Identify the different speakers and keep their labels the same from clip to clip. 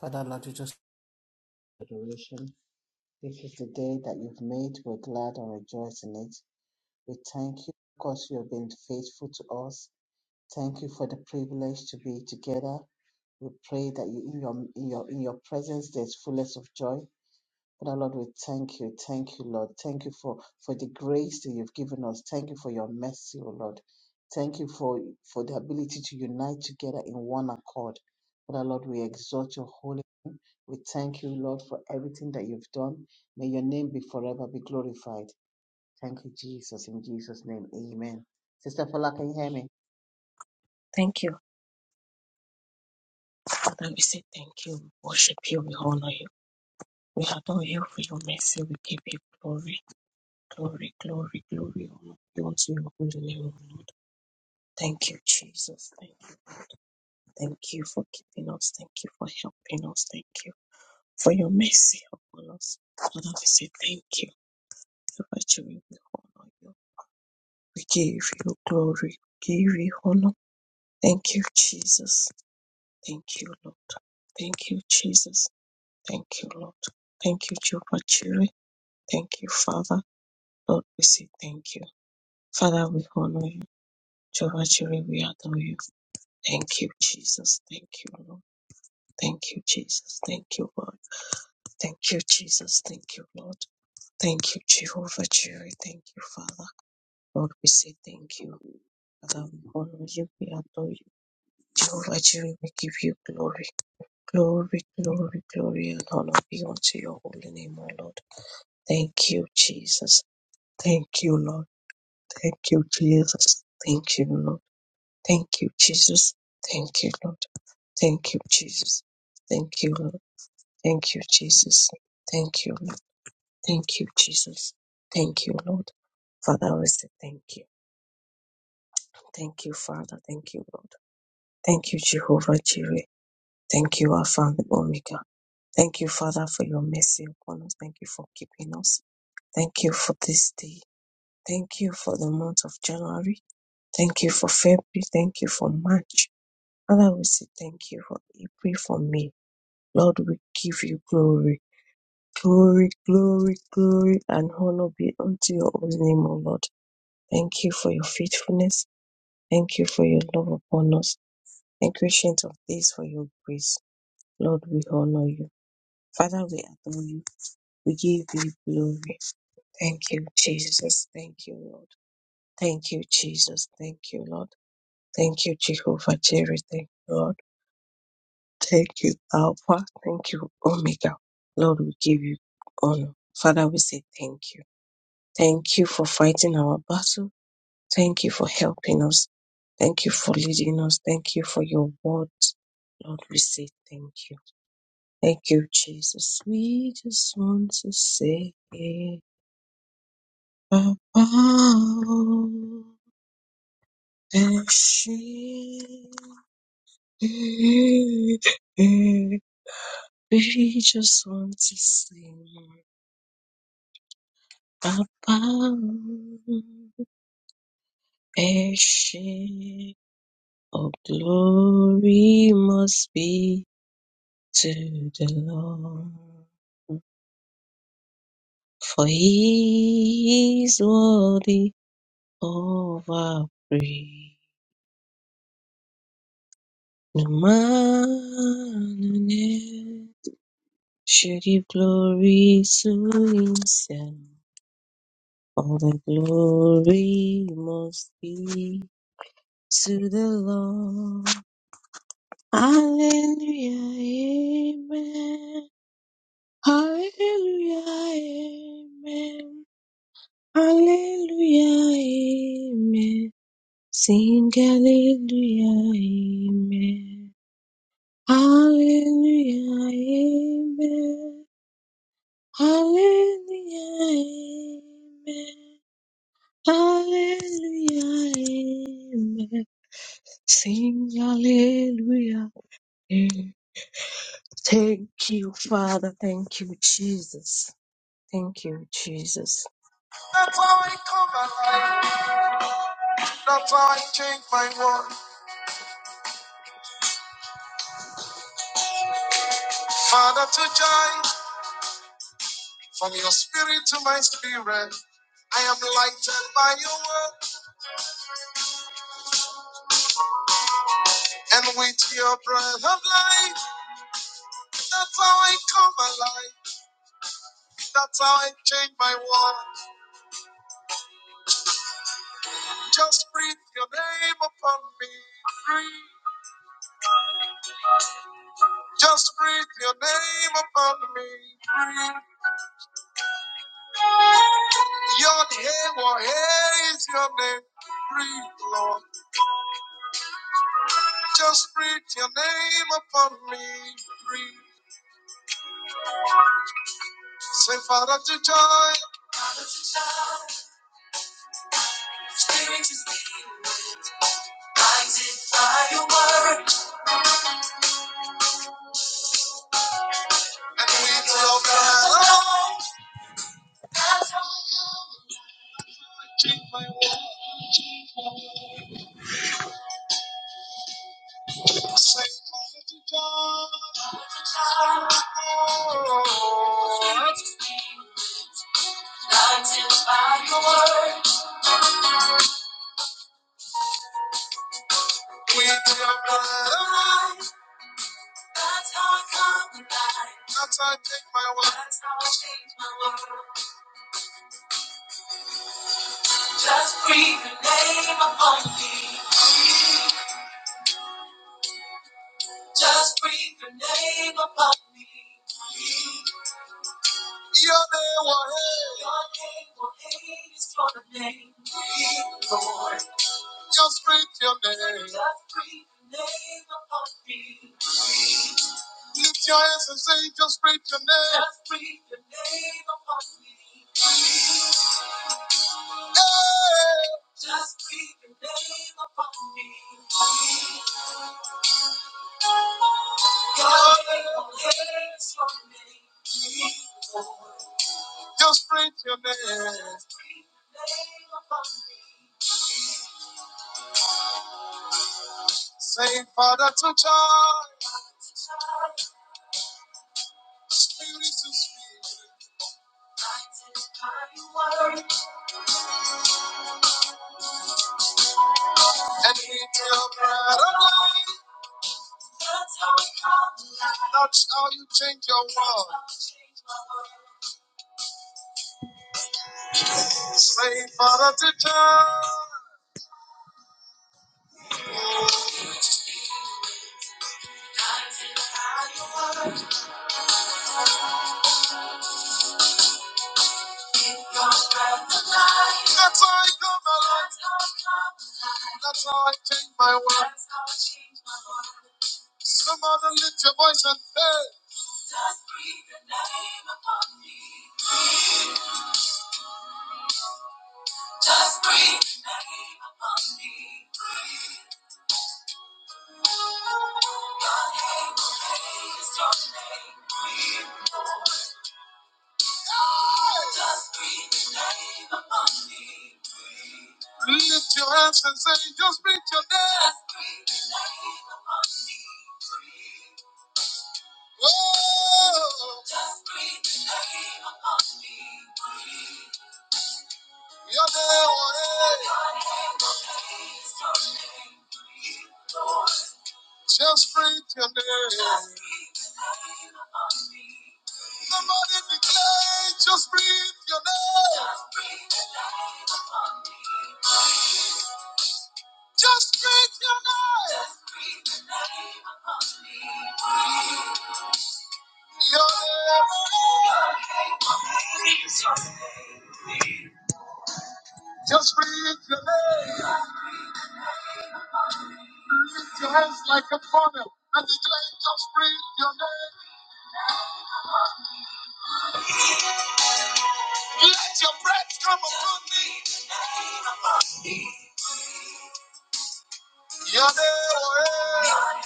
Speaker 1: Father, Lord, we just adoration. This is the day that you've made. We're glad and rejoice in it. We thank you because you have been faithful to us. Thank you for the privilege to be together. We pray that you, in your in your in your presence there's fullness of joy. Father, Lord, we thank you. Thank you, Lord. Thank you for for the grace that you've given us. Thank you for your mercy, O Lord. Thank you for for the ability to unite together in one accord. Father, Lord, we exalt your holy. We thank you, Lord, for everything that you've done. May your name be forever be glorified. Thank you, Jesus. In Jesus' name, amen. Sister Fola, can you hear me?
Speaker 2: Thank you, Father. We say thank you. We worship you. We honor you. We adore you for your mercy. We give you glory, glory, glory, glory. Honor be unto your holy name, O Lord. Thank you, Jesus. Thank you. Thank you for keeping us. Thank you for helping us. Thank you for your mercy upon us. Father, we say thank you. So much we will honor you. We give you glory. We give you honor. Thank you, Jesus. Thank you, Lord. Thank you, Jesus. Thank you, Lord. Thank you, Jehovah Jireh. Thank you, Father. Lord, we say thank you. Father, we honor you. Jehovah Jireh, we adore you. Thank you, Jesus. Thank you, Lord. Thank you, Jesus. Thank you, Lord. Thank you, Jesus. Thank you, Lord. Thank you, Jehovah Jireh. Thank you, Father. Lord, we say thank you. Father, we honor you. We adore you. Jehovah Jireh, we give you glory. Glory, glory, glory, and honor be unto your holy name, O Lord. Thank you, Jesus. Thank you, Lord. Thank you, Jesus. Thank you, Lord. Thank you, Jesus. Thank you, Lord. Thank you, Jesus. Thank you, Lord. Thank you, Jesus. Thank you, Lord. Thank you, Jesus. Thank you, Lord. Father, we say thank you. Thank you, Father. Thank you, Lord. Thank you, Jehovah Jireh. Thank you, Alpha and Omega. Thank you, Father, for your mercy upon us. Thank you for keeping us. Thank you for this day. Thank you for the month of January. Thank you for February. Thank you for March. Father, we say thank you for April, for May. Lord, we give you glory. Glory, glory, glory, and honor be unto your holy name, O Lord. Thank you for your faithfulness. Thank you for your love upon us. And ancient of days for your grace. Lord, we honor you. Father, we adore you. We give you glory. Thank you, Jesus. Thank you, Lord. Thank you, Jesus. Thank you, Lord. Thank you, Jehovah Jireh. Thank you, Lord. Thank you, Alpha. Thank you, Omega. Lord, we give you honor. Father, we say thank you. Thank you for fighting our battle. Thank you for helping us. Thank you for leading us. Thank you for your word. Lord, we say thank you. Thank you, Jesus. We just want to say about We just want to sing. Above a shade of glory must be to the Lord, for He is worthy of our praise. No man on earth should give glory to Himself, all the glory must be to the Lord. Hallelujah, amen. Hallelujah, amen. Hallelujah, amen. Sing hallelujah, amen. Hallelujah, amen. Hallelujah, amen. Hallelujah, amen. Sing hallelujah, amen. Thank you, Father. Thank you, Jesus. Thank you, Jesus. That's how I come alive. That's how I change my world. Father to joy, from your spirit to my spirit. I am lighted by your word and with your breath of life. That's how I come alive. That's how I change my world. Just breathe your name upon me. Breathe. Just breathe your name upon me. Breathe. Your name, or is your name. Breathe, Lord. Just breathe your name upon me. Breathe. Say, Father, to joy. And with your breath, keep my walk. Say, Father, to joy. Oh, with your blood. That's how I take my walk. Just breathe your name upon me. Just breathe your name upon me. Your name will hate. Your name will hate is for the name. Breathe, Lord. Just breathe your name. Just breathe your name upon me. Lift your hands and say, just breathe your name. Just breathe your name upon me. Hey. Just breathe your name upon me. Your name will hate is for the name. Lord. Just breathe your name. Say, Father, to charge. Beauty to speak. And eat your bread of life. That's how you change your world. Say, Father, to charge. That's how I come alive. That's how I change my world. Somebody lift your voice and say, Lift your hands and say, just breathe your name. Oh, your name, oh, hey. Just breathe your name. Somebody declare, just breathe your name. Just breathe your name. Just breathe your name. Lift your hands like a funnel and declare, just breathe your name. Let your breath come upon me. Your name.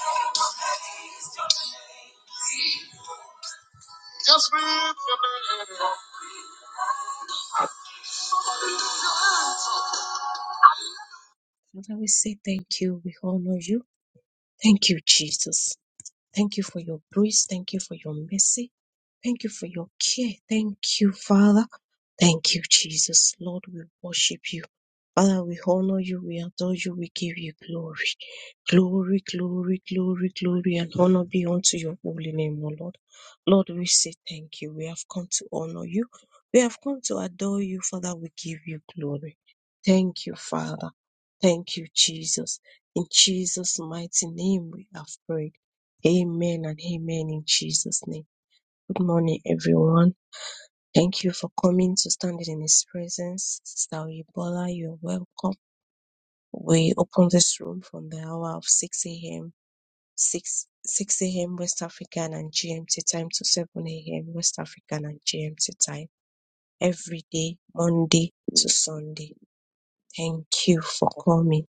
Speaker 2: Just breathe your name. Father, we say thank you. We honor you. Thank you, Jesus. Thank you for your grace. Thank you for your mercy. Thank you for your care. Thank you, Father. Thank you, Jesus. Lord, we worship you. Father, we honor you, we adore you, we give you glory. Glory, glory, glory, glory, and honor be unto your holy name, O Lord. Lord, we say thank you. We have come to honor you. We have come to adore you, Father. We give you glory. Thank you, Father. Thank you, Jesus. In Jesus' mighty name we have prayed. Amen and amen in Jesus' name. Good morning, everyone. Thank you for coming to stand in His presence. Sister Oyebola, you're welcome. We open this room from the hour of 6 a.m. 6, 6 a.m. West African and GMT time to 7 a.m. West African and GMT time every day, Monday to Sunday. Thank you for coming.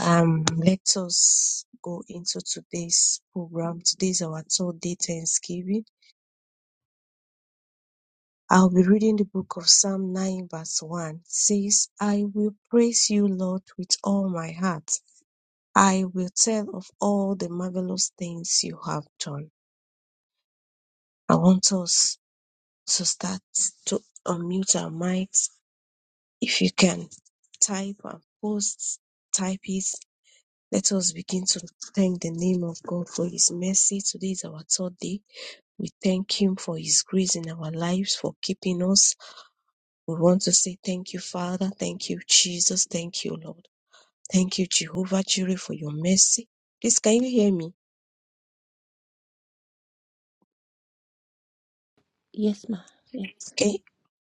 Speaker 2: Um, let us go into today's program. Today is our third day Thanksgiving I'll be reading the book of Psalm 9 verse 1. It says, I will praise you, Lord, with all my heart. I will tell of all the marvelous things you have done. I want us to start to unmute our mics. If you can type and post, type it. Let us begin to thank the name of God for His mercy. Today is our third day. We thank Him for His grace in our lives, for keeping us We want to say thank you, Father. Thank you, Jesus. Thank you, Lord. Thank you, Jehovah Jireh, for your mercy. Please, can you hear me?
Speaker 3: Yes, ma'am. Yes.
Speaker 2: Okay.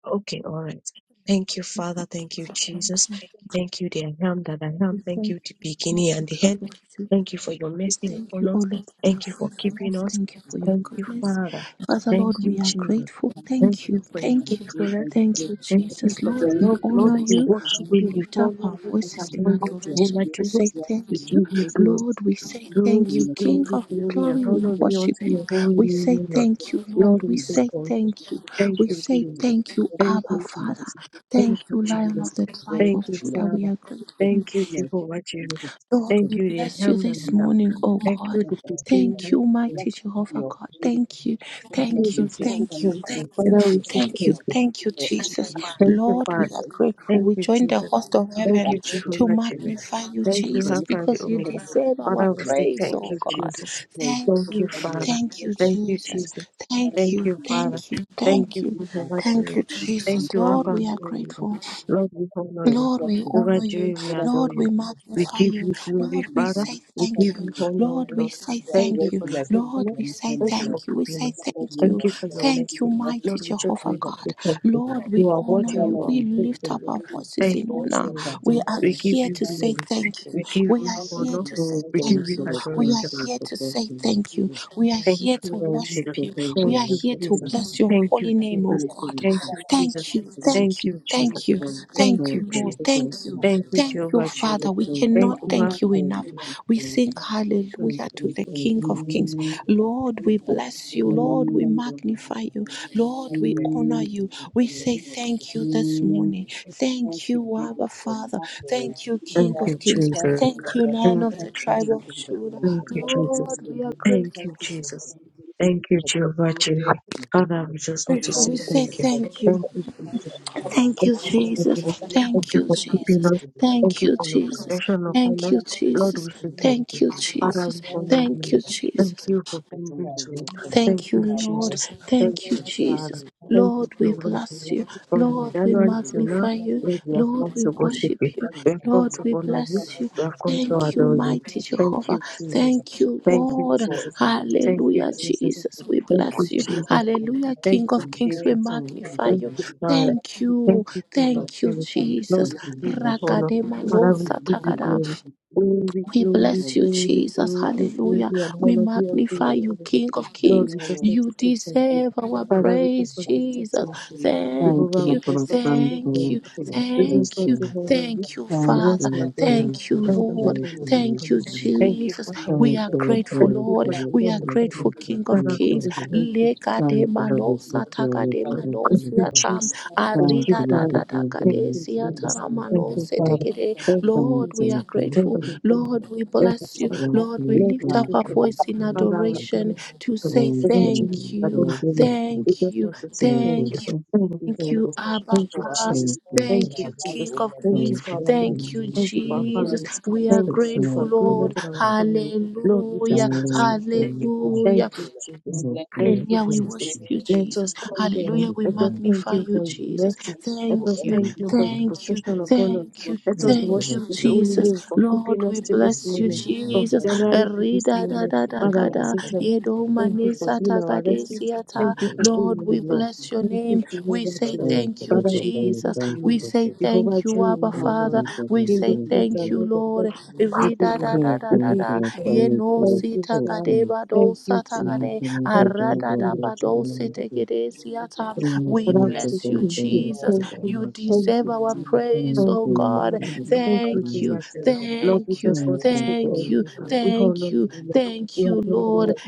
Speaker 2: Okay. All right. Thank you, Father.
Speaker 3: Thank
Speaker 2: Thank you,
Speaker 3: you. Thank
Speaker 2: Jesus.
Speaker 3: you.
Speaker 2: Thank you, the I am that I
Speaker 3: We
Speaker 2: am. Thank
Speaker 3: thank
Speaker 2: you, the
Speaker 3: you, Lord,
Speaker 2: beginning and
Speaker 3: and
Speaker 2: the end.
Speaker 3: tribal to
Speaker 2: Thank you for your
Speaker 3: We
Speaker 2: mercy
Speaker 3: thank you,
Speaker 2: upon
Speaker 3: O
Speaker 2: us.
Speaker 3: Lord, for your
Speaker 2: Thank you for keeping
Speaker 3: faithfulness.
Speaker 2: us.
Speaker 3: Thank you for your
Speaker 2: Thank you,
Speaker 3: goodness.
Speaker 2: Father.
Speaker 3: Father,
Speaker 2: Thank
Speaker 3: Lord, we
Speaker 2: you,
Speaker 3: are
Speaker 2: Jesus.
Speaker 3: grateful.
Speaker 2: Thank
Speaker 3: Thank you.
Speaker 2: you for your
Speaker 3: Thank you.
Speaker 1: Thank you for
Speaker 2: faithfulness.
Speaker 3: Thank you,
Speaker 2: Thank you
Speaker 3: Jesus.
Speaker 2: for the
Speaker 3: Lord, we
Speaker 2: love, Lord.
Speaker 3: honor
Speaker 2: We
Speaker 1: this
Speaker 3: you.
Speaker 2: worship
Speaker 3: We
Speaker 2: you. We
Speaker 3: lift up
Speaker 2: honor
Speaker 3: our
Speaker 2: you. We
Speaker 1: Thank
Speaker 3: voices
Speaker 1: you
Speaker 3: in
Speaker 2: adore
Speaker 1: for
Speaker 2: you,
Speaker 1: your
Speaker 2: Jehovah
Speaker 3: adoration to
Speaker 2: Jireh.
Speaker 3: say
Speaker 1: joyous love
Speaker 2: We
Speaker 3: thank
Speaker 1: and
Speaker 3: you.
Speaker 2: give
Speaker 1: your
Speaker 2: you glory.
Speaker 1: mercy.
Speaker 3: Lord, we
Speaker 1: We
Speaker 3: say
Speaker 1: thank you
Speaker 3: thank you.
Speaker 1: in
Speaker 2: Glory,
Speaker 1: your
Speaker 3: King
Speaker 1: presence
Speaker 2: glory,
Speaker 3: of
Speaker 1: for the
Speaker 2: glory,
Speaker 1: full
Speaker 2: and
Speaker 1: of
Speaker 3: glory, we
Speaker 2: honor
Speaker 1: your joy
Speaker 2: be
Speaker 3: worship
Speaker 2: unto your
Speaker 3: you.
Speaker 2: holy
Speaker 3: We
Speaker 1: and
Speaker 2: name,
Speaker 3: say
Speaker 2: O
Speaker 1: the
Speaker 2: Lord.
Speaker 1: joy
Speaker 3: thank
Speaker 1: of
Speaker 3: you,
Speaker 2: Lord,
Speaker 3: Lord.
Speaker 2: we
Speaker 3: We
Speaker 1: your Lord. We
Speaker 2: say
Speaker 3: say
Speaker 2: thank you.
Speaker 3: thank
Speaker 1: thank
Speaker 3: you.
Speaker 1: you
Speaker 2: Thank
Speaker 1: for
Speaker 3: We
Speaker 1: the
Speaker 2: you,
Speaker 3: say
Speaker 1: freedom.
Speaker 2: Jesus.
Speaker 3: thank you,
Speaker 1: Thank you
Speaker 2: Thank
Speaker 1: for
Speaker 3: Abba,
Speaker 2: you,
Speaker 1: opening
Speaker 3: Father.
Speaker 2: Jesus.
Speaker 3: Thank
Speaker 2: Thank you,
Speaker 3: you, Lion
Speaker 1: you
Speaker 2: Jesus.
Speaker 3: of
Speaker 1: for
Speaker 3: the
Speaker 1: the joy
Speaker 3: tribe
Speaker 1: of
Speaker 2: Thank
Speaker 3: of
Speaker 2: you,
Speaker 1: your Lord.
Speaker 3: Judah. We
Speaker 2: Father.
Speaker 3: are grateful.
Speaker 1: We have
Speaker 2: Thank you, Jehovah Jireh.
Speaker 1: to
Speaker 3: Lord, we
Speaker 2: Thank you, the I
Speaker 3: bless you
Speaker 2: am that
Speaker 3: this
Speaker 2: I am.
Speaker 3: morning, oh
Speaker 2: Thank
Speaker 3: God.
Speaker 2: you, the beginning
Speaker 3: Thank
Speaker 2: and
Speaker 3: you,
Speaker 2: the end.
Speaker 3: mighty Jehovah God. Thank you, thank you,
Speaker 2: Jesus, we say
Speaker 3: thank you,
Speaker 2: thank
Speaker 3: thank
Speaker 2: you.
Speaker 3: you,
Speaker 2: Father, we say
Speaker 3: thank you,
Speaker 2: thank you.
Speaker 3: thank you, Jesus.
Speaker 2: Thank you,
Speaker 3: Lord, we
Speaker 2: Father.
Speaker 3: are grateful.
Speaker 2: Thank
Speaker 3: We
Speaker 2: you,
Speaker 3: join the
Speaker 2: Jesus.
Speaker 3: host of
Speaker 2: Thank
Speaker 3: heaven
Speaker 2: you,
Speaker 3: to
Speaker 2: Jehovah Jireh.
Speaker 3: magnify you,
Speaker 2: Thank you,
Speaker 3: Jesus,
Speaker 2: Alpha and the
Speaker 3: because you
Speaker 2: Omega.
Speaker 3: deserve our
Speaker 2: Father, we say
Speaker 3: praise,
Speaker 2: thank
Speaker 3: oh
Speaker 2: you,
Speaker 3: God.
Speaker 2: Jesus.
Speaker 3: Thank
Speaker 2: Thank
Speaker 3: you,
Speaker 2: you, Father.
Speaker 3: thank you,
Speaker 2: Thank you,
Speaker 3: Jesus.
Speaker 2: Jesus.
Speaker 3: Thank
Speaker 2: Thank
Speaker 3: you,
Speaker 2: you, Father.
Speaker 3: thank you,
Speaker 2: Thank
Speaker 3: thank
Speaker 2: you,
Speaker 3: you,
Speaker 2: Jehovah
Speaker 3: thank
Speaker 2: Jireh.
Speaker 3: you,
Speaker 2: Thank
Speaker 1: be
Speaker 3: Jesus.
Speaker 2: you,
Speaker 3: Lord,
Speaker 1: careful.
Speaker 2: Alpha
Speaker 3: we
Speaker 2: and
Speaker 3: are
Speaker 2: the Omega.
Speaker 3: grateful.
Speaker 2: Lord, we honor
Speaker 1: Yes,
Speaker 2: you.
Speaker 3: Lord,
Speaker 1: talk
Speaker 3: we
Speaker 1: to
Speaker 2: Jehovah
Speaker 3: honor
Speaker 1: him.
Speaker 3: you.
Speaker 2: Jireh, we
Speaker 1: Whenever
Speaker 2: adore
Speaker 3: Lord,
Speaker 1: you
Speaker 2: you.
Speaker 3: we
Speaker 1: give us
Speaker 2: We
Speaker 3: magnify
Speaker 2: give
Speaker 1: praise,
Speaker 3: you.
Speaker 2: you
Speaker 1: talk
Speaker 2: glory,
Speaker 3: Lord,
Speaker 1: to
Speaker 3: we
Speaker 2: Father.
Speaker 1: him.
Speaker 3: say
Speaker 2: We
Speaker 1: Talk
Speaker 3: thank
Speaker 2: give
Speaker 1: to
Speaker 3: you.
Speaker 2: you
Speaker 1: him. Give
Speaker 2: honor,
Speaker 1: us
Speaker 2: O
Speaker 3: Lord, we
Speaker 1: praise.
Speaker 2: Lord.
Speaker 1: Give
Speaker 3: say
Speaker 1: us
Speaker 2: Thank
Speaker 3: thank
Speaker 2: you
Speaker 3: you.
Speaker 2: for
Speaker 1: adoration
Speaker 2: your
Speaker 1: that comes
Speaker 3: Lord,
Speaker 2: faithfulness.
Speaker 3: we
Speaker 1: from him.
Speaker 3: say
Speaker 2: Thank you for
Speaker 3: thank you. We
Speaker 2: keeping
Speaker 3: say
Speaker 2: us.
Speaker 3: thank you.
Speaker 2: Thank you for your
Speaker 3: Thank you,
Speaker 2: mercy.
Speaker 3: mighty
Speaker 2: Lord, we just
Speaker 3: Jehovah
Speaker 2: want to say
Speaker 3: God.
Speaker 2: thank you.
Speaker 3: Lord,
Speaker 2: You
Speaker 3: we
Speaker 2: are
Speaker 3: honor
Speaker 2: worthy
Speaker 3: you.
Speaker 2: of our
Speaker 3: We
Speaker 4: Thank
Speaker 3: lift
Speaker 4: you.
Speaker 3: up
Speaker 2: faithfulness.
Speaker 3: our voices
Speaker 2: Thank
Speaker 3: in
Speaker 2: you,
Speaker 3: honor.
Speaker 2: Jesus.
Speaker 3: We are
Speaker 2: We give
Speaker 3: here
Speaker 2: you
Speaker 3: to say
Speaker 2: glory.
Speaker 3: thank you.
Speaker 2: We give
Speaker 3: We
Speaker 2: you
Speaker 3: are here
Speaker 2: honor.
Speaker 3: to say
Speaker 2: We give
Speaker 3: thank
Speaker 2: you
Speaker 3: you.
Speaker 2: adoration.
Speaker 3: We are here to say thank you. We are
Speaker 2: Thank
Speaker 3: here to
Speaker 2: you, Jesus.
Speaker 3: worship you. We
Speaker 2: Thank
Speaker 3: are
Speaker 2: you,
Speaker 3: here to
Speaker 2: Jesus.
Speaker 3: bless your
Speaker 2: Thank you,
Speaker 3: holy name name, oh
Speaker 2: Jesus.
Speaker 3: God.
Speaker 2: Thank you, Jesus.
Speaker 3: Thank you,
Speaker 2: Thank
Speaker 3: thank you,
Speaker 2: you, Jesus.
Speaker 3: thank you,
Speaker 2: Thank
Speaker 3: thank you,
Speaker 2: you,
Speaker 3: Lord.
Speaker 2: Jesus.
Speaker 3: Thank you,
Speaker 2: Thank you,
Speaker 3: thank you,
Speaker 2: Jehovah Jireh.
Speaker 3: Father. We
Speaker 2: Thank
Speaker 3: cannot
Speaker 2: you,
Speaker 3: thank
Speaker 2: Lord.
Speaker 3: you enough. We sing hallelujah to the King of Kings. Lord, we bless you. Lord, we magnify you. Lord, we honor you. We say thank you this morning. Thank you, Abba Father. Thank you,
Speaker 2: Thank
Speaker 3: King of
Speaker 2: you,
Speaker 3: Kings.
Speaker 2: Jesus.
Speaker 3: Thank you, Lion
Speaker 2: Thank
Speaker 3: of
Speaker 2: you,
Speaker 3: the tribe
Speaker 2: Jesus.
Speaker 3: of Judah.
Speaker 2: Thank you, Jesus.
Speaker 3: Lord, we are
Speaker 2: Thank
Speaker 3: grateful.
Speaker 2: you,
Speaker 4: Thank
Speaker 2: Jesus. Thank you, Jehovah Jireh. Father, we just want to
Speaker 3: Grateful. We
Speaker 2: say
Speaker 3: say
Speaker 2: thank you.
Speaker 3: thank you.
Speaker 2: Thank you, Jesus.
Speaker 3: Thank
Speaker 2: Thank
Speaker 3: you,
Speaker 2: you for
Speaker 3: Jesus.
Speaker 2: keeping us. Thank
Speaker 3: Thank
Speaker 2: you
Speaker 3: you,
Speaker 2: for keeping
Speaker 3: Jesus.
Speaker 2: us. Thank
Speaker 3: Thank
Speaker 2: you
Speaker 3: you,
Speaker 2: for your
Speaker 3: Jesus.
Speaker 2: protection upon
Speaker 3: Thank
Speaker 2: us.
Speaker 3: you,
Speaker 2: Lord,
Speaker 3: Jesus.
Speaker 2: we say thank
Speaker 3: Thank
Speaker 2: you.
Speaker 3: you,
Speaker 2: Father,
Speaker 3: Jesus.
Speaker 2: we honor you,
Speaker 3: Thank you,
Speaker 2: Lord. Thank
Speaker 3: Jesus.
Speaker 2: you for being good to us. Thank
Speaker 3: Thank you,
Speaker 2: you,
Speaker 3: Lord.
Speaker 2: Jesus. Thank
Speaker 3: Thank you,
Speaker 2: you,
Speaker 3: Jesus.
Speaker 2: Father. Thank
Speaker 3: Lord,
Speaker 2: you,
Speaker 3: we
Speaker 2: Jehovah.
Speaker 3: bless
Speaker 2: Jireh.
Speaker 3: you.
Speaker 2: From
Speaker 3: Lord, we
Speaker 2: January to now,
Speaker 3: magnify you.
Speaker 2: Lord, we have
Speaker 3: Lord,
Speaker 2: come
Speaker 3: we
Speaker 2: to worship
Speaker 3: worship
Speaker 2: you.
Speaker 3: you.
Speaker 2: We have come
Speaker 3: Lord,
Speaker 2: to
Speaker 3: we
Speaker 2: honor you.
Speaker 3: bless you.
Speaker 2: We have come to
Speaker 3: Thank you,
Speaker 2: adore you.
Speaker 3: mighty
Speaker 2: Thank
Speaker 3: Jehovah.
Speaker 2: you, Jesus.
Speaker 3: Thank you,
Speaker 2: Thank you,
Speaker 3: Lord.
Speaker 2: Jesus. Thank you,
Speaker 3: Hallelujah,
Speaker 2: Jesus.
Speaker 3: Jesus. We
Speaker 2: Thank
Speaker 3: bless
Speaker 2: you,
Speaker 3: you.
Speaker 2: Jesus.
Speaker 3: Hallelujah,
Speaker 2: Thank
Speaker 3: King of
Speaker 2: you,
Speaker 3: Kings. We
Speaker 2: Jesus.
Speaker 3: magnify
Speaker 2: Thank
Speaker 3: you.
Speaker 2: you, Father.
Speaker 3: Thank you.
Speaker 2: Thank you, Jehovah
Speaker 3: Thank you,
Speaker 2: Jireh. Lord,
Speaker 3: Jesus.
Speaker 2: we give you honor.
Speaker 3: Rakadema no
Speaker 2: Father, we give you
Speaker 3: satakada.
Speaker 2: glory. Glory,
Speaker 3: We
Speaker 2: glory,
Speaker 3: bless you,
Speaker 2: glory,
Speaker 3: Jesus.
Speaker 4: you.
Speaker 2: glory,
Speaker 3: Hallelujah.
Speaker 2: glory, and
Speaker 3: We
Speaker 2: honor be unto your
Speaker 3: magnify
Speaker 4: Thank
Speaker 3: you,
Speaker 2: enemy.
Speaker 3: King of
Speaker 2: Lord,
Speaker 4: you
Speaker 3: Kings.
Speaker 2: we just
Speaker 4: for
Speaker 2: want
Speaker 3: You
Speaker 2: to
Speaker 4: the
Speaker 2: say thank you.
Speaker 3: deserve our
Speaker 2: Father, we just
Speaker 3: praise,
Speaker 2: want to say
Speaker 3: Jesus.
Speaker 2: thank you.
Speaker 3: Thank
Speaker 2: Jehovah,
Speaker 3: you,
Speaker 2: we just
Speaker 4: strength
Speaker 2: want to
Speaker 4: and
Speaker 2: say
Speaker 4: for
Speaker 3: thank
Speaker 4: the
Speaker 2: thank
Speaker 3: you,
Speaker 2: you.
Speaker 4: strength
Speaker 2: We
Speaker 4: and
Speaker 2: just
Speaker 3: thank
Speaker 2: want
Speaker 3: you,
Speaker 2: to honor you.
Speaker 3: thank you,
Speaker 2: We
Speaker 4: thank
Speaker 2: want
Speaker 3: Father.
Speaker 2: to
Speaker 4: you
Speaker 2: adore
Speaker 4: for
Speaker 2: you.
Speaker 4: the strength
Speaker 3: Thank you,
Speaker 4: for the
Speaker 2: Thank you
Speaker 3: Lord.
Speaker 2: for
Speaker 4: strength
Speaker 2: your
Speaker 4: and
Speaker 3: Thank you,
Speaker 2: faithfulness. Thank you
Speaker 3: Jesus.
Speaker 2: for helping
Speaker 3: We
Speaker 4: thank
Speaker 3: are
Speaker 2: us.
Speaker 4: you for
Speaker 3: grateful,
Speaker 2: Thank
Speaker 4: the
Speaker 2: you
Speaker 3: Lord.
Speaker 2: for the
Speaker 4: strength
Speaker 3: We
Speaker 2: love
Speaker 3: are
Speaker 2: of God.
Speaker 3: grateful, King
Speaker 4: for
Speaker 3: of
Speaker 4: the
Speaker 2: Father,
Speaker 4: strength and
Speaker 2: we
Speaker 4: for
Speaker 3: Kings.
Speaker 4: the
Speaker 2: say
Speaker 4: strength
Speaker 2: thank you.
Speaker 4: thank you for the
Speaker 3: Lekademanosa
Speaker 4: strength for the strength
Speaker 2: Thank you,
Speaker 3: tagademanosia tam.
Speaker 2: Jesus. Thank
Speaker 4: and for thank
Speaker 2: you,
Speaker 4: you for the strength and for the strength thank you for the
Speaker 3: Arida da
Speaker 2: Father.
Speaker 3: da da
Speaker 4: strength and thank you for the strength for
Speaker 2: Thank you,
Speaker 3: kadesiata
Speaker 2: Jesus.
Speaker 4: the
Speaker 2: Thank
Speaker 4: strength
Speaker 2: you,
Speaker 3: ramanose
Speaker 2: Father.
Speaker 3: tekede.
Speaker 2: Thank you,
Speaker 4: thank you
Speaker 3: Lord, we
Speaker 2: Jesus.
Speaker 3: are
Speaker 2: Thank
Speaker 3: grateful.
Speaker 2: you, Father.
Speaker 3: Lord, we
Speaker 2: Thank you,
Speaker 3: bless you.
Speaker 2: Jesus.
Speaker 3: Lord, we
Speaker 2: Lord, we
Speaker 3: lift up
Speaker 2: thank
Speaker 3: our
Speaker 2: you.
Speaker 3: voice in
Speaker 2: Father, we
Speaker 3: adoration
Speaker 2: thank you.
Speaker 3: to say
Speaker 2: We want Jesus
Speaker 3: thank
Speaker 2: to
Speaker 4: for
Speaker 3: you,
Speaker 2: thank you,
Speaker 4: the
Speaker 2: Lord.
Speaker 4: strength
Speaker 2: We
Speaker 3: thank
Speaker 2: just
Speaker 3: you,
Speaker 2: want to say
Speaker 4: Thank
Speaker 2: thank you.
Speaker 3: thank you,
Speaker 2: Thank you,
Speaker 3: thank you,
Speaker 2: Jesus.
Speaker 3: Abba
Speaker 2: Thank you,
Speaker 3: Father.
Speaker 2: Jesus. Thank
Speaker 3: Thank
Speaker 2: you,
Speaker 3: you,
Speaker 2: Jesus.
Speaker 3: King of
Speaker 2: Thank you
Speaker 3: Kings.
Speaker 2: for our lives.
Speaker 3: Thank you,
Speaker 2: Thank you for our
Speaker 3: Jesus.
Speaker 2: families.
Speaker 3: We are
Speaker 2: Thank you
Speaker 3: grateful,
Speaker 2: for goodness
Speaker 3: Lord.
Speaker 2: in our family. Lord, we
Speaker 3: Hallelujah.
Speaker 2: just want to say thank you. Thank
Speaker 3: Hallelujah.
Speaker 2: you, Jesus. Thank
Speaker 3: Hallelujah,
Speaker 2: you,
Speaker 3: we
Speaker 2: Jesus.
Speaker 3: worship you,
Speaker 2: Let
Speaker 3: Jesus.
Speaker 2: us thank God.
Speaker 3: Hallelujah, we
Speaker 2: Let us thank
Speaker 3: magnify
Speaker 2: you
Speaker 3: you,
Speaker 2: for his
Speaker 3: Jesus.
Speaker 2: mercy. Let us
Speaker 3: Thank you,
Speaker 2: thank you for his
Speaker 3: thank you,
Speaker 2: protection upon us.
Speaker 3: thank you,
Speaker 2: Let us
Speaker 3: thank
Speaker 2: worship
Speaker 3: you,
Speaker 2: his holy name
Speaker 3: Jesus.
Speaker 2: for keeping
Speaker 3: Lord,
Speaker 2: us
Speaker 3: we
Speaker 2: to this
Speaker 3: bless you,
Speaker 2: moment, from
Speaker 3: Jesus.
Speaker 2: January to this
Speaker 3: Erida da
Speaker 2: moment.
Speaker 3: da da
Speaker 2: Father,
Speaker 3: ga
Speaker 2: we
Speaker 3: da,
Speaker 2: say thank you.
Speaker 3: yedo
Speaker 2: Thank you
Speaker 3: mane
Speaker 2: for
Speaker 3: sa
Speaker 2: being
Speaker 3: ta
Speaker 2: our
Speaker 3: ga de
Speaker 2: refuge.
Speaker 3: sia ta.
Speaker 2: Thank you for
Speaker 3: Lord,
Speaker 2: being our
Speaker 3: we
Speaker 2: Lord.
Speaker 3: bless your
Speaker 2: Thank you,
Speaker 3: name. We
Speaker 2: Jehovah
Speaker 3: say
Speaker 2: Jireh.
Speaker 3: thank you,
Speaker 2: Father, we give you
Speaker 3: Jesus. We
Speaker 2: glory.
Speaker 3: say
Speaker 2: Jehovah
Speaker 3: thank you,
Speaker 2: Jireh,
Speaker 3: Abba
Speaker 2: we honor
Speaker 3: Father.
Speaker 2: you.
Speaker 3: We
Speaker 2: King of
Speaker 3: say
Speaker 2: kings
Speaker 3: thank
Speaker 2: and
Speaker 3: you,
Speaker 2: Lord of
Speaker 3: Lord.
Speaker 2: lords, we give you
Speaker 3: Erida da
Speaker 2: glory.
Speaker 3: da da
Speaker 2: We
Speaker 3: da
Speaker 2: give
Speaker 3: da,
Speaker 2: you honor.
Speaker 3: yeno
Speaker 2: Thank
Speaker 3: si
Speaker 2: you,
Speaker 3: ta ga
Speaker 2: Father.
Speaker 4: you.
Speaker 3: de ba do
Speaker 2: Thank you,
Speaker 3: sa ta ga
Speaker 2: Jesus.
Speaker 4: Thank
Speaker 3: de.
Speaker 4: you, Jesus.
Speaker 2: Thank you,
Speaker 4: Thank
Speaker 2: Jesus.
Speaker 4: you,
Speaker 3: Aradadabadosetegedesiata. We
Speaker 2: But I
Speaker 4: Jesus.
Speaker 2: was thank
Speaker 3: bless you,
Speaker 2: you,
Speaker 3: Jesus.
Speaker 2: thank you,
Speaker 3: You
Speaker 2: thank
Speaker 3: deserve
Speaker 2: you,
Speaker 3: our
Speaker 2: Jesus.
Speaker 3: praise,
Speaker 2: Thank
Speaker 3: oh
Speaker 2: you,
Speaker 3: God.
Speaker 2: Father. Thank you,
Speaker 3: Thank you,
Speaker 2: Jesus. Lord, we
Speaker 3: thank you,
Speaker 2: just want to say
Speaker 3: thank
Speaker 2: thank
Speaker 3: you,
Speaker 2: you. We
Speaker 3: thank
Speaker 2: honor
Speaker 3: you,
Speaker 2: you, Lord.
Speaker 3: thank
Speaker 2: We have
Speaker 3: you,
Speaker 2: no you,
Speaker 3: Lord.
Speaker 2: Lord.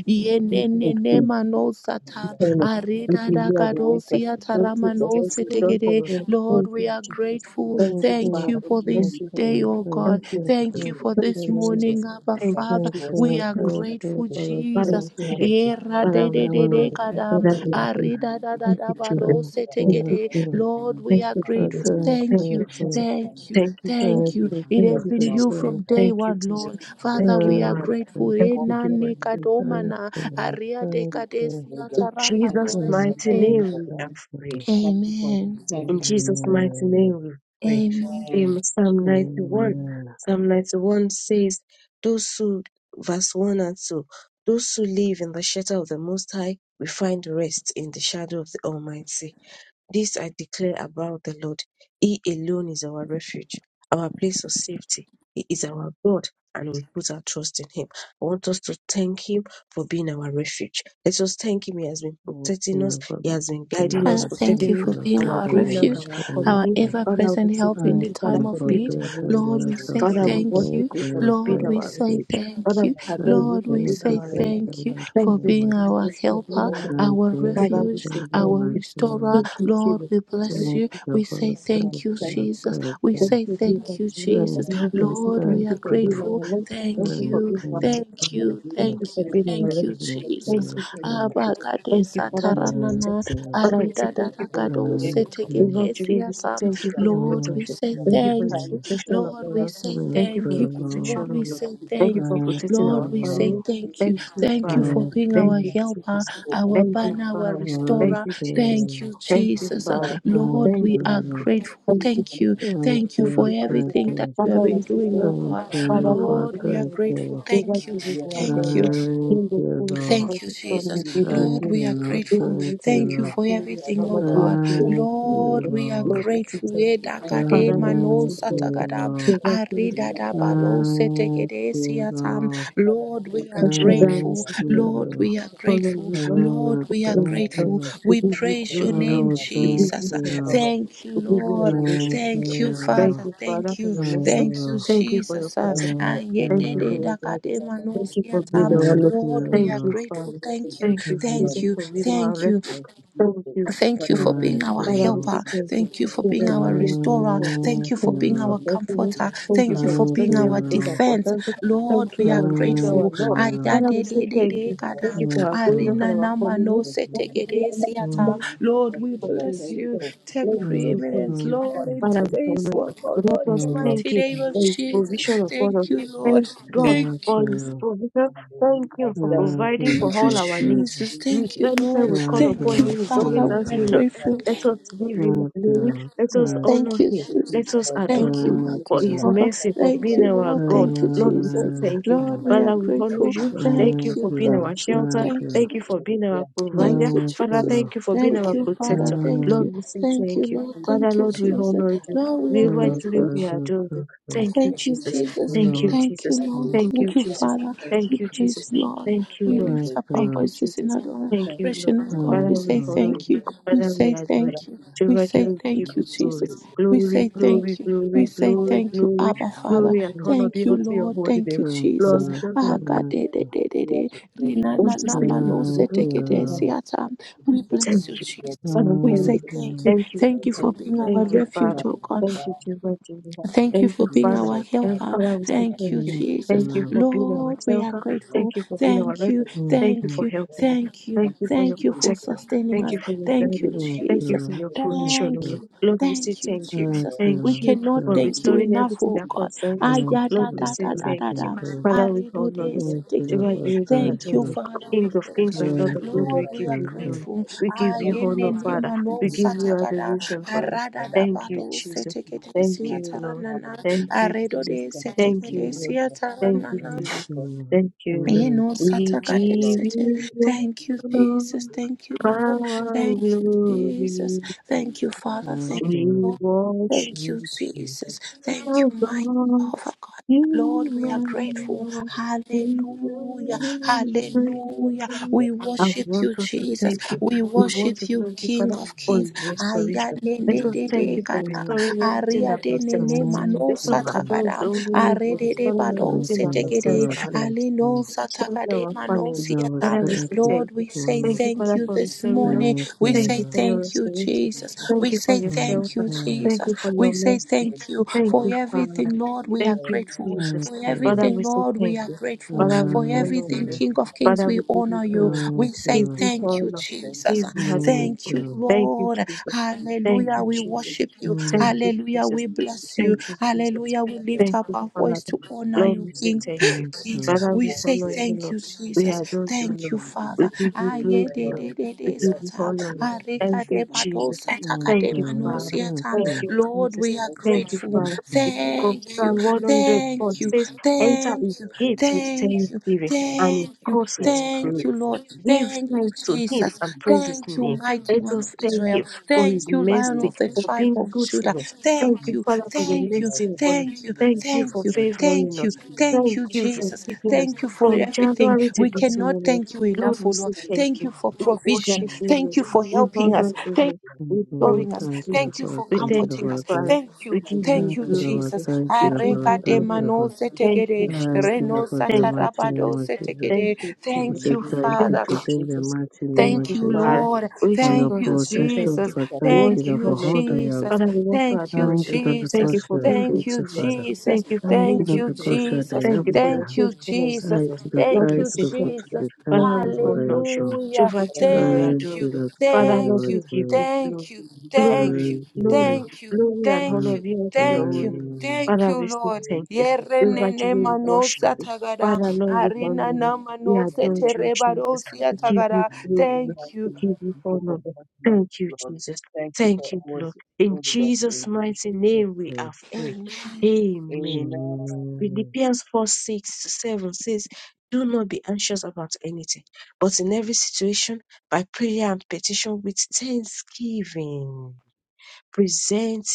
Speaker 2: you Father. thank
Speaker 3: Yenenenemanozata.
Speaker 2: you, Lord. We give you are the request. Thank you for what you've
Speaker 4: Thank
Speaker 2: done
Speaker 3: Aridadagadoseataramanosetegede.
Speaker 2: for us.
Speaker 3: Lord,
Speaker 2: Thank
Speaker 3: we
Speaker 2: you,
Speaker 3: are
Speaker 2: Jesus.
Speaker 3: grateful.
Speaker 2: Thank you,
Speaker 3: Thank
Speaker 2: Father.
Speaker 3: you for
Speaker 2: Thank
Speaker 3: this
Speaker 2: you,
Speaker 3: day,
Speaker 2: Jesus.
Speaker 3: oh
Speaker 2: Thank
Speaker 3: God.
Speaker 2: you,
Speaker 3: Thank
Speaker 2: Jesus.
Speaker 3: you for
Speaker 2: Thank
Speaker 3: this
Speaker 2: you,
Speaker 3: morning,
Speaker 2: Jesus.
Speaker 3: Abba
Speaker 2: Thank you,
Speaker 3: Father.
Speaker 2: Jesus.
Speaker 3: We
Speaker 4: you,
Speaker 3: are
Speaker 2: Thank you,
Speaker 3: grateful,
Speaker 2: Jesus. Father,
Speaker 3: Jesus.
Speaker 2: we say thank you.
Speaker 3: Yera de
Speaker 2: Father, we
Speaker 3: de de
Speaker 2: honor
Speaker 3: de
Speaker 2: you.
Speaker 3: kadam.
Speaker 2: Father, we adore you.
Speaker 3: Arida da da
Speaker 2: Thank
Speaker 3: da
Speaker 2: you,
Speaker 3: ba
Speaker 2: Jesus.
Speaker 3: do se te
Speaker 2: Thank
Speaker 3: ke
Speaker 2: you,
Speaker 3: de.
Speaker 2: Jesus.
Speaker 3: Lord, we
Speaker 2: Thank
Speaker 3: are
Speaker 2: you, Jesus.
Speaker 3: grateful.
Speaker 2: Thank
Speaker 3: Thank you.
Speaker 2: you, Jesus.
Speaker 3: Thank you.
Speaker 2: Thank you, Jesus.
Speaker 3: Thank you. It
Speaker 2: Thank
Speaker 3: has
Speaker 2: you,
Speaker 3: been you
Speaker 2: Jesus.
Speaker 4: Jesus.
Speaker 3: from day
Speaker 2: Thank you,
Speaker 3: one,
Speaker 2: Jesus.
Speaker 3: Lord. Father,
Speaker 2: Thank you,
Speaker 3: we are
Speaker 4: Good,
Speaker 2: Father.
Speaker 3: grateful.
Speaker 4: good,
Speaker 2: Thank
Speaker 3: Eh,
Speaker 2: you,
Speaker 4: good,
Speaker 3: na ni
Speaker 2: Jesus.
Speaker 4: good, good,
Speaker 3: Aria de
Speaker 4: good,
Speaker 3: kades ya
Speaker 2: In
Speaker 3: pa
Speaker 2: Jesus'
Speaker 3: do e,
Speaker 4: good,
Speaker 3: se
Speaker 2: mighty
Speaker 3: te.
Speaker 4: good,
Speaker 2: name we are
Speaker 4: good,
Speaker 2: free.
Speaker 4: good.
Speaker 3: Amen.
Speaker 2: In Jesus' mighty
Speaker 4: Amen.
Speaker 2: name we are free.
Speaker 3: Amen.
Speaker 2: In Psalm 91,
Speaker 4: Amen.
Speaker 2: Psalm 91 says, Those who, verse 1 and 2, those who live in the shelter of the Most High, we find rest in the shadow of the Almighty. This I declare about the Lord. He alone is our refuge, our place of safety. He is our God, and we put our trust in Him. I want us to thank Him for being our refuge. Let us thank Him. He has been
Speaker 4: Thank
Speaker 2: protecting us,
Speaker 4: you for
Speaker 2: He
Speaker 4: the
Speaker 2: has been guiding us,
Speaker 3: Father, thank
Speaker 4: opportunity
Speaker 3: you
Speaker 2: protecting
Speaker 3: for
Speaker 4: to
Speaker 3: being
Speaker 2: our
Speaker 3: our
Speaker 4: present
Speaker 2: going
Speaker 4: the
Speaker 2: out,
Speaker 4: life
Speaker 3: refuge,
Speaker 2: our
Speaker 4: of
Speaker 2: coming
Speaker 3: our
Speaker 2: in.
Speaker 4: Mr.
Speaker 3: ever
Speaker 2: Father, we
Speaker 3: present
Speaker 2: say
Speaker 3: help in
Speaker 2: thank
Speaker 4: Thank
Speaker 3: the
Speaker 2: you, Father,
Speaker 3: time
Speaker 4: you
Speaker 2: for
Speaker 3: of
Speaker 4: for
Speaker 2: being
Speaker 3: need.
Speaker 4: being
Speaker 2: our
Speaker 4: the
Speaker 2: refuge.
Speaker 3: Lord, we
Speaker 4: words of
Speaker 3: say
Speaker 2: Father,
Speaker 4: prayer.
Speaker 2: we
Speaker 3: thank
Speaker 2: worship
Speaker 4: Thank
Speaker 3: you.
Speaker 2: you for
Speaker 4: you.
Speaker 2: being
Speaker 3: Lord,
Speaker 4: Thank
Speaker 3: we
Speaker 2: our
Speaker 3: say
Speaker 4: you.
Speaker 2: refuge.
Speaker 3: thank
Speaker 2: Father,
Speaker 3: you.
Speaker 2: we adore
Speaker 4: Thank
Speaker 2: you
Speaker 3: Lord,
Speaker 2: for
Speaker 3: we
Speaker 4: you
Speaker 2: being
Speaker 4: to
Speaker 3: say
Speaker 2: our
Speaker 4: take the
Speaker 2: refuge.
Speaker 3: thank you
Speaker 2: Thank
Speaker 3: for
Speaker 2: you,
Speaker 4: mighty
Speaker 3: being
Speaker 4: much.
Speaker 3: our
Speaker 2: Jesus, for
Speaker 3: helper,
Speaker 2: being our refuge.
Speaker 4: Thank
Speaker 3: our
Speaker 4: you to
Speaker 2: Father, we
Speaker 3: refuge,
Speaker 2: say
Speaker 4: take the
Speaker 2: thank
Speaker 3: our
Speaker 2: you.
Speaker 4: mighty
Speaker 3: restorer.
Speaker 4: much.
Speaker 2: Thank you,
Speaker 3: Lord,
Speaker 2: Jesus.
Speaker 3: we bless
Speaker 4: Thank
Speaker 3: you. We
Speaker 4: you for
Speaker 3: say
Speaker 4: the
Speaker 3: thank you,
Speaker 4: service.
Speaker 3: Jesus.
Speaker 4: Thank
Speaker 3: We
Speaker 2: Thank
Speaker 4: you.
Speaker 3: say
Speaker 2: you,
Speaker 3: thank
Speaker 2: Jesus.
Speaker 3: you,
Speaker 4: Thank
Speaker 3: Jesus.
Speaker 2: Jehovah, we
Speaker 4: you,
Speaker 2: say
Speaker 3: Lord,
Speaker 2: thank
Speaker 3: we
Speaker 4: thank
Speaker 3: are
Speaker 2: you for being
Speaker 4: you,
Speaker 2: our
Speaker 3: grateful.
Speaker 2: Lord. Thank
Speaker 3: Thank
Speaker 2: you for
Speaker 4: thank
Speaker 3: you.
Speaker 2: being our
Speaker 4: you, thank
Speaker 3: Thank
Speaker 2: protector.
Speaker 3: you.
Speaker 2: Thank
Speaker 4: you,
Speaker 2: you
Speaker 3: Thank you.
Speaker 2: for being our
Speaker 3: Thank
Speaker 4: thank
Speaker 3: you,
Speaker 2: refuge.
Speaker 4: you, thank you,
Speaker 2: Thank
Speaker 3: Jesus
Speaker 2: you for
Speaker 4: thank
Speaker 2: forgiveness.
Speaker 3: bagade
Speaker 2: Thank you, Father, for
Speaker 3: sataranana
Speaker 2: protection. Father, we
Speaker 3: arida
Speaker 2: say thank you for your
Speaker 3: dadakado
Speaker 2: protection.
Speaker 4: you,
Speaker 2: Lord, Jehovah, we say
Speaker 3: setegedesiata.
Speaker 2: thank you for your
Speaker 4: thank you,
Speaker 3: Lord, we
Speaker 2: protection.
Speaker 3: say
Speaker 2: Thank you for
Speaker 3: thank
Speaker 2: your
Speaker 3: you.
Speaker 4: Lord.
Speaker 2: protection of
Speaker 3: Lord,
Speaker 2: our
Speaker 3: we
Speaker 2: Lord.
Speaker 3: say
Speaker 4: thank
Speaker 2: Thank you
Speaker 4: you, Lord. thank you,
Speaker 2: for
Speaker 3: thank you.
Speaker 2: your
Speaker 4: Lord.
Speaker 2: protection,
Speaker 3: Lord,
Speaker 2: O
Speaker 3: we
Speaker 2: Lord.
Speaker 3: say
Speaker 2: Thank
Speaker 3: thank
Speaker 2: you for
Speaker 3: you.
Speaker 4: thank you, thank you, thank
Speaker 2: protecting
Speaker 3: Lord,
Speaker 2: our
Speaker 3: we
Speaker 4: you,
Speaker 3: say
Speaker 2: family.
Speaker 3: thank you.
Speaker 2: Thank you,
Speaker 3: Thank you
Speaker 2: Father.
Speaker 3: for
Speaker 4: Lord. thank
Speaker 3: being
Speaker 2: Thank
Speaker 3: our
Speaker 2: you,
Speaker 4: you,
Speaker 3: helper,
Speaker 2: Jesus.
Speaker 3: our
Speaker 2: Thank you,
Speaker 3: banner, our
Speaker 2: Father. Thank
Speaker 3: restorer.
Speaker 2: you,
Speaker 4: thank
Speaker 2: Jesus.
Speaker 3: Thank you,
Speaker 2: Thank you,
Speaker 3: Jesus.
Speaker 2: Father.
Speaker 3: Lord,
Speaker 2: Thank
Speaker 3: we
Speaker 4: you, thank you, Lord, for thank you, thank you,
Speaker 2: you,
Speaker 3: are
Speaker 4: Lord.
Speaker 2: Jesus.
Speaker 3: grateful.
Speaker 2: Thank you,
Speaker 3: Thank
Speaker 2: Jesus.
Speaker 3: you. Thank you
Speaker 2: Thank
Speaker 3: for
Speaker 2: you, Jesus.
Speaker 3: everything that you
Speaker 2: Father,
Speaker 3: have
Speaker 2: we
Speaker 3: been
Speaker 2: say
Speaker 3: doing,
Speaker 2: thank
Speaker 3: oh
Speaker 2: you.
Speaker 3: God.
Speaker 2: Father, we
Speaker 3: Lord,
Speaker 2: say
Speaker 3: we
Speaker 2: thank
Speaker 3: are
Speaker 2: you.
Speaker 3: grateful.
Speaker 2: We want
Speaker 3: Thank you.
Speaker 2: to give you our
Speaker 3: Thank you.
Speaker 2: glory. In the things of God,
Speaker 3: Thank you,
Speaker 2: Father,
Speaker 3: Jesus.
Speaker 2: we give you
Speaker 4: thank
Speaker 3: Lord,
Speaker 2: glory.
Speaker 4: you,
Speaker 3: we are
Speaker 4: Lord,
Speaker 2: Lord,
Speaker 3: grateful.
Speaker 4: thank
Speaker 2: we
Speaker 4: you,
Speaker 2: pray,
Speaker 3: Thank
Speaker 4: Lord.
Speaker 3: you
Speaker 2: we
Speaker 3: for
Speaker 2: pray, we pray,
Speaker 3: everything, oh
Speaker 2: Lord, we are
Speaker 3: God.
Speaker 4: Thank you,
Speaker 3: Lord,
Speaker 2: here.
Speaker 3: we are
Speaker 4: Lord.
Speaker 2: Lord, we say
Speaker 3: grateful.
Speaker 2: thank you.
Speaker 3: Edakade
Speaker 2: Father, Lord, we
Speaker 3: mano
Speaker 4: Thank
Speaker 2: say thank
Speaker 4: you,
Speaker 2: you.
Speaker 3: satagada,
Speaker 4: Lord.
Speaker 2: We want to give you glory.
Speaker 3: aridadabado
Speaker 4: Thank
Speaker 3: setegede
Speaker 4: you,
Speaker 3: siatam.
Speaker 4: Lord.
Speaker 3: Lord, we are
Speaker 2: Shaddai, we
Speaker 4: Thank
Speaker 3: grateful.
Speaker 2: say
Speaker 4: you,
Speaker 2: thank
Speaker 3: Lord,
Speaker 2: you.
Speaker 4: Lord.
Speaker 3: we are
Speaker 2: Father,
Speaker 3: grateful.
Speaker 2: we love
Speaker 3: Lord,
Speaker 4: Father, we
Speaker 3: we are
Speaker 2: you,
Speaker 4: thank you,
Speaker 2: Lord.
Speaker 3: grateful.
Speaker 4: Lord.
Speaker 2: We
Speaker 3: We
Speaker 2: give you
Speaker 3: praise
Speaker 2: glory,
Speaker 3: your
Speaker 4: Father,
Speaker 2: Lord.
Speaker 3: name,
Speaker 4: we
Speaker 2: We
Speaker 4: thank
Speaker 2: give you
Speaker 3: Jesus.
Speaker 4: you,
Speaker 2: thanks,
Speaker 4: Lord.
Speaker 2: Lord.
Speaker 3: Thank you,
Speaker 2: We give you
Speaker 3: Lord.
Speaker 2: adoration,
Speaker 4: Thank
Speaker 2: Lord.
Speaker 3: Thank
Speaker 4: you,
Speaker 3: you,
Speaker 2: Thank
Speaker 4: Lord.
Speaker 3: Father.
Speaker 2: you, Father,
Speaker 3: Thank
Speaker 2: for
Speaker 3: you.
Speaker 2: your
Speaker 4: Thank
Speaker 2: mercy.
Speaker 4: you,
Speaker 3: Thank you,
Speaker 4: Lord.
Speaker 2: Thank you for your
Speaker 3: Jesus. Uh,
Speaker 2: protection.
Speaker 4: Thank
Speaker 3: and yet
Speaker 2: Thank
Speaker 3: they
Speaker 2: you for
Speaker 3: did
Speaker 4: you,
Speaker 2: your
Speaker 3: a
Speaker 2: guidance.
Speaker 3: kadema no
Speaker 2: Thank you for
Speaker 4: Lord. Thank you, Lord. Thank you, Lord. Thank you, Lord. Thank you, Lord.
Speaker 2: being
Speaker 3: siata.
Speaker 2: our
Speaker 4: Thank
Speaker 2: Lord.
Speaker 4: you,
Speaker 3: Lord, we are
Speaker 2: Thank you,
Speaker 3: grateful.
Speaker 2: Father.
Speaker 3: Thank you.
Speaker 2: Thank you,
Speaker 3: Thank
Speaker 2: Jesus,
Speaker 3: you.
Speaker 2: for being our
Speaker 3: Thank you.
Speaker 2: rescue. Thank you.
Speaker 3: Thank you
Speaker 2: Thank
Speaker 3: for
Speaker 2: you.
Speaker 3: being our
Speaker 2: Father, we say
Speaker 3: helper.
Speaker 2: thank you.
Speaker 3: Thank you for
Speaker 2: We
Speaker 3: being
Speaker 2: thank
Speaker 3: our
Speaker 2: you. We say
Speaker 3: restorer.
Speaker 2: thank you.
Speaker 3: Thank you for
Speaker 2: Thank you
Speaker 3: being
Speaker 2: for
Speaker 3: our
Speaker 2: helping us.
Speaker 3: comforter.
Speaker 2: Thank you
Speaker 3: Thank you
Speaker 2: for
Speaker 3: for being
Speaker 2: restoring
Speaker 3: our
Speaker 2: everything that
Speaker 3: defense.
Speaker 2: concerns us. Thank
Speaker 3: Lord,
Speaker 2: you
Speaker 3: we are
Speaker 2: for being our
Speaker 3: grateful.
Speaker 2: Lord.
Speaker 4: Lord.
Speaker 2: Father, we say thank you. Thank
Speaker 3: Ayadededekada.
Speaker 2: you for
Speaker 4: Thank
Speaker 2: our
Speaker 4: you,
Speaker 2: going out
Speaker 4: Lord.
Speaker 2: and our coming in.
Speaker 3: Arinanamanose
Speaker 2: Thank
Speaker 4: Mhm.
Speaker 2: you
Speaker 3: tegedeziata. Lord, we
Speaker 2: of the
Speaker 3: bless you.
Speaker 2: weekend.
Speaker 3: Take
Speaker 2: Ladies, we say
Speaker 4: Mm,
Speaker 3: preeminence,
Speaker 2: thank
Speaker 4: mm,
Speaker 2: you.
Speaker 3: Lord,
Speaker 4: mm,
Speaker 3: in
Speaker 2: Father, we
Speaker 3: today's
Speaker 2: honor
Speaker 3: work. Oh,
Speaker 2: you.
Speaker 3: Lord, in
Speaker 2: Let us
Speaker 3: the
Speaker 4: mm,
Speaker 3: mighty
Speaker 2: thank you
Speaker 3: name of
Speaker 2: for his
Speaker 3: Jesus.
Speaker 2: provision upon us.
Speaker 3: Thank you, Lord.
Speaker 2: Thank God
Speaker 4: mm.
Speaker 3: Thank you.
Speaker 2: for his
Speaker 4: Thank you.
Speaker 2: provision. Thank
Speaker 4: Lord.
Speaker 2: you for
Speaker 4: Thank you,
Speaker 2: providing for
Speaker 4: Lord,
Speaker 3: Thank you,
Speaker 2: all
Speaker 4: for
Speaker 2: our
Speaker 4: good.
Speaker 2: needs.
Speaker 3: Jesus.
Speaker 2: We,
Speaker 3: Thank you,
Speaker 2: anytime
Speaker 3: Lord.
Speaker 2: we call
Speaker 4: Thank
Speaker 3: Thank
Speaker 2: upon
Speaker 3: you,
Speaker 2: him,
Speaker 4: you,
Speaker 2: he's always
Speaker 3: Father.
Speaker 4: Lord.
Speaker 3: We are
Speaker 2: answering
Speaker 4: Thank
Speaker 2: us.
Speaker 3: grateful.
Speaker 2: Let us give him glory.
Speaker 4: you,
Speaker 2: Let us
Speaker 4: Lord.
Speaker 2: honor
Speaker 3: Thank you,
Speaker 2: him.
Speaker 3: Jesus.
Speaker 2: Let us adore
Speaker 3: Thank you,
Speaker 2: him
Speaker 4: Thank
Speaker 3: mighty
Speaker 2: for
Speaker 4: you,
Speaker 2: his
Speaker 3: Jehovah.
Speaker 2: mercy, for
Speaker 3: Thank
Speaker 2: being
Speaker 3: you,
Speaker 2: our
Speaker 3: Lord.
Speaker 2: God.
Speaker 3: Thank you,
Speaker 2: Lord, we say
Speaker 3: Jesus.
Speaker 4: Lord.
Speaker 2: thank you.
Speaker 3: Lord, we are
Speaker 2: Father, we honor
Speaker 3: grateful.
Speaker 2: you. Thank
Speaker 3: Thank
Speaker 2: you
Speaker 4: Thank
Speaker 3: you,
Speaker 2: for
Speaker 4: you,
Speaker 2: being
Speaker 4: Lord.
Speaker 3: thank
Speaker 2: our
Speaker 3: you,
Speaker 2: shelter.
Speaker 4: Thank you,
Speaker 3: thank
Speaker 4: Lord.
Speaker 2: Thank
Speaker 3: you,
Speaker 4: Thank
Speaker 2: you for being our
Speaker 4: you,
Speaker 2: provider.
Speaker 3: thank you,
Speaker 2: Father,
Speaker 3: Jesus.
Speaker 2: thank you
Speaker 4: Lord.
Speaker 2: for being
Speaker 3: Thank
Speaker 2: our
Speaker 3: you, Father.
Speaker 2: protector.
Speaker 3: Thank
Speaker 2: Lord,
Speaker 3: you,
Speaker 2: we say
Speaker 3: thank you,
Speaker 2: thank you.
Speaker 3: Lord.
Speaker 2: Father,
Speaker 3: Thank you,
Speaker 2: Lord, we
Speaker 3: Jesus.
Speaker 2: honor you.
Speaker 3: Lord, we
Speaker 2: We
Speaker 3: are
Speaker 4: Thank you, Lord.
Speaker 2: rightly
Speaker 3: grateful.
Speaker 2: we
Speaker 4: Thank you, Lord. Thank you, Lord. Thank you, Lord. Thank you, Lord. Thank you, Lord. Thank
Speaker 2: adore you. Thank you,
Speaker 3: Thank you,
Speaker 2: Jesus.
Speaker 3: Jesus.
Speaker 2: Thank you,
Speaker 3: Thank you,
Speaker 2: Jesus.
Speaker 3: Lord.
Speaker 2: Thank you,
Speaker 3: Thank you,
Speaker 2: Jesus.
Speaker 3: Father.
Speaker 2: Thank
Speaker 3: We
Speaker 2: you,
Speaker 3: praise
Speaker 2: Jesus.
Speaker 3: you, Lord.
Speaker 2: Thank you,
Speaker 3: We
Speaker 2: Lord.
Speaker 3: lift up our
Speaker 2: Thank you,
Speaker 3: voices in
Speaker 2: Jesus. Thank you, Lord.
Speaker 3: adoration, oh God.
Speaker 2: Father,
Speaker 3: We
Speaker 2: we
Speaker 3: say
Speaker 2: honor
Speaker 3: thank
Speaker 2: you.
Speaker 3: you. We
Speaker 2: Father, we
Speaker 3: say
Speaker 2: adore you.
Speaker 3: thank you. We
Speaker 2: Jehovah, you
Speaker 3: say
Speaker 2: give
Speaker 3: thank you,
Speaker 2: you glory.
Speaker 3: Jesus. We
Speaker 2: Glory,
Speaker 3: say
Speaker 2: glory,
Speaker 3: thank you. We
Speaker 2: glory,
Speaker 3: say
Speaker 2: glory,
Speaker 3: thank you,
Speaker 2: glory,
Speaker 3: Abba Father.
Speaker 2: glory, and honor be
Speaker 3: Thank you,
Speaker 2: unto your
Speaker 3: Lord.
Speaker 2: holy
Speaker 3: Thank
Speaker 2: name.
Speaker 3: you,
Speaker 2: Lord,
Speaker 3: Jesus.
Speaker 2: we just want
Speaker 3: Aga de de
Speaker 4: you, Lord.
Speaker 3: de de de. Rina na
Speaker 2: want to say
Speaker 3: na
Speaker 2: thank
Speaker 3: mano
Speaker 2: you.
Speaker 4: Thank
Speaker 2: We
Speaker 3: se te
Speaker 2: want
Speaker 4: you,
Speaker 3: ke
Speaker 2: to
Speaker 3: de
Speaker 2: honor
Speaker 4: Lord.
Speaker 2: you.
Speaker 3: siata. We
Speaker 2: Thank
Speaker 3: bless you,
Speaker 2: you.
Speaker 4: Thank
Speaker 3: Jesus.
Speaker 2: Father,
Speaker 3: We
Speaker 2: thank
Speaker 3: say
Speaker 2: you.
Speaker 3: thank
Speaker 4: you.
Speaker 3: you.
Speaker 2: Thank you,
Speaker 3: Thank you
Speaker 2: Jesus.
Speaker 3: for being our
Speaker 2: Thank you,
Speaker 3: refuge,
Speaker 2: Father.
Speaker 3: oh God.
Speaker 2: Thank you, Jehovah Jesus.
Speaker 3: Thank you
Speaker 2: Thank
Speaker 3: for
Speaker 2: you,
Speaker 3: being
Speaker 2: Father.
Speaker 3: our
Speaker 2: And
Speaker 3: helper.
Speaker 2: Father, we say
Speaker 3: Thank
Speaker 2: thank
Speaker 3: you,
Speaker 2: you.
Speaker 3: Jesus.
Speaker 2: Thank you for being our
Speaker 3: Lord, we are
Speaker 2: shelter. Thank
Speaker 3: grateful.
Speaker 2: you for being our
Speaker 3: Thank you,
Speaker 2: refuge. Thank you
Speaker 3: thank
Speaker 2: for
Speaker 3: you,
Speaker 2: helping us.
Speaker 3: thank you,
Speaker 2: Thank you for your
Speaker 3: thank you for
Speaker 2: protection.
Speaker 3: sustaining
Speaker 2: Thank
Speaker 3: us.
Speaker 2: you for your
Speaker 3: Thank you,
Speaker 2: guidance. Thank you
Speaker 3: Jesus.
Speaker 2: for your provision, O
Speaker 3: Thank
Speaker 2: Lord.
Speaker 3: you.
Speaker 2: Lord, we say
Speaker 3: Thank you,
Speaker 2: thank you.
Speaker 3: Jesus.
Speaker 2: Thank
Speaker 3: We
Speaker 2: you
Speaker 3: cannot
Speaker 2: for
Speaker 3: thank you
Speaker 2: restoring
Speaker 3: enough,
Speaker 2: everything
Speaker 3: oh
Speaker 2: that
Speaker 3: God.
Speaker 2: concerns us. Lord, we say thank
Speaker 3: Ayadadadadadada.
Speaker 2: you. Father, we honor you.
Speaker 3: Aridodesetekede.
Speaker 2: Jehovah, Jesus, we
Speaker 3: Thank
Speaker 2: adore
Speaker 3: you,
Speaker 2: you.
Speaker 3: Father. We
Speaker 2: King of kings
Speaker 3: praise you.
Speaker 2: and Lord of lords,
Speaker 3: Lord,
Speaker 2: we
Speaker 3: we
Speaker 2: give
Speaker 3: are
Speaker 2: you glory.
Speaker 3: grateful.
Speaker 2: We give you
Speaker 3: Ayene ne
Speaker 2: honor, Father.
Speaker 3: Ayenenenemanon
Speaker 2: We give you
Speaker 3: satagada.
Speaker 2: adoration, Father. Thank you, Jesus.
Speaker 3: Aradadabadosetekede
Speaker 2: Thank you, Lord.
Speaker 3: siataranana.
Speaker 2: Thank you, Jesus. Thank
Speaker 3: Aridodesetekede
Speaker 2: you, Lord. Thank you,
Speaker 3: siataranana.
Speaker 2: Jesus. Thank you, Lord.
Speaker 3: Eno
Speaker 2: We give
Speaker 3: satagadesetekede.
Speaker 2: you
Speaker 3: Thank you,
Speaker 2: honor,
Speaker 3: Jesus. Thank you, Lord.
Speaker 2: power, and
Speaker 3: Thank you, Jesus.
Speaker 2: glory.
Speaker 3: Thank you, Father. Thank you.
Speaker 2: We
Speaker 3: Thank
Speaker 2: worship
Speaker 3: you,
Speaker 2: you.
Speaker 3: Jesus. Thank
Speaker 2: our
Speaker 3: you, mighty
Speaker 2: God.
Speaker 3: Jehovah God. Lord, we are
Speaker 2: Emmanuel,
Speaker 3: grateful.
Speaker 2: Emmanuel,
Speaker 3: Hallelujah. Hallelujah.
Speaker 2: Emmanuel.
Speaker 3: We
Speaker 2: I
Speaker 3: worship
Speaker 2: want
Speaker 3: you,
Speaker 2: us to
Speaker 3: Jesus.
Speaker 2: thank you.
Speaker 3: We
Speaker 2: We want
Speaker 3: worship
Speaker 2: to
Speaker 3: you,
Speaker 2: thank you,
Speaker 3: King
Speaker 2: Father,
Speaker 3: of
Speaker 2: for
Speaker 3: Kings.
Speaker 2: your
Speaker 3: Aya
Speaker 2: restoration.
Speaker 3: ne
Speaker 2: Let
Speaker 3: ne
Speaker 2: us
Speaker 3: de
Speaker 2: thank
Speaker 3: de
Speaker 2: you for
Speaker 3: kada.
Speaker 2: restoring everything
Speaker 3: Aria
Speaker 2: that
Speaker 3: de ne
Speaker 2: concerns
Speaker 3: ne
Speaker 2: us.
Speaker 3: mano
Speaker 2: Let us adore his
Speaker 3: satakada.
Speaker 2: holy
Speaker 3: Are
Speaker 2: name for
Speaker 3: de de
Speaker 2: restoring
Speaker 3: bado
Speaker 2: everything that concerns
Speaker 3: setekede.
Speaker 2: our lives.
Speaker 3: Ali no satakade
Speaker 2: Lord, for
Speaker 3: mano
Speaker 2: me. Father,
Speaker 3: siatam.
Speaker 2: we say
Speaker 3: Lord,
Speaker 2: thank you.
Speaker 3: we say
Speaker 2: Thank you,
Speaker 3: thank
Speaker 2: Father,
Speaker 3: you
Speaker 2: for
Speaker 3: this
Speaker 2: restoring us.
Speaker 3: morning. We
Speaker 2: Thank
Speaker 3: say
Speaker 2: you for your
Speaker 3: thank you,
Speaker 2: restoration.
Speaker 3: Jesus.
Speaker 2: Thank
Speaker 3: We
Speaker 2: you for
Speaker 3: say
Speaker 2: your
Speaker 3: thank
Speaker 2: shelter.
Speaker 3: you,
Speaker 2: Thank
Speaker 3: Jesus.
Speaker 2: you for
Speaker 3: We
Speaker 2: your
Speaker 3: say
Speaker 2: mercy.
Speaker 3: thank you
Speaker 2: Thank
Speaker 3: for
Speaker 2: you,
Speaker 3: everything,
Speaker 2: Father.
Speaker 3: Lord. We are
Speaker 2: Thank you,
Speaker 3: grateful.
Speaker 2: Jesus.
Speaker 3: For
Speaker 2: Father,
Speaker 3: everything,
Speaker 2: we say
Speaker 3: Lord, we
Speaker 2: thank
Speaker 3: are
Speaker 2: you.
Speaker 3: grateful.
Speaker 2: Father, we
Speaker 3: For
Speaker 4: Thank
Speaker 2: honor
Speaker 3: everything,
Speaker 2: you.
Speaker 4: you,
Speaker 3: King of Kings,
Speaker 2: Father,
Speaker 3: we
Speaker 2: we give you
Speaker 3: honor you.
Speaker 2: glory.
Speaker 3: We
Speaker 4: thank
Speaker 3: say
Speaker 2: Give
Speaker 4: you,
Speaker 2: you
Speaker 3: thank you,
Speaker 2: honor.
Speaker 3: Jesus.
Speaker 2: Give you
Speaker 4: thank
Speaker 2: adoration.
Speaker 3: Thank you,
Speaker 4: you,
Speaker 2: Thank you,
Speaker 3: Lord.
Speaker 2: Jesus. Thank
Speaker 3: Hallelujah.
Speaker 2: you,
Speaker 3: We
Speaker 2: Jesus.
Speaker 3: worship you.
Speaker 2: Thank
Speaker 4: mm,
Speaker 2: you,
Speaker 3: Hallelujah.
Speaker 2: Jesus.
Speaker 3: We bless you.
Speaker 2: Thank you, Jesus.
Speaker 3: Hallelujah. We lift
Speaker 2: Thank
Speaker 3: up
Speaker 2: you,
Speaker 3: our
Speaker 2: Father.
Speaker 3: voice to honor
Speaker 2: Lord,
Speaker 3: you,
Speaker 2: we say
Speaker 3: King.
Speaker 2: thank you.
Speaker 4: thank you,
Speaker 3: Jesus.
Speaker 2: Father,
Speaker 3: We
Speaker 2: we
Speaker 3: say
Speaker 2: honor you,
Speaker 3: thank
Speaker 2: Lord.
Speaker 3: you,
Speaker 2: We
Speaker 3: Jesus.
Speaker 2: adore you,
Speaker 3: Thank you,
Speaker 2: Lord. We
Speaker 3: Father.
Speaker 2: give you
Speaker 3: Aye,
Speaker 2: glory,
Speaker 3: de,
Speaker 2: Lord.
Speaker 3: de, de,
Speaker 2: We
Speaker 3: de,
Speaker 2: give you
Speaker 3: sata.
Speaker 2: honor, Lord.
Speaker 3: Arika
Speaker 2: Thank
Speaker 3: de
Speaker 2: you,
Speaker 3: bado,
Speaker 2: Jesus.
Speaker 3: sata ka
Speaker 4: thank
Speaker 2: Thank
Speaker 3: de
Speaker 2: you,
Speaker 4: you,
Speaker 3: mano,
Speaker 2: Father.
Speaker 4: thank
Speaker 2: Thank
Speaker 4: you,
Speaker 2: you,
Speaker 3: Lord,
Speaker 2: Jesus.
Speaker 3: we are
Speaker 1: Talk to
Speaker 2: Thank
Speaker 1: him
Speaker 2: you,
Speaker 1: for
Speaker 3: grateful.
Speaker 1: your
Speaker 2: Father. The book of
Speaker 3: Thank you,
Speaker 2: Psalm
Speaker 1: people. Thank
Speaker 2: 104
Speaker 3: thank you,
Speaker 1: you,
Speaker 2: says, Enter
Speaker 1: Jesus.
Speaker 2: his
Speaker 3: thank you,
Speaker 1: When
Speaker 2: gates
Speaker 1: we
Speaker 2: with
Speaker 3: thank
Speaker 1: want
Speaker 3: you,
Speaker 2: thanksgiving and
Speaker 1: something
Speaker 2: his
Speaker 3: thank you,
Speaker 2: courts with
Speaker 1: for us,
Speaker 3: thank you,
Speaker 2: praise.
Speaker 1: thank
Speaker 3: Lord.
Speaker 1: you,
Speaker 2: Give
Speaker 3: Thank you,
Speaker 2: thanks to him
Speaker 1: thank
Speaker 3: Jesus.
Speaker 2: and
Speaker 1: you
Speaker 2: praise his
Speaker 3: Thank you,
Speaker 2: name.
Speaker 3: mighty
Speaker 2: Let
Speaker 3: one
Speaker 2: us
Speaker 3: of
Speaker 2: thank him
Speaker 3: Israel.
Speaker 2: for his
Speaker 3: Thank you, lion
Speaker 2: mercy,
Speaker 3: of the
Speaker 2: for
Speaker 3: tribe
Speaker 2: being
Speaker 3: of
Speaker 2: good
Speaker 3: Judah.
Speaker 2: to us. Thank
Speaker 3: Thank
Speaker 2: you,
Speaker 3: you,
Speaker 2: Father, for your
Speaker 3: thank you,
Speaker 2: mercy upon us.
Speaker 3: thank you,
Speaker 2: Thank you
Speaker 3: thank
Speaker 2: for
Speaker 3: you,
Speaker 2: favoring
Speaker 3: thank you,
Speaker 2: us.
Speaker 3: thank
Speaker 2: Thank
Speaker 3: you,
Speaker 2: you for
Speaker 3: Jesus.
Speaker 2: keeping us
Speaker 3: Thank you for
Speaker 2: from
Speaker 3: everything.
Speaker 2: January to
Speaker 3: We
Speaker 2: this
Speaker 3: cannot
Speaker 2: moment.
Speaker 3: thank you
Speaker 2: Lord,
Speaker 3: enough, O
Speaker 2: we say
Speaker 3: Lord.
Speaker 2: thank
Speaker 3: Thank
Speaker 2: you.
Speaker 3: you for
Speaker 2: We
Speaker 3: provision.
Speaker 2: worship you,
Speaker 3: Thank
Speaker 2: Lord.
Speaker 3: you for
Speaker 2: We
Speaker 4: thank
Speaker 3: helping
Speaker 4: you,
Speaker 2: honor
Speaker 3: us.
Speaker 2: you,
Speaker 3: Thank
Speaker 2: Lord.
Speaker 4: thank
Speaker 2: We
Speaker 4: you,
Speaker 2: thank
Speaker 4: Lord,
Speaker 3: restoring us.
Speaker 2: you,
Speaker 4: thank you,
Speaker 3: Thank
Speaker 2: Jesus.
Speaker 3: you
Speaker 4: Lord,
Speaker 3: for
Speaker 2: We
Speaker 4: thank you,
Speaker 2: thank
Speaker 3: comforting
Speaker 2: you,
Speaker 4: Lord,
Speaker 3: us.
Speaker 2: Father.
Speaker 3: Thank you.
Speaker 2: We give
Speaker 3: Thank
Speaker 2: you
Speaker 4: thank
Speaker 3: you,
Speaker 4: you,
Speaker 2: glory,
Speaker 4: Lord,
Speaker 3: Jesus.
Speaker 2: Lord.
Speaker 4: thank
Speaker 2: We
Speaker 4: you,
Speaker 2: give
Speaker 4: Lord,
Speaker 3: Areka
Speaker 2: you
Speaker 3: de
Speaker 2: honor,
Speaker 4: thank you,
Speaker 2: Lord.
Speaker 3: mano
Speaker 2: Thank you,
Speaker 3: setegede,
Speaker 1: for all the things. Thank you for the
Speaker 4: Lord, thank
Speaker 2: Jesus.
Speaker 4: you, Lord,
Speaker 3: reno
Speaker 4: for the
Speaker 2: Thank you,
Speaker 4: mighty
Speaker 2: Jesus.
Speaker 4: name
Speaker 3: satarabado
Speaker 4: of Jesus.
Speaker 2: Thank
Speaker 3: setegede.
Speaker 2: you,
Speaker 4: We
Speaker 2: Jesus.
Speaker 3: Thank
Speaker 1: moment.
Speaker 4: say
Speaker 3: you,
Speaker 4: thank you
Speaker 2: Thank
Speaker 3: Father.
Speaker 2: you,
Speaker 4: today in the
Speaker 2: Jesus.
Speaker 4: mighty name
Speaker 2: Thank
Speaker 4: of
Speaker 3: Thank
Speaker 2: you,
Speaker 3: you,
Speaker 4: Jesus
Speaker 2: Father.
Speaker 3: Lord.
Speaker 2: We
Speaker 4: for
Speaker 2: just
Speaker 4: your
Speaker 3: Thank
Speaker 2: want
Speaker 3: you,
Speaker 2: to say thank
Speaker 4: protection,
Speaker 2: you.
Speaker 3: Jesus.
Speaker 4: for thank you,
Speaker 3: Thank
Speaker 4: Lord,
Speaker 3: you,
Speaker 2: Merciful
Speaker 4: for all
Speaker 2: Lord, you-
Speaker 4: that you have
Speaker 3: Jesus.
Speaker 2: Father, we want to
Speaker 3: Thank
Speaker 4: done.
Speaker 3: you,
Speaker 2: adore
Speaker 4: Thank
Speaker 2: you.
Speaker 4: you, Lord,
Speaker 2: Thank
Speaker 3: Jesus.
Speaker 2: you
Speaker 4: because you
Speaker 2: for
Speaker 4: are
Speaker 2: being
Speaker 3: Thank
Speaker 2: good
Speaker 3: you,
Speaker 4: faithful,
Speaker 2: to us.
Speaker 4: Father.
Speaker 3: Jesus.
Speaker 2: Thank you for
Speaker 4: Thank you,
Speaker 2: being
Speaker 3: Thank
Speaker 4: Lord,
Speaker 2: good
Speaker 3: you,
Speaker 2: to us.
Speaker 4: because you are the I
Speaker 3: Jesus.
Speaker 2: Thank
Speaker 4: am
Speaker 2: you
Speaker 4: that
Speaker 2: for
Speaker 4: I
Speaker 2: your
Speaker 4: am.
Speaker 3: Thank you,
Speaker 2: faithfulness
Speaker 3: Jesus.
Speaker 4: Thank
Speaker 2: to us.
Speaker 4: you,
Speaker 2: Lord,
Speaker 3: Thank
Speaker 2: we
Speaker 4: thank
Speaker 3: you,
Speaker 2: say
Speaker 4: you for
Speaker 2: thank you.
Speaker 3: Jesus.
Speaker 4: today. Thank
Speaker 2: Father,
Speaker 4: you
Speaker 2: we
Speaker 4: for what I have
Speaker 2: acknowledge you.
Speaker 4: done.
Speaker 3: Hallelujah.
Speaker 2: Jehovah, Jireh, we
Speaker 4: Thank
Speaker 3: Thank
Speaker 2: adore
Speaker 4: you,
Speaker 3: you.
Speaker 2: you.
Speaker 4: Lord, for
Speaker 2: Father,
Speaker 4: the
Speaker 2: Lord,
Speaker 3: Thank
Speaker 4: right
Speaker 3: you.
Speaker 2: we
Speaker 1: Thank you
Speaker 2: give
Speaker 4: word.
Speaker 2: you glory.
Speaker 3: Thank
Speaker 1: for
Speaker 3: you.
Speaker 1: the good
Speaker 3: Thank
Speaker 2: Glory,
Speaker 3: you.
Speaker 1: things
Speaker 4: Thank
Speaker 1: that
Speaker 4: you,
Speaker 2: glory,
Speaker 4: Lord.
Speaker 3: Thank you.
Speaker 2: glory and
Speaker 3: Thank
Speaker 2: honor
Speaker 4: Thank
Speaker 3: you.
Speaker 2: be unto your
Speaker 3: Thank
Speaker 1: you
Speaker 2: own
Speaker 1: have
Speaker 3: you.
Speaker 1: done.
Speaker 2: name.
Speaker 3: Thank
Speaker 2: Father,
Speaker 3: you,
Speaker 2: we say
Speaker 1: We
Speaker 3: Lord.
Speaker 1: love
Speaker 2: thank you.
Speaker 1: you,
Speaker 3: Yere
Speaker 1: God.
Speaker 2: Jehovah, Jireh,
Speaker 3: nene
Speaker 2: we
Speaker 1: We thank
Speaker 2: worship
Speaker 3: manosa
Speaker 2: you.
Speaker 1: you.
Speaker 3: tagada.
Speaker 2: Father,
Speaker 1: Thank you
Speaker 2: Lord, we
Speaker 1: for the good
Speaker 3: Arina
Speaker 2: honor you.
Speaker 3: na
Speaker 1: things
Speaker 2: We
Speaker 1: that
Speaker 3: manose
Speaker 1: you
Speaker 2: adore
Speaker 1: have
Speaker 2: you,
Speaker 3: tereba
Speaker 2: Jesus.
Speaker 3: rosia
Speaker 2: We
Speaker 1: done. Thank you for the good things that you have done. Thank
Speaker 2: give you
Speaker 3: tagada.
Speaker 2: glory.
Speaker 3: Thank you.
Speaker 2: We give you honor. Thank you, Jesus. Thank you, Lord. In Jesus' mighty name we
Speaker 4: you, Lord.
Speaker 2: have prayed. Amen.
Speaker 4: Mm,
Speaker 2: Philippians 4 6 to 7 says, Do not be anxious about anything, but in every situation, by prayer and petition with thanksgiving, present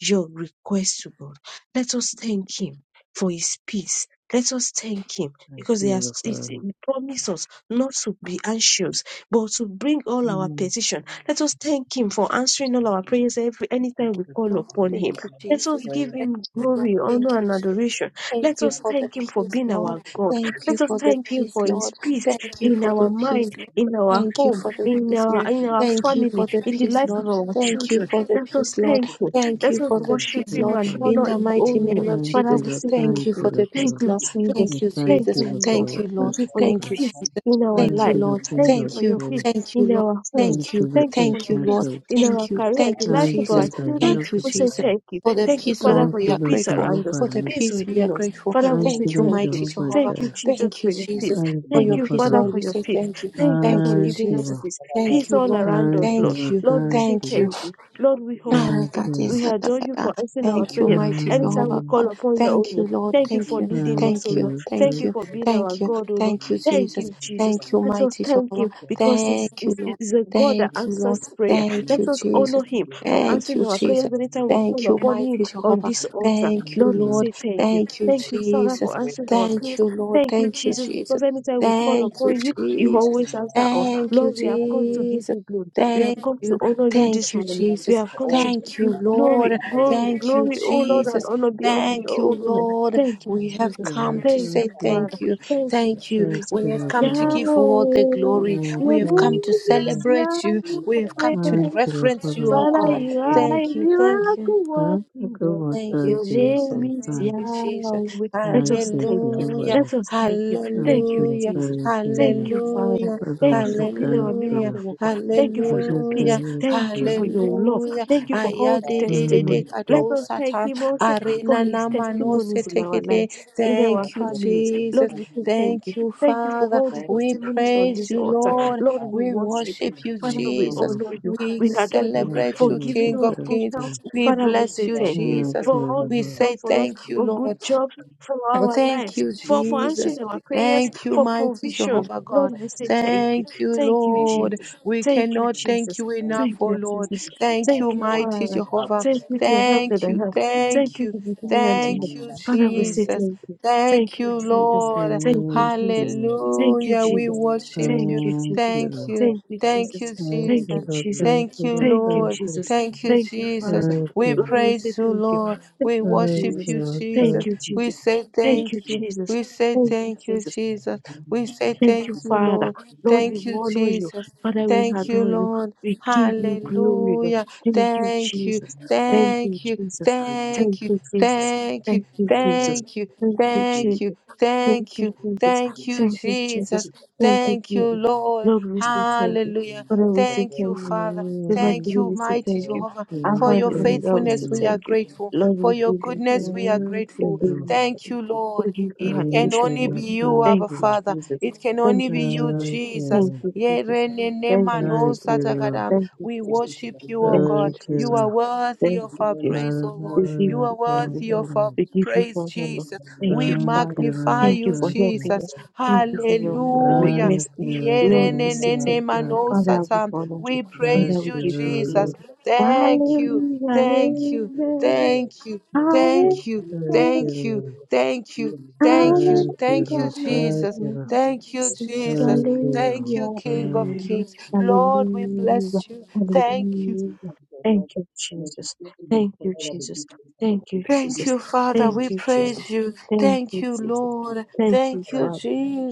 Speaker 2: your request to God. Let us thank Him for His peace. Let us thank Him
Speaker 4: Thank
Speaker 2: because He
Speaker 4: you,
Speaker 2: has
Speaker 4: Lord,
Speaker 2: it's-
Speaker 4: Father.
Speaker 2: He promised us not to be anxious, but to bring all our
Speaker 4: Mm,
Speaker 2: petition. Let us thank Him for answering all our prayers every anytime we
Speaker 1: you for the good
Speaker 2: call
Speaker 3: Lord,
Speaker 2: upon Him.
Speaker 3: thank you,
Speaker 2: Let us
Speaker 3: Jesus.
Speaker 2: give
Speaker 3: Thank
Speaker 2: Him
Speaker 3: you, Lord.
Speaker 2: glory,
Speaker 1: things that
Speaker 3: Thank
Speaker 2: honor,
Speaker 3: you,
Speaker 2: and
Speaker 3: Jesus.
Speaker 2: adoration.
Speaker 3: Thank
Speaker 1: you
Speaker 2: Let
Speaker 3: you
Speaker 1: have done.
Speaker 2: us
Speaker 3: for the
Speaker 2: thank Him for
Speaker 3: peace,
Speaker 2: being
Speaker 3: Lord.
Speaker 2: our God.
Speaker 3: Thank you
Speaker 2: Let us
Speaker 3: for the
Speaker 2: thank Him
Speaker 3: peace,
Speaker 2: for His
Speaker 3: Lord.
Speaker 2: peace
Speaker 3: Thank you
Speaker 2: in
Speaker 3: for
Speaker 2: our
Speaker 3: the peace,
Speaker 2: mind,
Speaker 3: Lord.
Speaker 2: in our
Speaker 3: Thank you
Speaker 2: home,
Speaker 3: for the
Speaker 2: in
Speaker 3: peace,
Speaker 2: our
Speaker 3: Lord.
Speaker 2: in our
Speaker 3: Thank you
Speaker 2: family,
Speaker 3: for the
Speaker 2: in the
Speaker 3: peace,
Speaker 2: life
Speaker 3: Lord.
Speaker 2: of our
Speaker 3: Thank you
Speaker 2: children.
Speaker 3: for the
Speaker 2: Let us
Speaker 3: peace, Lord.
Speaker 2: thank Him.
Speaker 3: Thank you
Speaker 2: Let's
Speaker 4: Thank
Speaker 3: for
Speaker 2: wo-
Speaker 4: you,
Speaker 3: the
Speaker 4: Lord.
Speaker 2: worship
Speaker 3: peace,
Speaker 4: Thank
Speaker 2: Him
Speaker 3: Lord.
Speaker 2: and
Speaker 3: In
Speaker 2: honor
Speaker 3: the
Speaker 2: His
Speaker 3: mighty
Speaker 2: holy name.
Speaker 3: name of
Speaker 4: you,
Speaker 2: Father,
Speaker 3: Jesus,
Speaker 2: we
Speaker 4: Lord.
Speaker 2: say thank
Speaker 3: thank
Speaker 4: Thank
Speaker 3: you
Speaker 4: you, Lord. Thank
Speaker 2: you.
Speaker 4: you,
Speaker 3: for
Speaker 4: Lord,
Speaker 3: the peace,
Speaker 2: Thank
Speaker 4: Father.
Speaker 2: you,
Speaker 3: Lord.
Speaker 2: Jesus.
Speaker 4: We
Speaker 3: Thank you,
Speaker 4: Thank
Speaker 2: Thank
Speaker 3: Jesus.
Speaker 4: you, Lord,
Speaker 2: you,
Speaker 4: for
Speaker 2: Lord.
Speaker 3: Thank
Speaker 4: our
Speaker 3: you,
Speaker 2: Thank
Speaker 3: Lord.
Speaker 4: first
Speaker 2: you for your
Speaker 3: Thank
Speaker 4: Lord.
Speaker 3: you,
Speaker 2: peace
Speaker 3: Jesus.
Speaker 2: in our
Speaker 4: Thank
Speaker 3: Thank you,
Speaker 4: you,
Speaker 2: life.
Speaker 4: the
Speaker 3: Lord.
Speaker 4: King
Speaker 2: Thank you
Speaker 4: of
Speaker 3: Thank
Speaker 2: for
Speaker 3: you.
Speaker 2: your
Speaker 4: glory.
Speaker 2: peace
Speaker 3: Thank you,
Speaker 2: in
Speaker 3: Lord.
Speaker 2: our homes.
Speaker 4: Thank
Speaker 3: Thank
Speaker 4: you,
Speaker 3: you.
Speaker 4: the
Speaker 2: Thank you for
Speaker 3: Thank
Speaker 2: your
Speaker 3: you,
Speaker 4: ancient
Speaker 2: peace
Speaker 3: Lord.
Speaker 4: of
Speaker 2: in our
Speaker 3: Thank you.
Speaker 2: career,
Speaker 3: Thank
Speaker 2: the
Speaker 3: you,
Speaker 2: life
Speaker 4: Thank
Speaker 2: of
Speaker 4: you,
Speaker 2: our
Speaker 3: Jesus.
Speaker 4: the
Speaker 2: children.
Speaker 3: Thank
Speaker 4: help
Speaker 3: you,
Speaker 4: of
Speaker 2: We
Speaker 4: the
Speaker 2: say
Speaker 3: Jesus.
Speaker 4: Lord.
Speaker 2: thank you.
Speaker 3: For the
Speaker 2: Thank you,
Speaker 3: peace,
Speaker 2: Father,
Speaker 3: Lord,
Speaker 4: Thank
Speaker 2: for
Speaker 3: we
Speaker 4: you,
Speaker 2: your
Speaker 3: are
Speaker 4: Lord
Speaker 2: peace
Speaker 3: grateful.
Speaker 2: around us,
Speaker 3: For the
Speaker 4: Jehovah.
Speaker 2: peace
Speaker 3: peace, we are
Speaker 2: within us.
Speaker 3: grateful.
Speaker 2: Father, we
Speaker 4: Thank
Speaker 2: say
Speaker 4: you,
Speaker 3: Thank you,
Speaker 4: Lord
Speaker 2: thank you.
Speaker 3: mighty
Speaker 4: Jehovah
Speaker 3: Jehovah.
Speaker 2: Thank you,
Speaker 4: Jireh.
Speaker 2: Jesus,
Speaker 3: Thank
Speaker 2: for
Speaker 3: you,
Speaker 2: your peace.
Speaker 3: Jesus.
Speaker 4: Thank
Speaker 3: For
Speaker 4: you,
Speaker 2: Thank
Speaker 3: your
Speaker 4: Lord
Speaker 2: you,
Speaker 3: peace,
Speaker 4: Father
Speaker 2: Father,
Speaker 3: Lord,
Speaker 2: for
Speaker 4: Lord.
Speaker 3: we
Speaker 2: your
Speaker 3: say
Speaker 2: peace.
Speaker 3: thank you.
Speaker 2: Thank you
Speaker 3: Thank
Speaker 2: for
Speaker 3: you,
Speaker 4: Thank
Speaker 2: giving
Speaker 4: you,
Speaker 2: us
Speaker 4: Lord.
Speaker 3: Jesus.
Speaker 2: peace.
Speaker 3: Thank
Speaker 2: Peace
Speaker 3: you,
Speaker 2: all
Speaker 3: Lord.
Speaker 2: around
Speaker 4: Thank
Speaker 2: us,
Speaker 4: you,
Speaker 2: Lord.
Speaker 3: Thank
Speaker 4: Lord.
Speaker 3: you.
Speaker 2: Lord, we
Speaker 4: Thank
Speaker 2: say
Speaker 4: you,
Speaker 3: Thank
Speaker 4: Lord.
Speaker 3: you.
Speaker 2: thank you. Lord, we honor
Speaker 4: Thank
Speaker 2: you.
Speaker 4: you,
Speaker 3: Thank
Speaker 4: Lord.
Speaker 2: We adore you for answering our
Speaker 3: you,
Speaker 2: prayers.
Speaker 3: mighty
Speaker 2: Anytime we
Speaker 3: Jehovah
Speaker 4: Um,
Speaker 2: call
Speaker 3: God.
Speaker 2: upon you, O
Speaker 3: Thank you,
Speaker 2: Lord.
Speaker 3: Lord.
Speaker 2: Thank you
Speaker 3: Thank
Speaker 2: for
Speaker 3: you.
Speaker 2: leading
Speaker 4: Thank
Speaker 2: us, O
Speaker 3: Thank you.
Speaker 2: Lord.
Speaker 4: you,
Speaker 2: Thank
Speaker 3: Thank
Speaker 4: Lord.
Speaker 2: you
Speaker 3: you.
Speaker 2: for being our
Speaker 3: Thank you.
Speaker 2: God, O Lord.
Speaker 3: Thank you,
Speaker 2: Thank
Speaker 3: Jesus.
Speaker 2: you, Jesus.
Speaker 3: Thank you,
Speaker 2: Let us
Speaker 3: mighty
Speaker 2: thank
Speaker 3: Jehovah.
Speaker 2: him because it's,
Speaker 3: Thank you,
Speaker 2: it's,
Speaker 3: Lord.
Speaker 2: it's a God that
Speaker 3: Thank you,
Speaker 2: answers
Speaker 3: Lord.
Speaker 2: prayer.
Speaker 3: Thank
Speaker 2: Let
Speaker 3: you,
Speaker 2: us honor
Speaker 3: Jesus.
Speaker 2: him for
Speaker 3: Thank
Speaker 2: answering
Speaker 3: you,
Speaker 2: our prayers
Speaker 3: Jesus.
Speaker 2: anytime we call
Speaker 3: Thank you,
Speaker 2: upon him
Speaker 3: mighty
Speaker 2: on
Speaker 3: Jehovah.
Speaker 2: this altar.
Speaker 4: Thank
Speaker 3: Thank you,
Speaker 2: Lord,
Speaker 4: you,
Speaker 2: we
Speaker 4: Lord.
Speaker 3: Lord.
Speaker 2: say thank you.
Speaker 3: Thank you,
Speaker 2: Thank you, Father,
Speaker 3: Jesus.
Speaker 2: for answering our
Speaker 3: Thank
Speaker 2: prayers.
Speaker 3: you, Lord.
Speaker 2: Thank you,
Speaker 3: Thank you,
Speaker 2: Jesus,
Speaker 3: Jesus.
Speaker 2: because anytime we call
Speaker 3: Thank you,
Speaker 2: upon you, you
Speaker 3: Jesus.
Speaker 2: always answer us.
Speaker 3: Thank you,
Speaker 2: Lord, we have come to give
Speaker 3: Jesus.
Speaker 2: you glory. We have
Speaker 3: Thank
Speaker 2: come
Speaker 3: you.
Speaker 2: to honor you this
Speaker 3: Thank you,
Speaker 2: morning. We
Speaker 3: Jesus.
Speaker 2: have come to give
Speaker 3: Thank you,
Speaker 2: you glory,
Speaker 3: Lord.
Speaker 2: glory,
Speaker 3: Thank you,
Speaker 2: glory, oh Lord, and
Speaker 3: Jesus.
Speaker 2: honor be unto your
Speaker 3: Thank you,
Speaker 2: holy name.
Speaker 3: Lord.
Speaker 2: Thank you,
Speaker 3: We have
Speaker 2: Jesus.
Speaker 3: come
Speaker 4: Thank
Speaker 3: to
Speaker 4: you,
Speaker 2: Thank
Speaker 3: say
Speaker 2: you,
Speaker 4: Lord.
Speaker 2: Father.
Speaker 3: thank you.
Speaker 2: Thank you,
Speaker 3: Thank you.
Speaker 4: Thank
Speaker 2: Jesus.
Speaker 4: you,
Speaker 3: We have
Speaker 4: Lord
Speaker 3: come to
Speaker 4: Father
Speaker 3: give you all the
Speaker 2: Yahweh,
Speaker 3: glory.
Speaker 4: Lord. Thank
Speaker 3: We
Speaker 2: your
Speaker 3: have come
Speaker 4: you,
Speaker 3: to
Speaker 2: name
Speaker 4: Lord.
Speaker 2: is
Speaker 3: celebrate you. We have come to
Speaker 2: Yahweh.
Speaker 4: Thank you, Lord
Speaker 3: reference
Speaker 4: Father
Speaker 3: you,
Speaker 4: Lord.
Speaker 3: oh
Speaker 4: Thank
Speaker 2: Father,
Speaker 4: you, Lord. Thank you, Lord.
Speaker 3: God.
Speaker 4: Thank
Speaker 2: you
Speaker 4: you, Lord Father
Speaker 2: are a
Speaker 3: Thank you. Thank you.
Speaker 2: miracle working God.
Speaker 3: Thank you,
Speaker 2: Your
Speaker 3: Jesus.
Speaker 2: name is
Speaker 3: Thank
Speaker 4: Lord.
Speaker 3: you, Jesus.
Speaker 2: Yahweh. Let
Speaker 4: Thank
Speaker 2: us
Speaker 4: you,
Speaker 2: thank you.
Speaker 4: Jehovah
Speaker 3: Hallelujah.
Speaker 4: Lord.
Speaker 2: Let us thank you.
Speaker 4: Thank
Speaker 2: Thank you,
Speaker 4: you, Lord.
Speaker 3: Hallelujah.
Speaker 2: Jesus.
Speaker 4: Thank you,
Speaker 2: Thank
Speaker 4: Lord.
Speaker 2: you, Father.
Speaker 3: Hallelujah.
Speaker 4: Father, we
Speaker 2: Thank you
Speaker 4: say
Speaker 2: for being our
Speaker 4: thank you,
Speaker 3: Hallelujah.
Speaker 2: miracle worker. Thank you
Speaker 4: Lord.
Speaker 2: for
Speaker 4: We
Speaker 2: your
Speaker 4: say
Speaker 2: peace.
Speaker 3: Hallelujah.
Speaker 4: thank
Speaker 2: Thank
Speaker 4: you.
Speaker 2: you for your love.
Speaker 3: Hallelujah.
Speaker 2: Thank you for
Speaker 3: Aya
Speaker 2: all the
Speaker 3: de de de de
Speaker 2: testimony.
Speaker 4: Thank
Speaker 3: Ayadididide
Speaker 2: Let
Speaker 4: you,
Speaker 2: us thank
Speaker 3: kadosata.
Speaker 2: Him also for
Speaker 3: Arena
Speaker 2: His
Speaker 3: namano
Speaker 2: testimonies in our
Speaker 3: setekede.
Speaker 2: lives, in our
Speaker 3: Thank you,
Speaker 2: families.
Speaker 3: Jesus.
Speaker 2: Lord, we say thank
Speaker 3: Thank
Speaker 2: you.
Speaker 3: you,
Speaker 2: Thank you for
Speaker 3: Father.
Speaker 2: all the
Speaker 3: We
Speaker 2: testimonies on
Speaker 3: praise
Speaker 2: this
Speaker 3: you,
Speaker 2: altar.
Speaker 3: Lord.
Speaker 2: Lord, we
Speaker 3: We
Speaker 2: worship you.
Speaker 3: worship you,
Speaker 2: Father,
Speaker 4: thank
Speaker 2: we
Speaker 3: Jesus.
Speaker 4: you.
Speaker 2: honor you.
Speaker 3: We
Speaker 2: We adore you
Speaker 4: Most
Speaker 3: celebrate
Speaker 2: for
Speaker 3: you,
Speaker 4: you
Speaker 2: giving
Speaker 4: to
Speaker 3: King
Speaker 2: us
Speaker 3: of
Speaker 4: thank
Speaker 2: good
Speaker 3: Kings.
Speaker 2: health.
Speaker 4: you.
Speaker 3: We
Speaker 2: Father, we
Speaker 3: bless
Speaker 2: say
Speaker 3: you,
Speaker 2: thank you
Speaker 4: Thank
Speaker 3: Jesus.
Speaker 4: you,
Speaker 2: for all
Speaker 3: We
Speaker 2: you've
Speaker 4: Lord.
Speaker 2: done
Speaker 3: say
Speaker 2: for us,
Speaker 3: thank you,
Speaker 2: for good
Speaker 3: Lord.
Speaker 2: jobs, for
Speaker 3: Oh,
Speaker 2: our
Speaker 3: thank
Speaker 2: lives,
Speaker 3: you,
Speaker 2: for, for
Speaker 3: Jesus.
Speaker 2: answering our prayers,
Speaker 3: Thank you,
Speaker 2: for
Speaker 3: mighty
Speaker 2: provision.
Speaker 3: Jehovah God.
Speaker 2: Lord, we say thank
Speaker 3: Thank
Speaker 2: you.
Speaker 3: you,
Speaker 2: Thank you,
Speaker 3: Lord.
Speaker 2: Jesus.
Speaker 3: We
Speaker 2: Thank you,
Speaker 3: cannot thank
Speaker 2: Jesus.
Speaker 3: you enough,
Speaker 2: Thank
Speaker 3: oh
Speaker 2: you,
Speaker 3: Lord.
Speaker 2: Jesus.
Speaker 3: Thank
Speaker 2: Thank
Speaker 3: you,
Speaker 2: you,
Speaker 3: mighty
Speaker 2: Father.
Speaker 3: Jehovah.
Speaker 2: Thank you to the help that
Speaker 3: Thank you,
Speaker 2: I have.
Speaker 3: thank
Speaker 2: Thank you to
Speaker 3: you,
Speaker 2: the beginning and the end.
Speaker 3: thank you,
Speaker 4: Thank
Speaker 2: Father, we
Speaker 4: you,
Speaker 2: say
Speaker 3: Jesus.
Speaker 2: thank you. Thank
Speaker 3: Thank you,
Speaker 2: you, Jesus.
Speaker 3: Lord.
Speaker 2: Thank you,
Speaker 4: thank
Speaker 2: Jesus.
Speaker 4: you,
Speaker 2: Thank you,
Speaker 3: Hallelujah. We
Speaker 2: Jesus.
Speaker 3: worship
Speaker 2: Thank
Speaker 3: you.
Speaker 2: you,
Speaker 4: thank you,
Speaker 2: Jesus.
Speaker 3: Thank
Speaker 4: Lord.
Speaker 3: you.
Speaker 2: Thank you,
Speaker 3: Thank
Speaker 2: Jesus.
Speaker 3: you,
Speaker 4: thank
Speaker 3: Jesus.
Speaker 2: Thank
Speaker 4: you,
Speaker 2: you,
Speaker 4: Lord.
Speaker 2: Jesus.
Speaker 4: thank
Speaker 3: Thank
Speaker 4: you,
Speaker 3: you,
Speaker 2: Thank you,
Speaker 3: Lord.
Speaker 2: Jesus.
Speaker 3: Thank you,
Speaker 2: Thank you,
Speaker 3: Jesus.
Speaker 2: Father.
Speaker 3: We
Speaker 2: Lord, we say
Speaker 3: praise you,
Speaker 2: thank you.
Speaker 3: Lord.
Speaker 2: Thank
Speaker 3: We
Speaker 2: you,
Speaker 4: thank you, thank
Speaker 3: worship
Speaker 4: you,
Speaker 2: Jesus.
Speaker 3: you,
Speaker 4: Lord. thank you,
Speaker 2: Thank
Speaker 3: Jesus.
Speaker 2: you,
Speaker 3: We
Speaker 2: Jesus.
Speaker 3: say
Speaker 2: Thank you,
Speaker 3: thank you.
Speaker 2: Jesus.
Speaker 3: We say
Speaker 2: Thank you,
Speaker 3: thank you,
Speaker 2: Jesus.
Speaker 3: Jesus. We say
Speaker 2: Thank you,
Speaker 3: thank you,
Speaker 2: Father.
Speaker 3: Lord.
Speaker 2: Lord, we
Speaker 3: Thank you,
Speaker 2: honor you.
Speaker 3: Jesus.
Speaker 2: Father, we
Speaker 3: Thank you,
Speaker 2: adore you.
Speaker 3: Lord.
Speaker 2: We give you glory, Lord.
Speaker 3: Hallelujah.
Speaker 2: Thank you,
Speaker 3: Thank you.
Speaker 2: Jesus. Thank you,
Speaker 3: Thank you.
Speaker 2: Jesus. Thank
Speaker 3: Thank you.
Speaker 2: you, Jesus.
Speaker 3: Thank you.
Speaker 2: Thank you, Jesus.
Speaker 3: Thank you.
Speaker 2: Thank you,
Speaker 3: Thank you.
Speaker 2: Jesus. Thank
Speaker 3: Thank
Speaker 2: you,
Speaker 3: you.
Speaker 2: Jesus.
Speaker 3: Thank you,
Speaker 2: Thank you, Jesus.
Speaker 3: Jesus.
Speaker 2: Thank you,
Speaker 3: Thank you,
Speaker 2: Jesus.
Speaker 3: Lord.
Speaker 2: Lord, we say thank you.
Speaker 3: Hallelujah.
Speaker 2: Father, we say
Speaker 3: Thank you,
Speaker 2: thank you.
Speaker 3: Father.
Speaker 2: Divine
Speaker 3: Thank
Speaker 2: Father,
Speaker 4: thank
Speaker 3: you,
Speaker 2: we say
Speaker 3: mighty
Speaker 2: thank you.
Speaker 3: Jehovah,
Speaker 4: you, thank you, thank you, Lord. thank you, Lord. thank you, thank you, thank you,
Speaker 2: Alpha
Speaker 3: for your
Speaker 2: and Omega, we say
Speaker 3: faithfulness. We
Speaker 4: Lord.
Speaker 3: are
Speaker 2: thank you.
Speaker 3: grateful.
Speaker 2: Lord,
Speaker 3: For
Speaker 2: we
Speaker 3: your
Speaker 2: give you
Speaker 3: goodness,
Speaker 2: glory
Speaker 3: we are
Speaker 2: the
Speaker 3: grateful. Thank you,
Speaker 2: We
Speaker 3: Lord.
Speaker 2: give you
Speaker 3: It can
Speaker 2: adoration, O
Speaker 3: only
Speaker 2: Lord.
Speaker 3: be you,
Speaker 2: Thank
Speaker 3: Abba
Speaker 2: you,
Speaker 3: Father.
Speaker 2: Jesus.
Speaker 3: It can
Speaker 2: Thank
Speaker 3: only
Speaker 2: you,
Speaker 3: be you,
Speaker 2: Jesus.
Speaker 3: Jesus.
Speaker 2: Thank you, Jesus.
Speaker 3: Yere ne ne
Speaker 2: Thank
Speaker 3: ma
Speaker 2: you,
Speaker 3: no
Speaker 2: Jesus.
Speaker 3: satagadam.
Speaker 2: Thank you,
Speaker 3: We
Speaker 2: Jesus.
Speaker 3: worship you, O
Speaker 2: Thank
Speaker 3: God.
Speaker 2: you,
Speaker 4: thank you,
Speaker 3: You
Speaker 2: Jesus.
Speaker 3: are
Speaker 4: Lord.
Speaker 3: worthy
Speaker 2: Thank
Speaker 3: of
Speaker 2: you,
Speaker 3: our
Speaker 2: Jesus.
Speaker 3: praise, O
Speaker 2: We
Speaker 3: Lord.
Speaker 2: give
Speaker 3: You
Speaker 4: Hallelujah.
Speaker 3: are
Speaker 2: you
Speaker 4: Thank
Speaker 2: glory,
Speaker 3: worthy
Speaker 2: Lord.
Speaker 4: you.
Speaker 3: of our
Speaker 4: Lord.
Speaker 2: We give you
Speaker 3: Praise
Speaker 2: honor, Lord.
Speaker 3: Jesus.
Speaker 2: Thank you,
Speaker 3: We
Speaker 4: Thank
Speaker 2: Father.
Speaker 4: you,
Speaker 3: magnify
Speaker 4: Lord.
Speaker 2: Thank you
Speaker 3: you,
Speaker 2: for
Speaker 4: Thank you.
Speaker 2: helping
Speaker 3: Jesus.
Speaker 2: us. Thank you for your mo- me-
Speaker 3: Hallelujah.
Speaker 4: Thank
Speaker 2: message.
Speaker 4: you,
Speaker 2: Lord, we say
Speaker 4: Lord.
Speaker 3: Yerenenene
Speaker 2: thank you.
Speaker 4: Thank
Speaker 2: Father, we
Speaker 3: manosata.
Speaker 2: honor you.
Speaker 3: We
Speaker 2: Father,
Speaker 3: praise
Speaker 2: we
Speaker 4: you,
Speaker 3: you,
Speaker 2: give you
Speaker 3: Jesus.
Speaker 2: glory.
Speaker 4: Lord.
Speaker 3: Thank you.
Speaker 2: Hallelujah.
Speaker 3: Thank you.
Speaker 2: Amen.
Speaker 3: Thank you. Thank you.
Speaker 4: Thank
Speaker 2: Hallelujah.
Speaker 4: you,
Speaker 3: Thank you.
Speaker 4: Lord.
Speaker 3: Thank you. Thank you.
Speaker 4: Thank
Speaker 2: Hallelujah.
Speaker 4: you,
Speaker 3: Thank you,
Speaker 4: Lord.
Speaker 3: Jesus. Thank you, Jesus.
Speaker 4: Thank you,
Speaker 3: Thank you,
Speaker 4: Lord.
Speaker 3: King of
Speaker 4: Thank
Speaker 3: Kings. Lord, we
Speaker 2: Hallelujah.
Speaker 3: bless you. Thank you.
Speaker 2: Hallelujah. Thank you, Jesus. Thank you, Jesus. Thank you,
Speaker 3: Thank
Speaker 2: Jesus.
Speaker 3: you, Father. We
Speaker 2: Thank you, Jesus.
Speaker 3: praise you.
Speaker 2: Thank
Speaker 3: Thank
Speaker 2: you,
Speaker 3: you,
Speaker 2: Jesus.
Speaker 3: Lord.
Speaker 2: Thank you,
Speaker 3: Thank you,
Speaker 2: Father.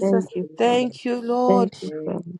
Speaker 2: Thank you, Father.
Speaker 3: Thank you, Lord.
Speaker 2: Thank you, Father.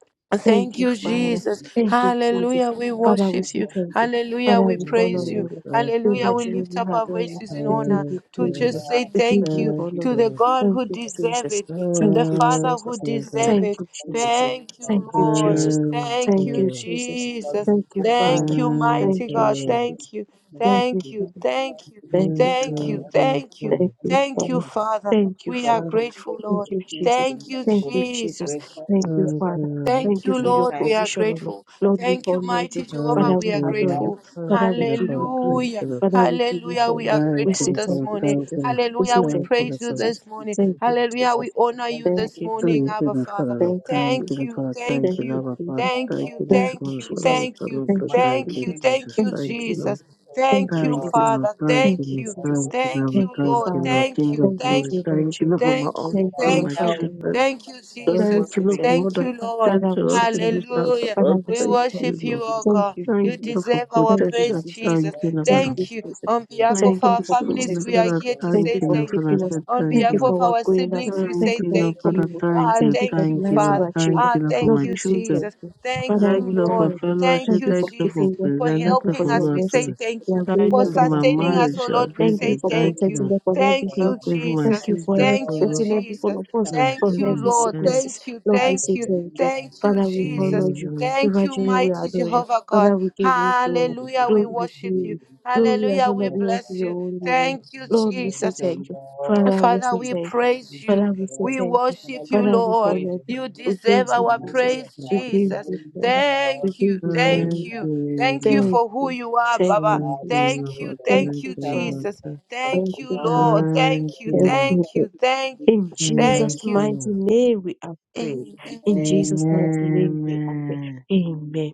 Speaker 2: Thank
Speaker 3: Thank
Speaker 2: you,
Speaker 3: you,
Speaker 2: Father.
Speaker 3: Jesus.
Speaker 2: Thank you, Jesus.
Speaker 3: Hallelujah. We
Speaker 2: Father, we
Speaker 3: worship
Speaker 2: say
Speaker 3: you.
Speaker 2: thank you.
Speaker 3: Hallelujah.
Speaker 2: Father,
Speaker 3: We
Speaker 2: we
Speaker 4: you,
Speaker 2: honor
Speaker 3: praise you.
Speaker 2: you.
Speaker 4: Lord.
Speaker 2: Lord.
Speaker 4: Thank you, Lord.
Speaker 2: We
Speaker 3: Hallelujah. We
Speaker 2: watch you,
Speaker 3: lift up
Speaker 2: we
Speaker 3: our
Speaker 2: adore you.
Speaker 3: voices in
Speaker 2: We give
Speaker 3: honor
Speaker 2: you
Speaker 4: Thank you,
Speaker 3: to
Speaker 2: glory,
Speaker 4: Lord.
Speaker 2: Lord.
Speaker 3: just say
Speaker 2: We give
Speaker 3: thank
Speaker 2: you
Speaker 3: you
Speaker 4: Thank
Speaker 2: honor,
Speaker 4: you, Lord. Thank you, Lord. Thank
Speaker 3: to
Speaker 4: you, Lord. Thank you, Lord. Thank
Speaker 2: Lord.
Speaker 3: the
Speaker 4: you, Lord.
Speaker 3: God
Speaker 2: Thank
Speaker 3: who
Speaker 2: you,
Speaker 3: deserve
Speaker 2: Jesus.
Speaker 3: it, to
Speaker 2: Thank
Speaker 3: the
Speaker 2: you,
Speaker 3: Father who
Speaker 2: Jesus.
Speaker 4: Thank
Speaker 3: deserve
Speaker 2: Thank
Speaker 3: it.
Speaker 2: you, Jesus.
Speaker 3: Thank
Speaker 2: Thank
Speaker 3: you,
Speaker 2: you,
Speaker 3: Lord.
Speaker 2: Jesus.
Speaker 3: Thank
Speaker 2: Thank
Speaker 3: you,
Speaker 2: you, Jesus.
Speaker 3: Jesus.
Speaker 2: Thank you,
Speaker 3: Thank
Speaker 2: Father.
Speaker 3: you,
Speaker 2: Thank
Speaker 3: mighty
Speaker 2: you,
Speaker 3: God.
Speaker 2: Jesus.
Speaker 3: Thank you.
Speaker 2: Thank you,
Speaker 3: Thank you.
Speaker 2: Jesus.
Speaker 3: Thank you.
Speaker 2: Thank you,
Speaker 3: Thank you.
Speaker 2: Father.
Speaker 3: Thank you.
Speaker 2: Thank you,
Speaker 3: Thank you,
Speaker 2: Father.
Speaker 3: Father.
Speaker 2: Thank you,
Speaker 3: We are
Speaker 2: Father.
Speaker 3: grateful,
Speaker 2: Thank
Speaker 3: Lord.
Speaker 2: you, Jesus.
Speaker 3: Thank you,
Speaker 2: Thank you, Jesus.
Speaker 3: Jesus.
Speaker 2: Thank you,
Speaker 4: you, Lord. Thank
Speaker 2: Father.
Speaker 4: you,
Speaker 3: Thank
Speaker 2: Thank you
Speaker 3: you,
Speaker 2: for
Speaker 4: Lord.
Speaker 2: your
Speaker 3: Lord. We are
Speaker 2: provision, O Lord.
Speaker 3: grateful.
Speaker 2: Lord, we
Speaker 3: Thank you,
Speaker 2: honor
Speaker 3: mighty
Speaker 2: you.
Speaker 3: Jehovah.
Speaker 2: Father,
Speaker 4: Thank
Speaker 2: we
Speaker 3: We are
Speaker 4: you,
Speaker 2: adore you.
Speaker 4: Lord.
Speaker 3: grateful.
Speaker 4: Thank
Speaker 2: Father, we
Speaker 4: you,
Speaker 2: give you
Speaker 4: Lord. Thank
Speaker 2: glory.
Speaker 3: Hallelujah.
Speaker 4: you, Lord.
Speaker 2: Father, we give you
Speaker 3: Hallelujah. We
Speaker 2: honor.
Speaker 3: are
Speaker 4: Thank
Speaker 2: We
Speaker 3: grateful
Speaker 2: say
Speaker 4: you,
Speaker 3: this
Speaker 2: thank
Speaker 4: Lord.
Speaker 2: you,
Speaker 3: morning.
Speaker 4: Thank
Speaker 2: Jesus.
Speaker 4: you, Lord.
Speaker 2: We
Speaker 3: Hallelujah.
Speaker 2: say
Speaker 3: We
Speaker 4: Thank
Speaker 2: thank
Speaker 4: you,
Speaker 2: you,
Speaker 3: praise you
Speaker 4: Lord.
Speaker 2: Jesus.
Speaker 3: this morning.
Speaker 2: Thank you,
Speaker 3: Hallelujah. We
Speaker 2: Jesus.
Speaker 3: honor you
Speaker 2: Thank
Speaker 3: this
Speaker 2: you,
Speaker 3: morning,
Speaker 4: Thank
Speaker 2: Jesus.
Speaker 4: you,
Speaker 3: Abba
Speaker 4: Lord,
Speaker 3: Father.
Speaker 4: Father, Lord.
Speaker 2: Thank you,
Speaker 4: Thank you,
Speaker 2: Jesus.
Speaker 3: Thank
Speaker 4: Lord.
Speaker 3: you.
Speaker 4: Father. Thank
Speaker 3: Thank
Speaker 2: Thank
Speaker 4: you,
Speaker 2: you,
Speaker 4: Lord,
Speaker 3: you.
Speaker 4: our Father.
Speaker 2: Jesus.
Speaker 3: Thank
Speaker 4: Thank
Speaker 3: you.
Speaker 4: you, this
Speaker 2: Thank you,
Speaker 3: Thank
Speaker 4: morning,
Speaker 3: you.
Speaker 4: Father,
Speaker 2: Jesus.
Speaker 4: we
Speaker 3: Thank
Speaker 4: come
Speaker 3: you.
Speaker 4: and
Speaker 2: Thank
Speaker 4: Lord.
Speaker 2: you,
Speaker 4: Thank
Speaker 3: Thank
Speaker 4: you,
Speaker 3: you.
Speaker 2: Jesus.
Speaker 3: Thank
Speaker 4: Jesus.
Speaker 3: you,
Speaker 2: Thank you,
Speaker 4: Thank you,
Speaker 2: Jesus.
Speaker 4: Lord.
Speaker 3: Jesus.
Speaker 2: Thank
Speaker 3: Thank
Speaker 2: you,
Speaker 3: you,
Speaker 4: Thank you,
Speaker 2: Jesus.
Speaker 4: Lord.
Speaker 3: Father.
Speaker 4: Thank
Speaker 2: Thank you,
Speaker 3: Thank
Speaker 4: you,
Speaker 3: you.
Speaker 2: Jesus.
Speaker 4: Lord. Thank you,
Speaker 3: Thank
Speaker 4: Lord.
Speaker 2: Thank
Speaker 3: you,
Speaker 2: you,
Speaker 4: Thank
Speaker 3: Lord.
Speaker 4: you,
Speaker 2: Father.
Speaker 4: Lord.
Speaker 3: Thank
Speaker 4: King
Speaker 3: you.
Speaker 4: of
Speaker 2: Thank you,
Speaker 4: glory.
Speaker 3: Thank you.
Speaker 2: Jehovah.
Speaker 4: Thank you, Lord,
Speaker 2: Jireh.
Speaker 4: for my
Speaker 3: Thank you.
Speaker 2: Thank you,
Speaker 4: husband,
Speaker 2: our
Speaker 4: my
Speaker 3: Thank you.
Speaker 2: Father.
Speaker 4: children.
Speaker 3: Thank you,
Speaker 2: Lord, we
Speaker 3: Jesus.
Speaker 4: Thank
Speaker 2: say
Speaker 4: you, Lord,
Speaker 2: thank you.
Speaker 4: for all
Speaker 3: Thank
Speaker 4: that
Speaker 3: you, Lord.
Speaker 4: pertains
Speaker 2: Father, we
Speaker 4: to us
Speaker 2: say
Speaker 4: in
Speaker 2: thank
Speaker 4: this
Speaker 2: you.
Speaker 4: house.
Speaker 3: Hallelujah.
Speaker 2: Father,
Speaker 4: Lord,
Speaker 2: we
Speaker 3: We
Speaker 2: say
Speaker 4: thank
Speaker 2: thank
Speaker 4: you,
Speaker 3: worship
Speaker 2: you.
Speaker 3: you,
Speaker 4: Lord.
Speaker 3: O
Speaker 2: Thank
Speaker 3: God.
Speaker 2: you,
Speaker 4: Thank
Speaker 3: You
Speaker 4: you,
Speaker 2: Jesus.
Speaker 4: Lord, for
Speaker 3: deserve our
Speaker 2: Thank you,
Speaker 4: protection.
Speaker 3: praise,
Speaker 2: Jesus.
Speaker 4: Thank
Speaker 3: Jesus.
Speaker 4: you, Lord.
Speaker 2: Thank you,
Speaker 3: Thank you.
Speaker 2: Jesus.
Speaker 3: On behalf
Speaker 4: Thank
Speaker 2: Thank
Speaker 3: of
Speaker 4: you
Speaker 2: you
Speaker 3: our
Speaker 4: this
Speaker 2: for
Speaker 3: families,
Speaker 4: morning,
Speaker 3: we
Speaker 2: protecting
Speaker 3: are
Speaker 2: us.
Speaker 4: Father.
Speaker 3: here to
Speaker 2: Thank
Speaker 4: Thank
Speaker 3: say
Speaker 2: you
Speaker 4: you,
Speaker 2: for
Speaker 4: Lord,
Speaker 3: thank
Speaker 4: Father. I
Speaker 3: you.
Speaker 2: keeping us.
Speaker 4: said
Speaker 3: On
Speaker 4: thank
Speaker 2: Thank you
Speaker 3: behalf
Speaker 4: you,
Speaker 3: of
Speaker 2: for our
Speaker 3: our
Speaker 2: going us.
Speaker 3: siblings,
Speaker 4: Lord.
Speaker 3: we
Speaker 4: Thank
Speaker 2: Thank
Speaker 3: say
Speaker 2: you
Speaker 4: you,
Speaker 2: for
Speaker 4: Lord,
Speaker 3: thank
Speaker 2: our
Speaker 3: you.
Speaker 4: Father.
Speaker 2: coming.
Speaker 4: Thank
Speaker 3: Ah,
Speaker 4: you,
Speaker 2: Thank you for
Speaker 3: thank
Speaker 2: the
Speaker 3: you,
Speaker 4: thank you,
Speaker 2: lives of
Speaker 4: Lord.
Speaker 3: Father.
Speaker 2: our
Speaker 4: Thank
Speaker 2: children.
Speaker 3: Ah,
Speaker 4: you, Lord, for
Speaker 3: thank
Speaker 2: Lord,
Speaker 4: my
Speaker 3: you,
Speaker 2: we say
Speaker 4: children.
Speaker 2: thank
Speaker 3: Jesus.
Speaker 2: you.
Speaker 3: Thank
Speaker 2: Father,
Speaker 4: Thank
Speaker 3: you,
Speaker 2: we
Speaker 4: you, Lord, for
Speaker 3: Lord.
Speaker 2: honor you.
Speaker 3: Thank
Speaker 4: fellowship.
Speaker 2: Thank you
Speaker 3: you,
Speaker 2: for
Speaker 4: Thank you, Lord,
Speaker 3: Jesus
Speaker 2: keeping
Speaker 4: for
Speaker 2: them.
Speaker 3: for
Speaker 4: presence. Thank
Speaker 2: Thank you
Speaker 4: you, Lord,
Speaker 2: for
Speaker 3: helping
Speaker 4: for
Speaker 2: your
Speaker 3: us. We
Speaker 4: Lord,
Speaker 3: say
Speaker 2: mercy.
Speaker 4: children.
Speaker 3: thank
Speaker 2: We
Speaker 3: you.
Speaker 2: are
Speaker 4: Thank
Speaker 2: going
Speaker 3: For
Speaker 2: out
Speaker 4: you for
Speaker 2: and our
Speaker 4: my
Speaker 3: sustaining
Speaker 2: family.
Speaker 3: us,
Speaker 4: marriage,
Speaker 3: oh
Speaker 4: your
Speaker 3: Lord, we
Speaker 2: Thank
Speaker 3: say
Speaker 2: you
Speaker 4: business.
Speaker 2: for
Speaker 4: Thank
Speaker 3: thank
Speaker 4: you,
Speaker 3: you.
Speaker 2: protecting
Speaker 4: Lord.
Speaker 2: them from every
Speaker 3: Thank
Speaker 2: evil.
Speaker 4: Thank
Speaker 3: you,
Speaker 4: you for my
Speaker 2: Thank
Speaker 3: Jesus.
Speaker 2: you for
Speaker 4: sisters, oh
Speaker 3: Thank you,
Speaker 4: Lord,
Speaker 2: protecting every one
Speaker 3: Jesus.
Speaker 2: of us
Speaker 4: who are
Speaker 2: from
Speaker 3: Thank you,
Speaker 2: every
Speaker 4: saving.
Speaker 3: Lord.
Speaker 4: Thank
Speaker 2: sicknesses.
Speaker 3: Thank you.
Speaker 2: Lord, we say
Speaker 3: Thank
Speaker 2: thank
Speaker 3: you.
Speaker 2: you.
Speaker 3: Thank you,
Speaker 2: Father,
Speaker 4: you,
Speaker 2: we honor
Speaker 3: Jesus.
Speaker 2: you.
Speaker 4: Lord.
Speaker 3: Thank you,
Speaker 2: Supernaturally, we
Speaker 3: mighty
Speaker 2: adore you.
Speaker 3: Jehovah God.
Speaker 2: Father, we give you glory.
Speaker 3: Hallelujah. We
Speaker 2: Glory be to
Speaker 3: worship you.
Speaker 2: you. Glory and
Speaker 3: Hallelujah. We
Speaker 2: honor be unto
Speaker 3: bless
Speaker 2: your
Speaker 3: you.
Speaker 2: holy name.
Speaker 3: Thank you,
Speaker 2: Lord, we
Speaker 3: Jesus.
Speaker 2: say thank you. Father, we
Speaker 3: Father,
Speaker 2: say
Speaker 3: we
Speaker 2: thank you.
Speaker 3: praise you.
Speaker 2: Father, we say
Speaker 3: We
Speaker 2: thank you.
Speaker 3: worship you,
Speaker 2: Father, we
Speaker 3: Lord.
Speaker 2: honor you.
Speaker 3: You
Speaker 2: We
Speaker 3: deserve
Speaker 2: praise you,
Speaker 3: our
Speaker 4: Thank
Speaker 2: Jesus.
Speaker 3: praise,
Speaker 2: We
Speaker 4: you,
Speaker 2: give
Speaker 3: Jesus.
Speaker 2: you glory. We
Speaker 3: Thank
Speaker 2: give
Speaker 4: Lord.
Speaker 3: you.
Speaker 2: you
Speaker 3: Thank
Speaker 2: glory.
Speaker 4: Thank
Speaker 3: you.
Speaker 4: you, Lord. Thank you,
Speaker 3: Thank you
Speaker 4: Lord.
Speaker 2: Thank
Speaker 3: for who
Speaker 2: you.
Speaker 3: you are,
Speaker 2: Thank
Speaker 3: Baba.
Speaker 2: you,
Speaker 4: Thank you,
Speaker 2: Jesus.
Speaker 3: Thank you.
Speaker 2: Thank
Speaker 3: Thank you,
Speaker 2: you, Father.
Speaker 4: Lord.
Speaker 3: Jesus.
Speaker 4: for
Speaker 2: Thank
Speaker 3: Thank you,
Speaker 2: you,
Speaker 3: Lord.
Speaker 2: Jesus.
Speaker 4: Thank
Speaker 3: Thank you.
Speaker 4: you,
Speaker 2: Thank
Speaker 4: Lord.
Speaker 3: Thank
Speaker 2: you,
Speaker 3: you. Thank you.
Speaker 2: in Jesus'
Speaker 4: Thank
Speaker 3: Thank you.
Speaker 2: mighty
Speaker 4: you.
Speaker 2: name we are prayed. In
Speaker 3: Amen.
Speaker 2: Jesus' mighty name we are prayed.
Speaker 4: Amen.
Speaker 2: Amen.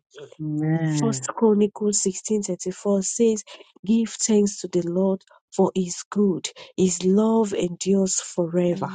Speaker 2: First
Speaker 4: Amen.
Speaker 2: Chronicles 16:34 says, "Give thanks to the Lord, for his good, his love endures forever."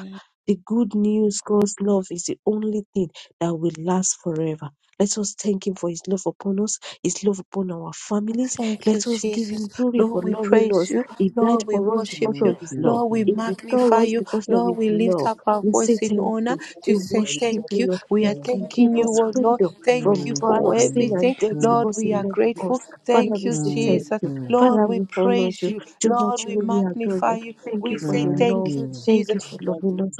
Speaker 2: The good news, God's love is the only thing that will last forever. Let us thank Him for His love upon us, His love upon our families.
Speaker 3: Thank you,
Speaker 2: Let us give
Speaker 3: Jesus.
Speaker 2: Him glory for
Speaker 3: Lord, we
Speaker 2: loving
Speaker 3: praise
Speaker 2: us.
Speaker 3: you.
Speaker 2: He died
Speaker 3: Lord, we
Speaker 2: for us because
Speaker 3: worship
Speaker 4: Thank
Speaker 3: you.
Speaker 2: of His love.
Speaker 4: you.
Speaker 3: Lord, we
Speaker 4: Lord.
Speaker 2: He restored
Speaker 3: magnify
Speaker 2: us
Speaker 3: you.
Speaker 2: because of
Speaker 3: Lord,
Speaker 2: His
Speaker 3: we lift
Speaker 2: love.
Speaker 3: up our
Speaker 2: We
Speaker 3: voice
Speaker 2: say
Speaker 3: in
Speaker 2: thank
Speaker 1: Mm,
Speaker 3: honor
Speaker 2: you.
Speaker 3: to
Speaker 2: We
Speaker 3: say
Speaker 2: worship
Speaker 3: thank
Speaker 2: you,
Speaker 3: you.
Speaker 2: Lord.
Speaker 3: We
Speaker 2: He
Speaker 3: are
Speaker 2: can give
Speaker 3: thanking you,
Speaker 2: us
Speaker 3: oh Lord.
Speaker 2: freedom from
Speaker 3: Thank you
Speaker 2: the
Speaker 4: Thank
Speaker 2: power
Speaker 4: you.
Speaker 3: for
Speaker 2: of sin
Speaker 4: Lord.
Speaker 3: everything.
Speaker 2: and death
Speaker 4: Thank
Speaker 3: Lord,
Speaker 2: because He
Speaker 3: we are
Speaker 4: you.
Speaker 2: loved
Speaker 3: grateful.
Speaker 2: us. Father,
Speaker 3: Thank
Speaker 2: we
Speaker 3: you,
Speaker 2: say
Speaker 4: Thank
Speaker 2: thank
Speaker 3: Jesus.
Speaker 2: you.
Speaker 4: you.
Speaker 2: Father,
Speaker 3: Lord, we
Speaker 2: we honor
Speaker 3: praise
Speaker 2: you.
Speaker 3: you.
Speaker 2: Jehovah,
Speaker 3: Lord, we
Speaker 2: you we adore
Speaker 3: magnify
Speaker 2: you.
Speaker 3: you.
Speaker 2: Thank you
Speaker 3: We
Speaker 2: for
Speaker 3: say
Speaker 2: your love.
Speaker 3: thank you,
Speaker 2: Thank you
Speaker 3: Jesus.
Speaker 2: for loving us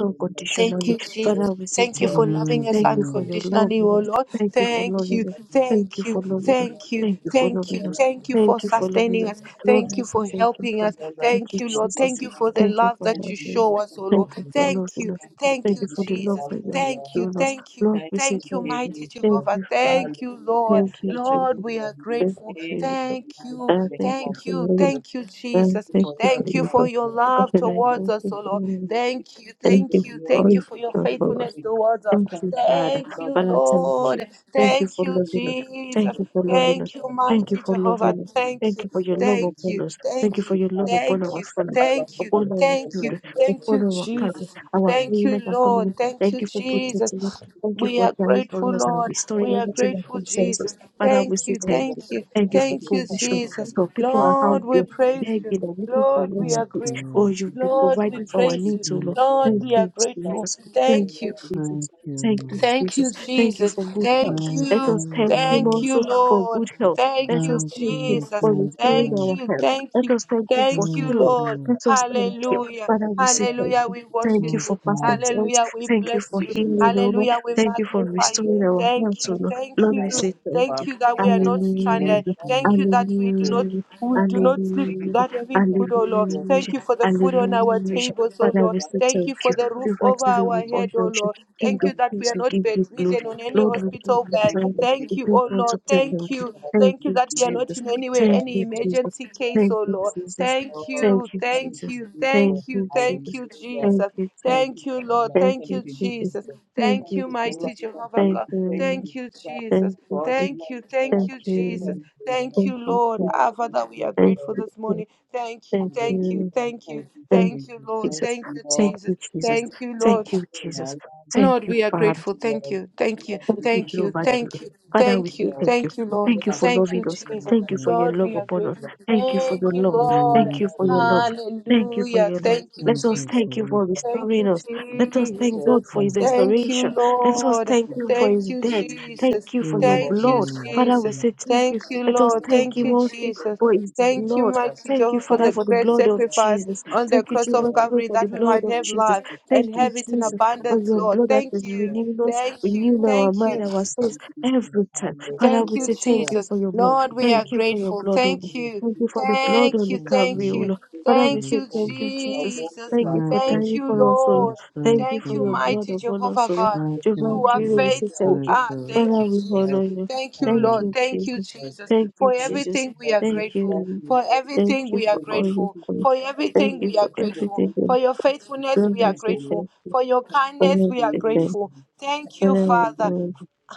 Speaker 3: Thank
Speaker 2: unconditionally.
Speaker 3: you, Jesus.
Speaker 2: Father, we say
Speaker 3: Thank you for
Speaker 2: thank you.
Speaker 3: loving
Speaker 4: Thank
Speaker 3: us
Speaker 2: Thank you for
Speaker 4: you.
Speaker 2: your love,
Speaker 3: unconditionally,
Speaker 2: O
Speaker 3: oh
Speaker 2: Lord.
Speaker 3: Lord.
Speaker 2: Thank you for
Speaker 3: Thank
Speaker 2: loving
Speaker 3: you,
Speaker 2: us. Thank
Speaker 3: thank
Speaker 2: you
Speaker 3: you,
Speaker 2: for loving us.
Speaker 3: thank you,
Speaker 2: Thank you for
Speaker 3: thank you,
Speaker 2: loving us.
Speaker 3: thank you for
Speaker 2: Thank you for loving
Speaker 3: sustaining
Speaker 2: us.
Speaker 3: us.
Speaker 2: Lord,
Speaker 3: Thank
Speaker 2: we
Speaker 3: you
Speaker 2: say
Speaker 3: for
Speaker 2: thank you
Speaker 3: helping us.
Speaker 2: Father. thank
Speaker 3: Thank
Speaker 2: you,
Speaker 3: you, Lord. Thank
Speaker 2: Jesus.
Speaker 3: you for the
Speaker 2: Thank you
Speaker 3: love
Speaker 2: for
Speaker 3: that you
Speaker 2: loving us.
Speaker 3: show us, oh
Speaker 2: Thank
Speaker 3: Lord.
Speaker 2: you for
Speaker 3: Thank you,
Speaker 2: loving us.
Speaker 3: thank
Speaker 2: Thank
Speaker 3: you,
Speaker 2: you for the love
Speaker 3: Jesus.
Speaker 2: that you have
Speaker 3: Thank you,
Speaker 2: shown us.
Speaker 3: thank you,
Speaker 2: Lord, we say
Speaker 3: thank you,
Speaker 2: thank you.
Speaker 3: mighty
Speaker 2: Thank
Speaker 3: Jehovah.
Speaker 2: you, Father.
Speaker 3: Thank you, Lord.
Speaker 2: Thank you,
Speaker 3: Lord,
Speaker 2: Jesus.
Speaker 3: we are
Speaker 2: Thank
Speaker 3: grateful.
Speaker 2: you for your love.
Speaker 3: Thank you,
Speaker 2: I thank you
Speaker 3: thank
Speaker 2: for
Speaker 3: you,
Speaker 2: your love.
Speaker 3: thank you,
Speaker 2: I
Speaker 3: Jesus.
Speaker 2: thank you for
Speaker 3: Thank you
Speaker 2: your
Speaker 3: for
Speaker 2: love.
Speaker 3: your
Speaker 2: I
Speaker 3: love
Speaker 2: said, I
Speaker 3: towards
Speaker 2: thank
Speaker 3: us,
Speaker 2: you
Speaker 3: O
Speaker 2: for
Speaker 3: Lord.
Speaker 2: your love.
Speaker 3: Thank you,
Speaker 2: Thank you
Speaker 3: thank you,
Speaker 2: for all
Speaker 3: thank you
Speaker 2: you
Speaker 3: for your
Speaker 2: done for us.
Speaker 3: faithfulness towards us.
Speaker 2: Thank you, Father.
Speaker 3: Thank you,
Speaker 2: Father, I thank you.
Speaker 3: Lord.
Speaker 2: Thank you
Speaker 3: Thank
Speaker 2: for
Speaker 3: you,
Speaker 2: loving us.
Speaker 3: Jesus.
Speaker 2: Thank you for loving us.
Speaker 3: Thank you,
Speaker 2: Thank you
Speaker 3: mighty
Speaker 2: for
Speaker 3: Jehovah.
Speaker 2: loving us.
Speaker 3: Thank
Speaker 2: Thank
Speaker 3: you,
Speaker 2: you for your love
Speaker 3: thank
Speaker 2: upon
Speaker 3: you,
Speaker 2: us.
Speaker 3: thank
Speaker 2: Thank you for
Speaker 3: you,
Speaker 2: your love upon
Speaker 3: thank
Speaker 2: our
Speaker 3: you,
Speaker 2: family,
Speaker 3: thank you,
Speaker 2: upon our
Speaker 3: thank you,
Speaker 2: children,
Speaker 3: thank
Speaker 2: upon
Speaker 3: you,
Speaker 2: our country,
Speaker 3: Jesus.
Speaker 2: our
Speaker 3: Thank you,
Speaker 2: community, our
Speaker 3: Lord.
Speaker 2: community.
Speaker 3: Thank
Speaker 2: Thank
Speaker 3: you,
Speaker 2: you for
Speaker 3: Jesus.
Speaker 2: protecting us. Thank you
Speaker 3: We
Speaker 2: for
Speaker 3: are
Speaker 2: dying for
Speaker 3: grateful,
Speaker 2: us and
Speaker 3: Lord.
Speaker 2: restoring
Speaker 3: We are
Speaker 2: everything that
Speaker 3: grateful,
Speaker 2: concerns us.
Speaker 3: Jesus.
Speaker 2: Father, we
Speaker 3: Thank
Speaker 2: say
Speaker 3: you,
Speaker 2: thank you.
Speaker 3: thank you,
Speaker 2: Thank you for
Speaker 3: thank you,
Speaker 2: provision.
Speaker 3: Jesus.
Speaker 2: For
Speaker 4: Thank you.
Speaker 2: people are out
Speaker 3: Lord, we
Speaker 2: there
Speaker 3: praise you.
Speaker 2: begging and looking for
Speaker 3: Lord,
Speaker 2: what
Speaker 3: we
Speaker 2: to
Speaker 3: are
Speaker 4: Thank
Speaker 2: eat. Oh,
Speaker 3: grateful.
Speaker 4: you.
Speaker 2: you've been
Speaker 3: Lord, we
Speaker 2: providing for our
Speaker 3: praise you.
Speaker 2: needs, oh Lord.
Speaker 3: Lord,
Speaker 2: Thank
Speaker 3: we are
Speaker 2: you,
Speaker 3: grateful.
Speaker 2: Jesus. Thank
Speaker 3: Thank
Speaker 2: you,
Speaker 3: you.
Speaker 2: Jesus.
Speaker 4: Thank you. Thank
Speaker 2: Thank you,
Speaker 4: you.
Speaker 3: Thank you,
Speaker 2: Jesus. Thank you
Speaker 3: Jesus.
Speaker 2: for good health.
Speaker 3: Thank
Speaker 4: Lord. Thank
Speaker 2: Let
Speaker 3: you.
Speaker 2: us
Speaker 4: you.
Speaker 2: thank Him
Speaker 3: Thank
Speaker 4: Lord.
Speaker 3: you,
Speaker 2: also for
Speaker 3: Lord.
Speaker 2: good health. Let
Speaker 3: Thank you,
Speaker 2: us
Speaker 4: Thank
Speaker 2: thank Him
Speaker 4: you. Thank
Speaker 3: Jesus.
Speaker 2: for restoring
Speaker 3: Thank
Speaker 2: our
Speaker 4: you.
Speaker 3: you.
Speaker 2: health.
Speaker 3: Thank
Speaker 2: Let
Speaker 3: you.
Speaker 2: us thank Him for
Speaker 3: Thank you,
Speaker 2: healing.
Speaker 3: Lord.
Speaker 2: Let us thank Him.
Speaker 3: Hallelujah.
Speaker 2: Father, we say thank
Speaker 3: Hallelujah.
Speaker 2: you.
Speaker 3: We
Speaker 2: Thank
Speaker 3: worship
Speaker 2: you for
Speaker 3: you.
Speaker 2: perfect
Speaker 4: Lord.
Speaker 2: health.
Speaker 3: Hallelujah. We
Speaker 2: Thank you
Speaker 3: bless
Speaker 2: for
Speaker 3: you.
Speaker 2: healing, O Lord.
Speaker 3: Hallelujah. We
Speaker 2: Thank you for
Speaker 3: magnify you.
Speaker 2: restoring our health,
Speaker 3: Thank
Speaker 2: O
Speaker 3: you,
Speaker 2: Lord.
Speaker 3: thank
Speaker 2: Lord, we
Speaker 3: you,
Speaker 2: say thank
Speaker 3: thank
Speaker 2: you.
Speaker 3: you that we are not stranded.
Speaker 4: Thank
Speaker 2: Hallelujah.
Speaker 4: you.
Speaker 3: Thank you
Speaker 4: Thank you. Thank you.
Speaker 3: that we do not
Speaker 2: Hallelujah.
Speaker 3: we do not sleep
Speaker 2: Hallelujah.
Speaker 3: without having food, oh Lord. Thank
Speaker 2: Hallelujah.
Speaker 3: you for the food on our
Speaker 2: Hallelujah.
Speaker 3: tables, oh
Speaker 2: Father,
Speaker 3: Lord.
Speaker 2: we say
Speaker 3: Thank
Speaker 2: thank
Speaker 3: you for
Speaker 2: you.
Speaker 3: the roof
Speaker 2: you are
Speaker 3: over
Speaker 2: actually
Speaker 3: our
Speaker 2: with all
Speaker 3: head, oh Lord.
Speaker 2: King
Speaker 3: Thank you
Speaker 2: of
Speaker 3: that we
Speaker 2: kings,
Speaker 3: are
Speaker 2: we
Speaker 3: not
Speaker 2: give you
Speaker 3: bedridden
Speaker 2: glory.
Speaker 3: on any
Speaker 2: Lord, we give
Speaker 3: hospital
Speaker 2: you
Speaker 3: bed.
Speaker 2: praise.
Speaker 3: Thank
Speaker 2: We
Speaker 3: you,
Speaker 2: do
Speaker 3: oh
Speaker 2: want to
Speaker 3: Lord.
Speaker 2: say
Speaker 3: Thank
Speaker 2: thank you.
Speaker 3: you.
Speaker 2: Thank
Speaker 3: Thank you
Speaker 2: you,
Speaker 3: that we are not
Speaker 2: Jesus.
Speaker 3: in any way
Speaker 2: Thank
Speaker 3: any
Speaker 2: you, Jesus.
Speaker 3: emergency case,
Speaker 2: Thank
Speaker 3: oh
Speaker 2: you,
Speaker 3: Lord.
Speaker 2: Jesus.
Speaker 3: Thank
Speaker 2: Thank
Speaker 3: you,
Speaker 2: you,
Speaker 3: thank
Speaker 2: Jesus.
Speaker 3: you,
Speaker 2: Thank
Speaker 3: thank you,
Speaker 2: you,
Speaker 3: thank
Speaker 2: Jesus.
Speaker 3: you,
Speaker 2: Thank
Speaker 3: Jesus.
Speaker 2: you, Jesus.
Speaker 3: Thank you, Lord.
Speaker 2: Thank
Speaker 3: Thank you,
Speaker 2: you, Jesus.
Speaker 3: Jesus.
Speaker 2: Thank
Speaker 3: Thank you,
Speaker 2: you, Jesus.
Speaker 3: mighty Jehovah
Speaker 2: Thank
Speaker 3: God.
Speaker 2: you.
Speaker 3: Thank you, Jesus.
Speaker 2: Thank you.
Speaker 3: Thank you, thank you, Jesus. Thank you, Lord.
Speaker 2: Jesus.
Speaker 3: Our Father, we are grateful this
Speaker 2: Thank
Speaker 3: morning.
Speaker 2: you.
Speaker 3: Thank you,
Speaker 2: Thank
Speaker 3: thank you,
Speaker 2: you.
Speaker 3: thank you, thank you, Lord.
Speaker 2: Jesus.
Speaker 3: Thank you,
Speaker 2: Thank
Speaker 3: Jesus.
Speaker 2: you. Jesus. Thank you. Thank you, Jesus. Thank you, Jesus.
Speaker 3: Thank you, Lord.
Speaker 2: Thank you, Jesus. Thank
Speaker 3: Lord,
Speaker 2: you,
Speaker 3: we are
Speaker 2: Father.
Speaker 3: grateful. Thank you, thank you,
Speaker 2: Thank you,
Speaker 3: thank you,
Speaker 2: Jehovah
Speaker 3: thank
Speaker 2: Jireh.
Speaker 3: you,
Speaker 2: Father, we
Speaker 3: thank
Speaker 2: say
Speaker 3: you,
Speaker 2: thank you.
Speaker 3: thank you, Lord.
Speaker 2: Thank you for
Speaker 3: Thank you,
Speaker 2: loving us.
Speaker 3: Jesus.
Speaker 2: Thank you for your
Speaker 3: Lord,
Speaker 2: love
Speaker 3: we are
Speaker 4: Thank
Speaker 2: upon us.
Speaker 3: grateful.
Speaker 2: Thank you for your
Speaker 3: Thank you,
Speaker 2: love.
Speaker 3: Lord.
Speaker 2: Thank you for your love.
Speaker 4: you.
Speaker 2: Thank you for
Speaker 3: Hallelujah.
Speaker 2: your love.
Speaker 3: Thank you,
Speaker 2: Let
Speaker 4: Thank
Speaker 2: us
Speaker 4: you.
Speaker 3: Jesus.
Speaker 4: Thank
Speaker 2: thank you
Speaker 4: you.
Speaker 2: for
Speaker 3: Thank
Speaker 2: restoring
Speaker 3: you,
Speaker 2: us. Let us thank
Speaker 3: Jesus.
Speaker 2: God for his
Speaker 4: Mm,
Speaker 3: Thank you,
Speaker 2: restoration. Let us
Speaker 3: Lord.
Speaker 2: thank him for
Speaker 3: Thank
Speaker 2: his
Speaker 3: you,
Speaker 2: death. Thank
Speaker 3: Jesus.
Speaker 2: you for your
Speaker 4: Thank
Speaker 3: Thank you,
Speaker 2: blood.
Speaker 4: you.
Speaker 2: Father, we
Speaker 3: Jesus.
Speaker 4: Mm,
Speaker 2: say thank you.
Speaker 3: Thank you,
Speaker 2: Let us
Speaker 3: Lord.
Speaker 2: thank
Speaker 3: Thank
Speaker 2: him
Speaker 3: you,
Speaker 2: also
Speaker 3: Jesus.
Speaker 2: for his
Speaker 3: Thank you,
Speaker 2: blood.
Speaker 3: mighty
Speaker 2: Thank you,
Speaker 3: Jehovah, for the
Speaker 2: Father, for the
Speaker 3: great
Speaker 2: blood of
Speaker 3: sacrifice
Speaker 2: Jesus.
Speaker 3: on the
Speaker 2: Thank you,
Speaker 3: cross of
Speaker 2: Jehovah Jireh,
Speaker 3: Calvary
Speaker 2: for the
Speaker 3: that we
Speaker 2: blood
Speaker 3: might
Speaker 2: of
Speaker 3: have
Speaker 2: Jesus.
Speaker 3: life
Speaker 2: Thank
Speaker 3: and
Speaker 2: you,
Speaker 3: have it in
Speaker 2: Jesus, for
Speaker 3: abundance,
Speaker 2: your
Speaker 3: Lord.
Speaker 2: blood that
Speaker 3: Thank
Speaker 2: is
Speaker 3: you.
Speaker 2: renewing us
Speaker 3: Thank you.
Speaker 2: renew now our
Speaker 3: Thank
Speaker 2: mind,
Speaker 3: you.
Speaker 2: our souls every time. Father,
Speaker 3: Thank
Speaker 2: we
Speaker 3: you,
Speaker 2: say thank you
Speaker 3: Jesus.
Speaker 2: for your blood.
Speaker 3: Lord, we are
Speaker 2: Thank you for your
Speaker 3: grateful.
Speaker 2: blood, O Lord.
Speaker 3: Thank you.
Speaker 2: Thank you for the blood
Speaker 3: Thank
Speaker 2: on the
Speaker 3: you.
Speaker 4: Thank
Speaker 2: Calvary,
Speaker 3: Thank
Speaker 2: O
Speaker 3: you.
Speaker 4: you.
Speaker 2: Lord. Father, we
Speaker 3: Thank
Speaker 4: Thank
Speaker 2: say
Speaker 3: you,
Speaker 2: thank
Speaker 4: you.
Speaker 2: you, Jesus.
Speaker 3: Jesus.
Speaker 2: Thank you
Speaker 4: Thank
Speaker 2: for
Speaker 4: you,
Speaker 3: Thank
Speaker 2: dying
Speaker 3: you,
Speaker 2: for us, O Lord.
Speaker 3: Lord.
Speaker 4: Jesus.
Speaker 2: Thank
Speaker 4: Thank
Speaker 2: you
Speaker 3: Thank
Speaker 2: for
Speaker 3: you,
Speaker 2: your
Speaker 4: you.
Speaker 2: blood
Speaker 3: mighty
Speaker 2: upon us,
Speaker 3: Jehovah
Speaker 2: O Lord.
Speaker 3: God.
Speaker 4: Lord. Thank
Speaker 2: Jehovah
Speaker 4: you
Speaker 3: You are
Speaker 4: for
Speaker 2: Jireh, we
Speaker 4: the
Speaker 2: say
Speaker 3: faithful.
Speaker 2: thank
Speaker 4: thank
Speaker 2: you.
Speaker 3: Ah,
Speaker 4: you.
Speaker 3: thank
Speaker 2: Father,
Speaker 3: you,
Speaker 2: we
Speaker 3: Jesus.
Speaker 2: honor you.
Speaker 3: Thank you,
Speaker 2: Thank
Speaker 4: Lord.
Speaker 3: Lord.
Speaker 2: you,
Speaker 3: Thank you,
Speaker 2: Jesus.
Speaker 3: Jesus.
Speaker 2: Thank you,
Speaker 3: For
Speaker 2: Jesus.
Speaker 3: everything we are
Speaker 2: Thank you,
Speaker 3: grateful.
Speaker 2: Lord.
Speaker 3: For
Speaker 2: Thank
Speaker 3: everything
Speaker 2: you
Speaker 3: we are
Speaker 2: for all you've
Speaker 3: grateful.
Speaker 2: done.
Speaker 3: For
Speaker 2: Thank
Speaker 3: everything
Speaker 2: you
Speaker 3: we are
Speaker 2: for
Speaker 3: grateful.
Speaker 2: everything.
Speaker 3: For
Speaker 2: Lord,
Speaker 3: your faithfulness,
Speaker 2: Lord,
Speaker 3: we are
Speaker 2: we say
Speaker 3: grateful.
Speaker 2: thank you.
Speaker 3: For your
Speaker 2: Father,
Speaker 3: kindness,
Speaker 2: we
Speaker 3: we are
Speaker 2: say thank you.
Speaker 3: grateful. Thank you,
Speaker 2: Father, we
Speaker 3: Father.
Speaker 2: honor you.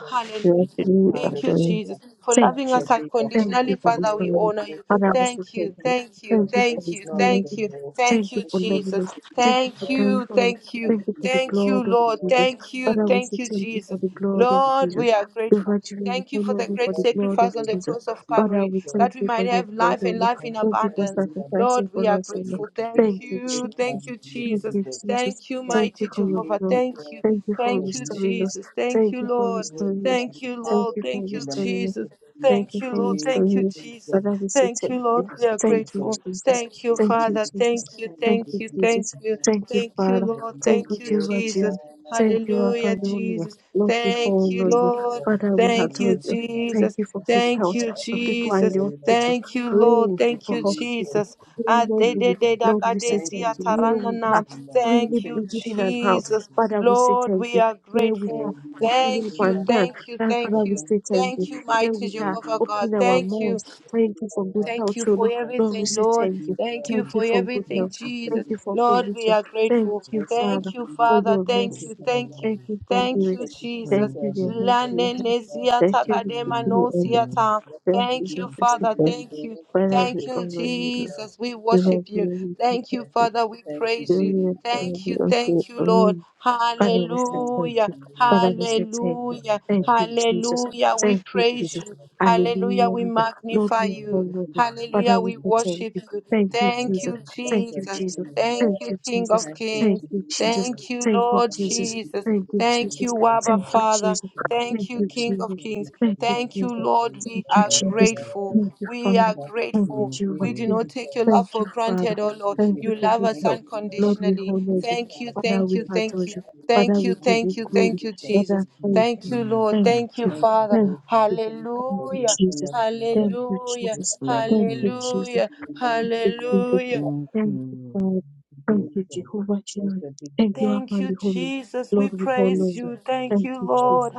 Speaker 3: Hallelujah.
Speaker 2: Hallelujah.
Speaker 3: Thank you,
Speaker 2: Adonai.
Speaker 3: Jesus, for
Speaker 2: Thank
Speaker 3: loving
Speaker 2: you.
Speaker 3: us
Speaker 2: Thank
Speaker 3: unconditionally.
Speaker 2: you for this
Speaker 3: Father, we
Speaker 2: family.
Speaker 3: honor you.
Speaker 2: Father, we say
Speaker 3: Thank you,
Speaker 2: thank you.
Speaker 3: thank you,
Speaker 2: Thank you for
Speaker 3: thank
Speaker 2: this
Speaker 3: you,
Speaker 2: family.
Speaker 3: thank you,
Speaker 2: Thank
Speaker 3: thank
Speaker 2: you
Speaker 3: you,
Speaker 2: for loving
Speaker 3: Jesus.
Speaker 2: us. Thank you for
Speaker 3: Thank
Speaker 2: dying
Speaker 3: you,
Speaker 2: for us.
Speaker 3: thank you,
Speaker 2: Thank you for the
Speaker 3: thank you,
Speaker 2: blood of
Speaker 3: Lord.
Speaker 2: Jesus.
Speaker 3: Thank you,
Speaker 2: Father, we say
Speaker 3: thank you,
Speaker 2: thank you
Speaker 3: Jesus.
Speaker 2: for the blood of
Speaker 3: Lord,
Speaker 2: Jesus.
Speaker 3: we are
Speaker 2: The
Speaker 3: grateful.
Speaker 2: virtue we
Speaker 3: Thank you for
Speaker 2: honor
Speaker 3: the
Speaker 2: you for
Speaker 3: great
Speaker 2: the blood of
Speaker 3: sacrifice on the
Speaker 2: Jesus.
Speaker 3: cross of
Speaker 2: Father,
Speaker 3: Calvary
Speaker 2: we thank
Speaker 3: that we
Speaker 2: you for
Speaker 3: might
Speaker 2: your
Speaker 3: have
Speaker 2: blood,
Speaker 3: life
Speaker 2: O
Speaker 3: and
Speaker 2: Lord.
Speaker 3: life in
Speaker 2: Thank you for
Speaker 3: abundance.
Speaker 2: sacrificing
Speaker 3: Lord, we
Speaker 2: for
Speaker 3: are
Speaker 2: us, O Lord.
Speaker 3: grateful. Thank
Speaker 2: Thank you,
Speaker 3: you, thank
Speaker 2: Jesus.
Speaker 3: you,
Speaker 2: Thank
Speaker 3: Jesus.
Speaker 2: you, Jesus.
Speaker 3: Thank you,
Speaker 2: Thank
Speaker 3: mighty
Speaker 2: you for your
Speaker 3: Jehovah.
Speaker 2: blood.
Speaker 3: Thank you.
Speaker 2: Thank you for
Speaker 3: Thank you,
Speaker 2: restoring us.
Speaker 3: Jesus. Thank
Speaker 2: Thank
Speaker 3: you,
Speaker 2: you for
Speaker 3: Lord.
Speaker 2: restoring us.
Speaker 3: Thank you,
Speaker 2: Thank
Speaker 3: Lord.
Speaker 2: you for
Speaker 3: Thank you,
Speaker 2: restoring
Speaker 3: Jesus.
Speaker 2: Thank
Speaker 3: Thank
Speaker 2: you
Speaker 3: you,
Speaker 2: for
Speaker 3: Lord. Thank
Speaker 2: restoring
Speaker 3: you,
Speaker 2: me.
Speaker 3: Jesus.
Speaker 2: Father, we say
Speaker 3: Thank
Speaker 2: thank
Speaker 3: you,
Speaker 2: you.
Speaker 3: Lord. We are
Speaker 2: Thank you,
Speaker 3: grateful.
Speaker 2: Jesus.
Speaker 3: Thank you,
Speaker 2: Thank you,
Speaker 3: Father.
Speaker 2: Jesus.
Speaker 3: Thank you.
Speaker 2: Thank
Speaker 3: Thank
Speaker 2: you,
Speaker 3: you. Thank
Speaker 2: Jesus.
Speaker 3: you.
Speaker 2: Thank you,
Speaker 3: Thank you,
Speaker 2: Father.
Speaker 3: Lord.
Speaker 2: Thank
Speaker 3: Thank
Speaker 2: you,
Speaker 3: you,
Speaker 2: Jehovah
Speaker 3: Jesus.
Speaker 2: Jireh. Thank you, our
Speaker 3: Hallelujah,
Speaker 2: Father.
Speaker 3: Jesus.
Speaker 2: Lord, we
Speaker 3: Thank you,
Speaker 2: honor you.
Speaker 3: Lord.
Speaker 2: Father, we
Speaker 3: Thank
Speaker 2: adore
Speaker 3: you,
Speaker 2: you. Thank
Speaker 3: Jesus.
Speaker 2: you for good
Speaker 3: Thank
Speaker 2: health.
Speaker 3: you,
Speaker 2: For people are in
Speaker 3: Jesus.
Speaker 2: the hospital,
Speaker 3: Thank you, Lord.
Speaker 2: praying
Speaker 3: Thank
Speaker 2: for
Speaker 3: you,
Speaker 2: hospital.
Speaker 3: Jesus.
Speaker 2: Praying every Lord, we say thank
Speaker 3: Adedededakadesia
Speaker 2: you. Here we are,
Speaker 3: taranana.
Speaker 2: freely
Speaker 3: Thank you,
Speaker 2: breathing in and out.
Speaker 3: Jesus.
Speaker 2: Father, we say
Speaker 3: Lord,
Speaker 2: thank
Speaker 3: we
Speaker 2: you.
Speaker 3: are
Speaker 2: Here we are,
Speaker 3: grateful.
Speaker 2: walking
Speaker 3: Thank
Speaker 2: up
Speaker 3: you,
Speaker 2: and down.
Speaker 3: thank you,
Speaker 2: And
Speaker 3: thank
Speaker 2: Father, we
Speaker 3: you.
Speaker 2: say thank you.
Speaker 3: Thank you,
Speaker 2: Here
Speaker 3: mighty
Speaker 2: we are.
Speaker 3: Jehovah God.
Speaker 2: Open our
Speaker 3: Thank you.
Speaker 2: mouths. Thank you for good
Speaker 3: Thank
Speaker 2: health,
Speaker 3: you
Speaker 2: O
Speaker 3: for
Speaker 2: Lord. Lord, we
Speaker 3: everything,
Speaker 2: say
Speaker 3: Lord.
Speaker 2: thank you.
Speaker 3: Thank you
Speaker 2: Thank you
Speaker 3: for
Speaker 2: for good
Speaker 3: everything,
Speaker 2: health.
Speaker 3: Jesus.
Speaker 2: Thank you for
Speaker 3: Lord, we
Speaker 2: provision.
Speaker 3: are
Speaker 2: Thank
Speaker 3: grateful.
Speaker 2: you, Father,
Speaker 3: Thank you,
Speaker 2: for
Speaker 3: Father.
Speaker 2: your
Speaker 4: Thank
Speaker 3: Thank you.
Speaker 2: mercy.
Speaker 4: you.
Speaker 3: Thank you.
Speaker 2: Thank
Speaker 4: Lord.
Speaker 2: you for
Speaker 3: Thank
Speaker 2: grace.
Speaker 3: you,
Speaker 2: Thank
Speaker 3: Jesus.
Speaker 4: Thank
Speaker 2: you, dear
Speaker 4: you.
Speaker 2: Lord,
Speaker 3: La
Speaker 2: for your
Speaker 3: ne
Speaker 2: help.
Speaker 3: ne sia
Speaker 2: Thank
Speaker 3: ta ka
Speaker 2: you,
Speaker 3: de
Speaker 2: the
Speaker 3: ma
Speaker 4: Thank
Speaker 2: beginning
Speaker 3: no
Speaker 2: and
Speaker 3: sia
Speaker 2: the
Speaker 4: you.
Speaker 3: ta.
Speaker 2: end.
Speaker 3: Thank
Speaker 2: Jesus
Speaker 3: you,
Speaker 2: Christ, the
Speaker 3: Father.
Speaker 2: God.
Speaker 3: Thank you.
Speaker 2: Father, we
Speaker 3: Thank you,
Speaker 2: honor you, Lord.
Speaker 3: Jesus. We
Speaker 2: We
Speaker 3: worship
Speaker 2: want to
Speaker 3: you.
Speaker 2: really
Speaker 3: Thank
Speaker 2: thank
Speaker 3: you,
Speaker 2: you.
Speaker 3: Father. We
Speaker 2: We
Speaker 3: praise you.
Speaker 2: and honor
Speaker 3: Thank you.
Speaker 2: you.
Speaker 3: Thank you,
Speaker 2: Amen.
Speaker 3: Lord.
Speaker 2: Father, we say thank
Speaker 3: Hallelujah.
Speaker 2: you. Father, we say thank you.
Speaker 3: Hallelujah.
Speaker 2: Thank you, Jesus.
Speaker 3: Hallelujah. We
Speaker 2: Thank you,
Speaker 3: praise
Speaker 2: Jesus.
Speaker 3: you. Hallelujah. We
Speaker 2: Hallelujah. Lord,
Speaker 3: magnify
Speaker 2: we
Speaker 3: you.
Speaker 2: honor you. Father,
Speaker 3: Hallelujah.
Speaker 2: we
Speaker 3: We
Speaker 2: say thank
Speaker 3: worship
Speaker 2: you.
Speaker 3: you.
Speaker 2: Thank you,
Speaker 3: Thank
Speaker 2: Jesus.
Speaker 3: you,
Speaker 2: Thank you,
Speaker 3: Jesus.
Speaker 2: Jesus.
Speaker 3: Thank
Speaker 2: Thank
Speaker 3: you,
Speaker 2: you,
Speaker 3: King
Speaker 2: Jesus.
Speaker 3: of Kings.
Speaker 2: Thank you, Jesus.
Speaker 3: Thank you,
Speaker 2: Thank you,
Speaker 3: Lord
Speaker 2: Jesus.
Speaker 3: Jesus.
Speaker 2: Thank you,
Speaker 3: Thank
Speaker 2: Jesus.
Speaker 3: you, Abba
Speaker 2: Thank you,
Speaker 3: Father.
Speaker 2: Jesus.
Speaker 3: Thank
Speaker 2: Thank
Speaker 3: you,
Speaker 2: you,
Speaker 3: King of
Speaker 2: Jesus.
Speaker 3: Kings.
Speaker 2: Thank you,
Speaker 3: Thank you,
Speaker 2: Jesus.
Speaker 3: Lord.
Speaker 2: Thank
Speaker 3: We
Speaker 2: you,
Speaker 3: are
Speaker 4: Thank
Speaker 2: Jesus.
Speaker 4: you.
Speaker 3: grateful.
Speaker 2: Thank you,
Speaker 3: We
Speaker 2: Father.
Speaker 3: are
Speaker 2: Thank you,
Speaker 3: grateful.
Speaker 4: Thank
Speaker 2: Jehovah.
Speaker 3: We do
Speaker 4: you.
Speaker 3: not take your love
Speaker 2: Thank you,
Speaker 3: for
Speaker 2: Father.
Speaker 3: granted, oh Lord.
Speaker 2: Thank you
Speaker 3: You
Speaker 2: for
Speaker 3: love
Speaker 2: good
Speaker 3: us
Speaker 2: health. Lord, we
Speaker 3: unconditionally.
Speaker 2: honor you.
Speaker 3: Thank you,
Speaker 2: Father,
Speaker 3: thank
Speaker 2: we
Speaker 3: you, thank
Speaker 2: adore
Speaker 3: you.
Speaker 2: you. Father,
Speaker 3: Thank you,
Speaker 2: we give
Speaker 3: thank
Speaker 2: you
Speaker 3: you,
Speaker 2: glory.
Speaker 3: thank you, Jesus.
Speaker 2: Father, thank
Speaker 4: Thank you. Thank
Speaker 3: Thank
Speaker 2: you.
Speaker 3: you,
Speaker 4: you.
Speaker 3: Lord.
Speaker 2: Thank
Speaker 3: Thank you,
Speaker 2: you.
Speaker 3: Father.
Speaker 2: Thank you. Thank you,
Speaker 3: Hallelujah.
Speaker 2: Jesus. Thank you,
Speaker 3: Hallelujah.
Speaker 2: Jesus.
Speaker 4: Thank
Speaker 2: Thank you,
Speaker 4: you.
Speaker 2: Jesus.
Speaker 3: Hallelujah.
Speaker 2: Thank you,
Speaker 3: Hallelujah.
Speaker 4: Thank you. Thank you.
Speaker 2: Father.
Speaker 4: Thank you.
Speaker 2: Thank
Speaker 4: Thank
Speaker 2: you, Jehovah Jireh. Thank you,
Speaker 3: Thank you,
Speaker 2: Abba Holy.
Speaker 3: Jesus. We
Speaker 2: Lord, we honor
Speaker 3: praise
Speaker 2: you.
Speaker 3: you. Thank
Speaker 2: Thank
Speaker 3: you,
Speaker 2: you,
Speaker 3: Lord.
Speaker 2: Jesus.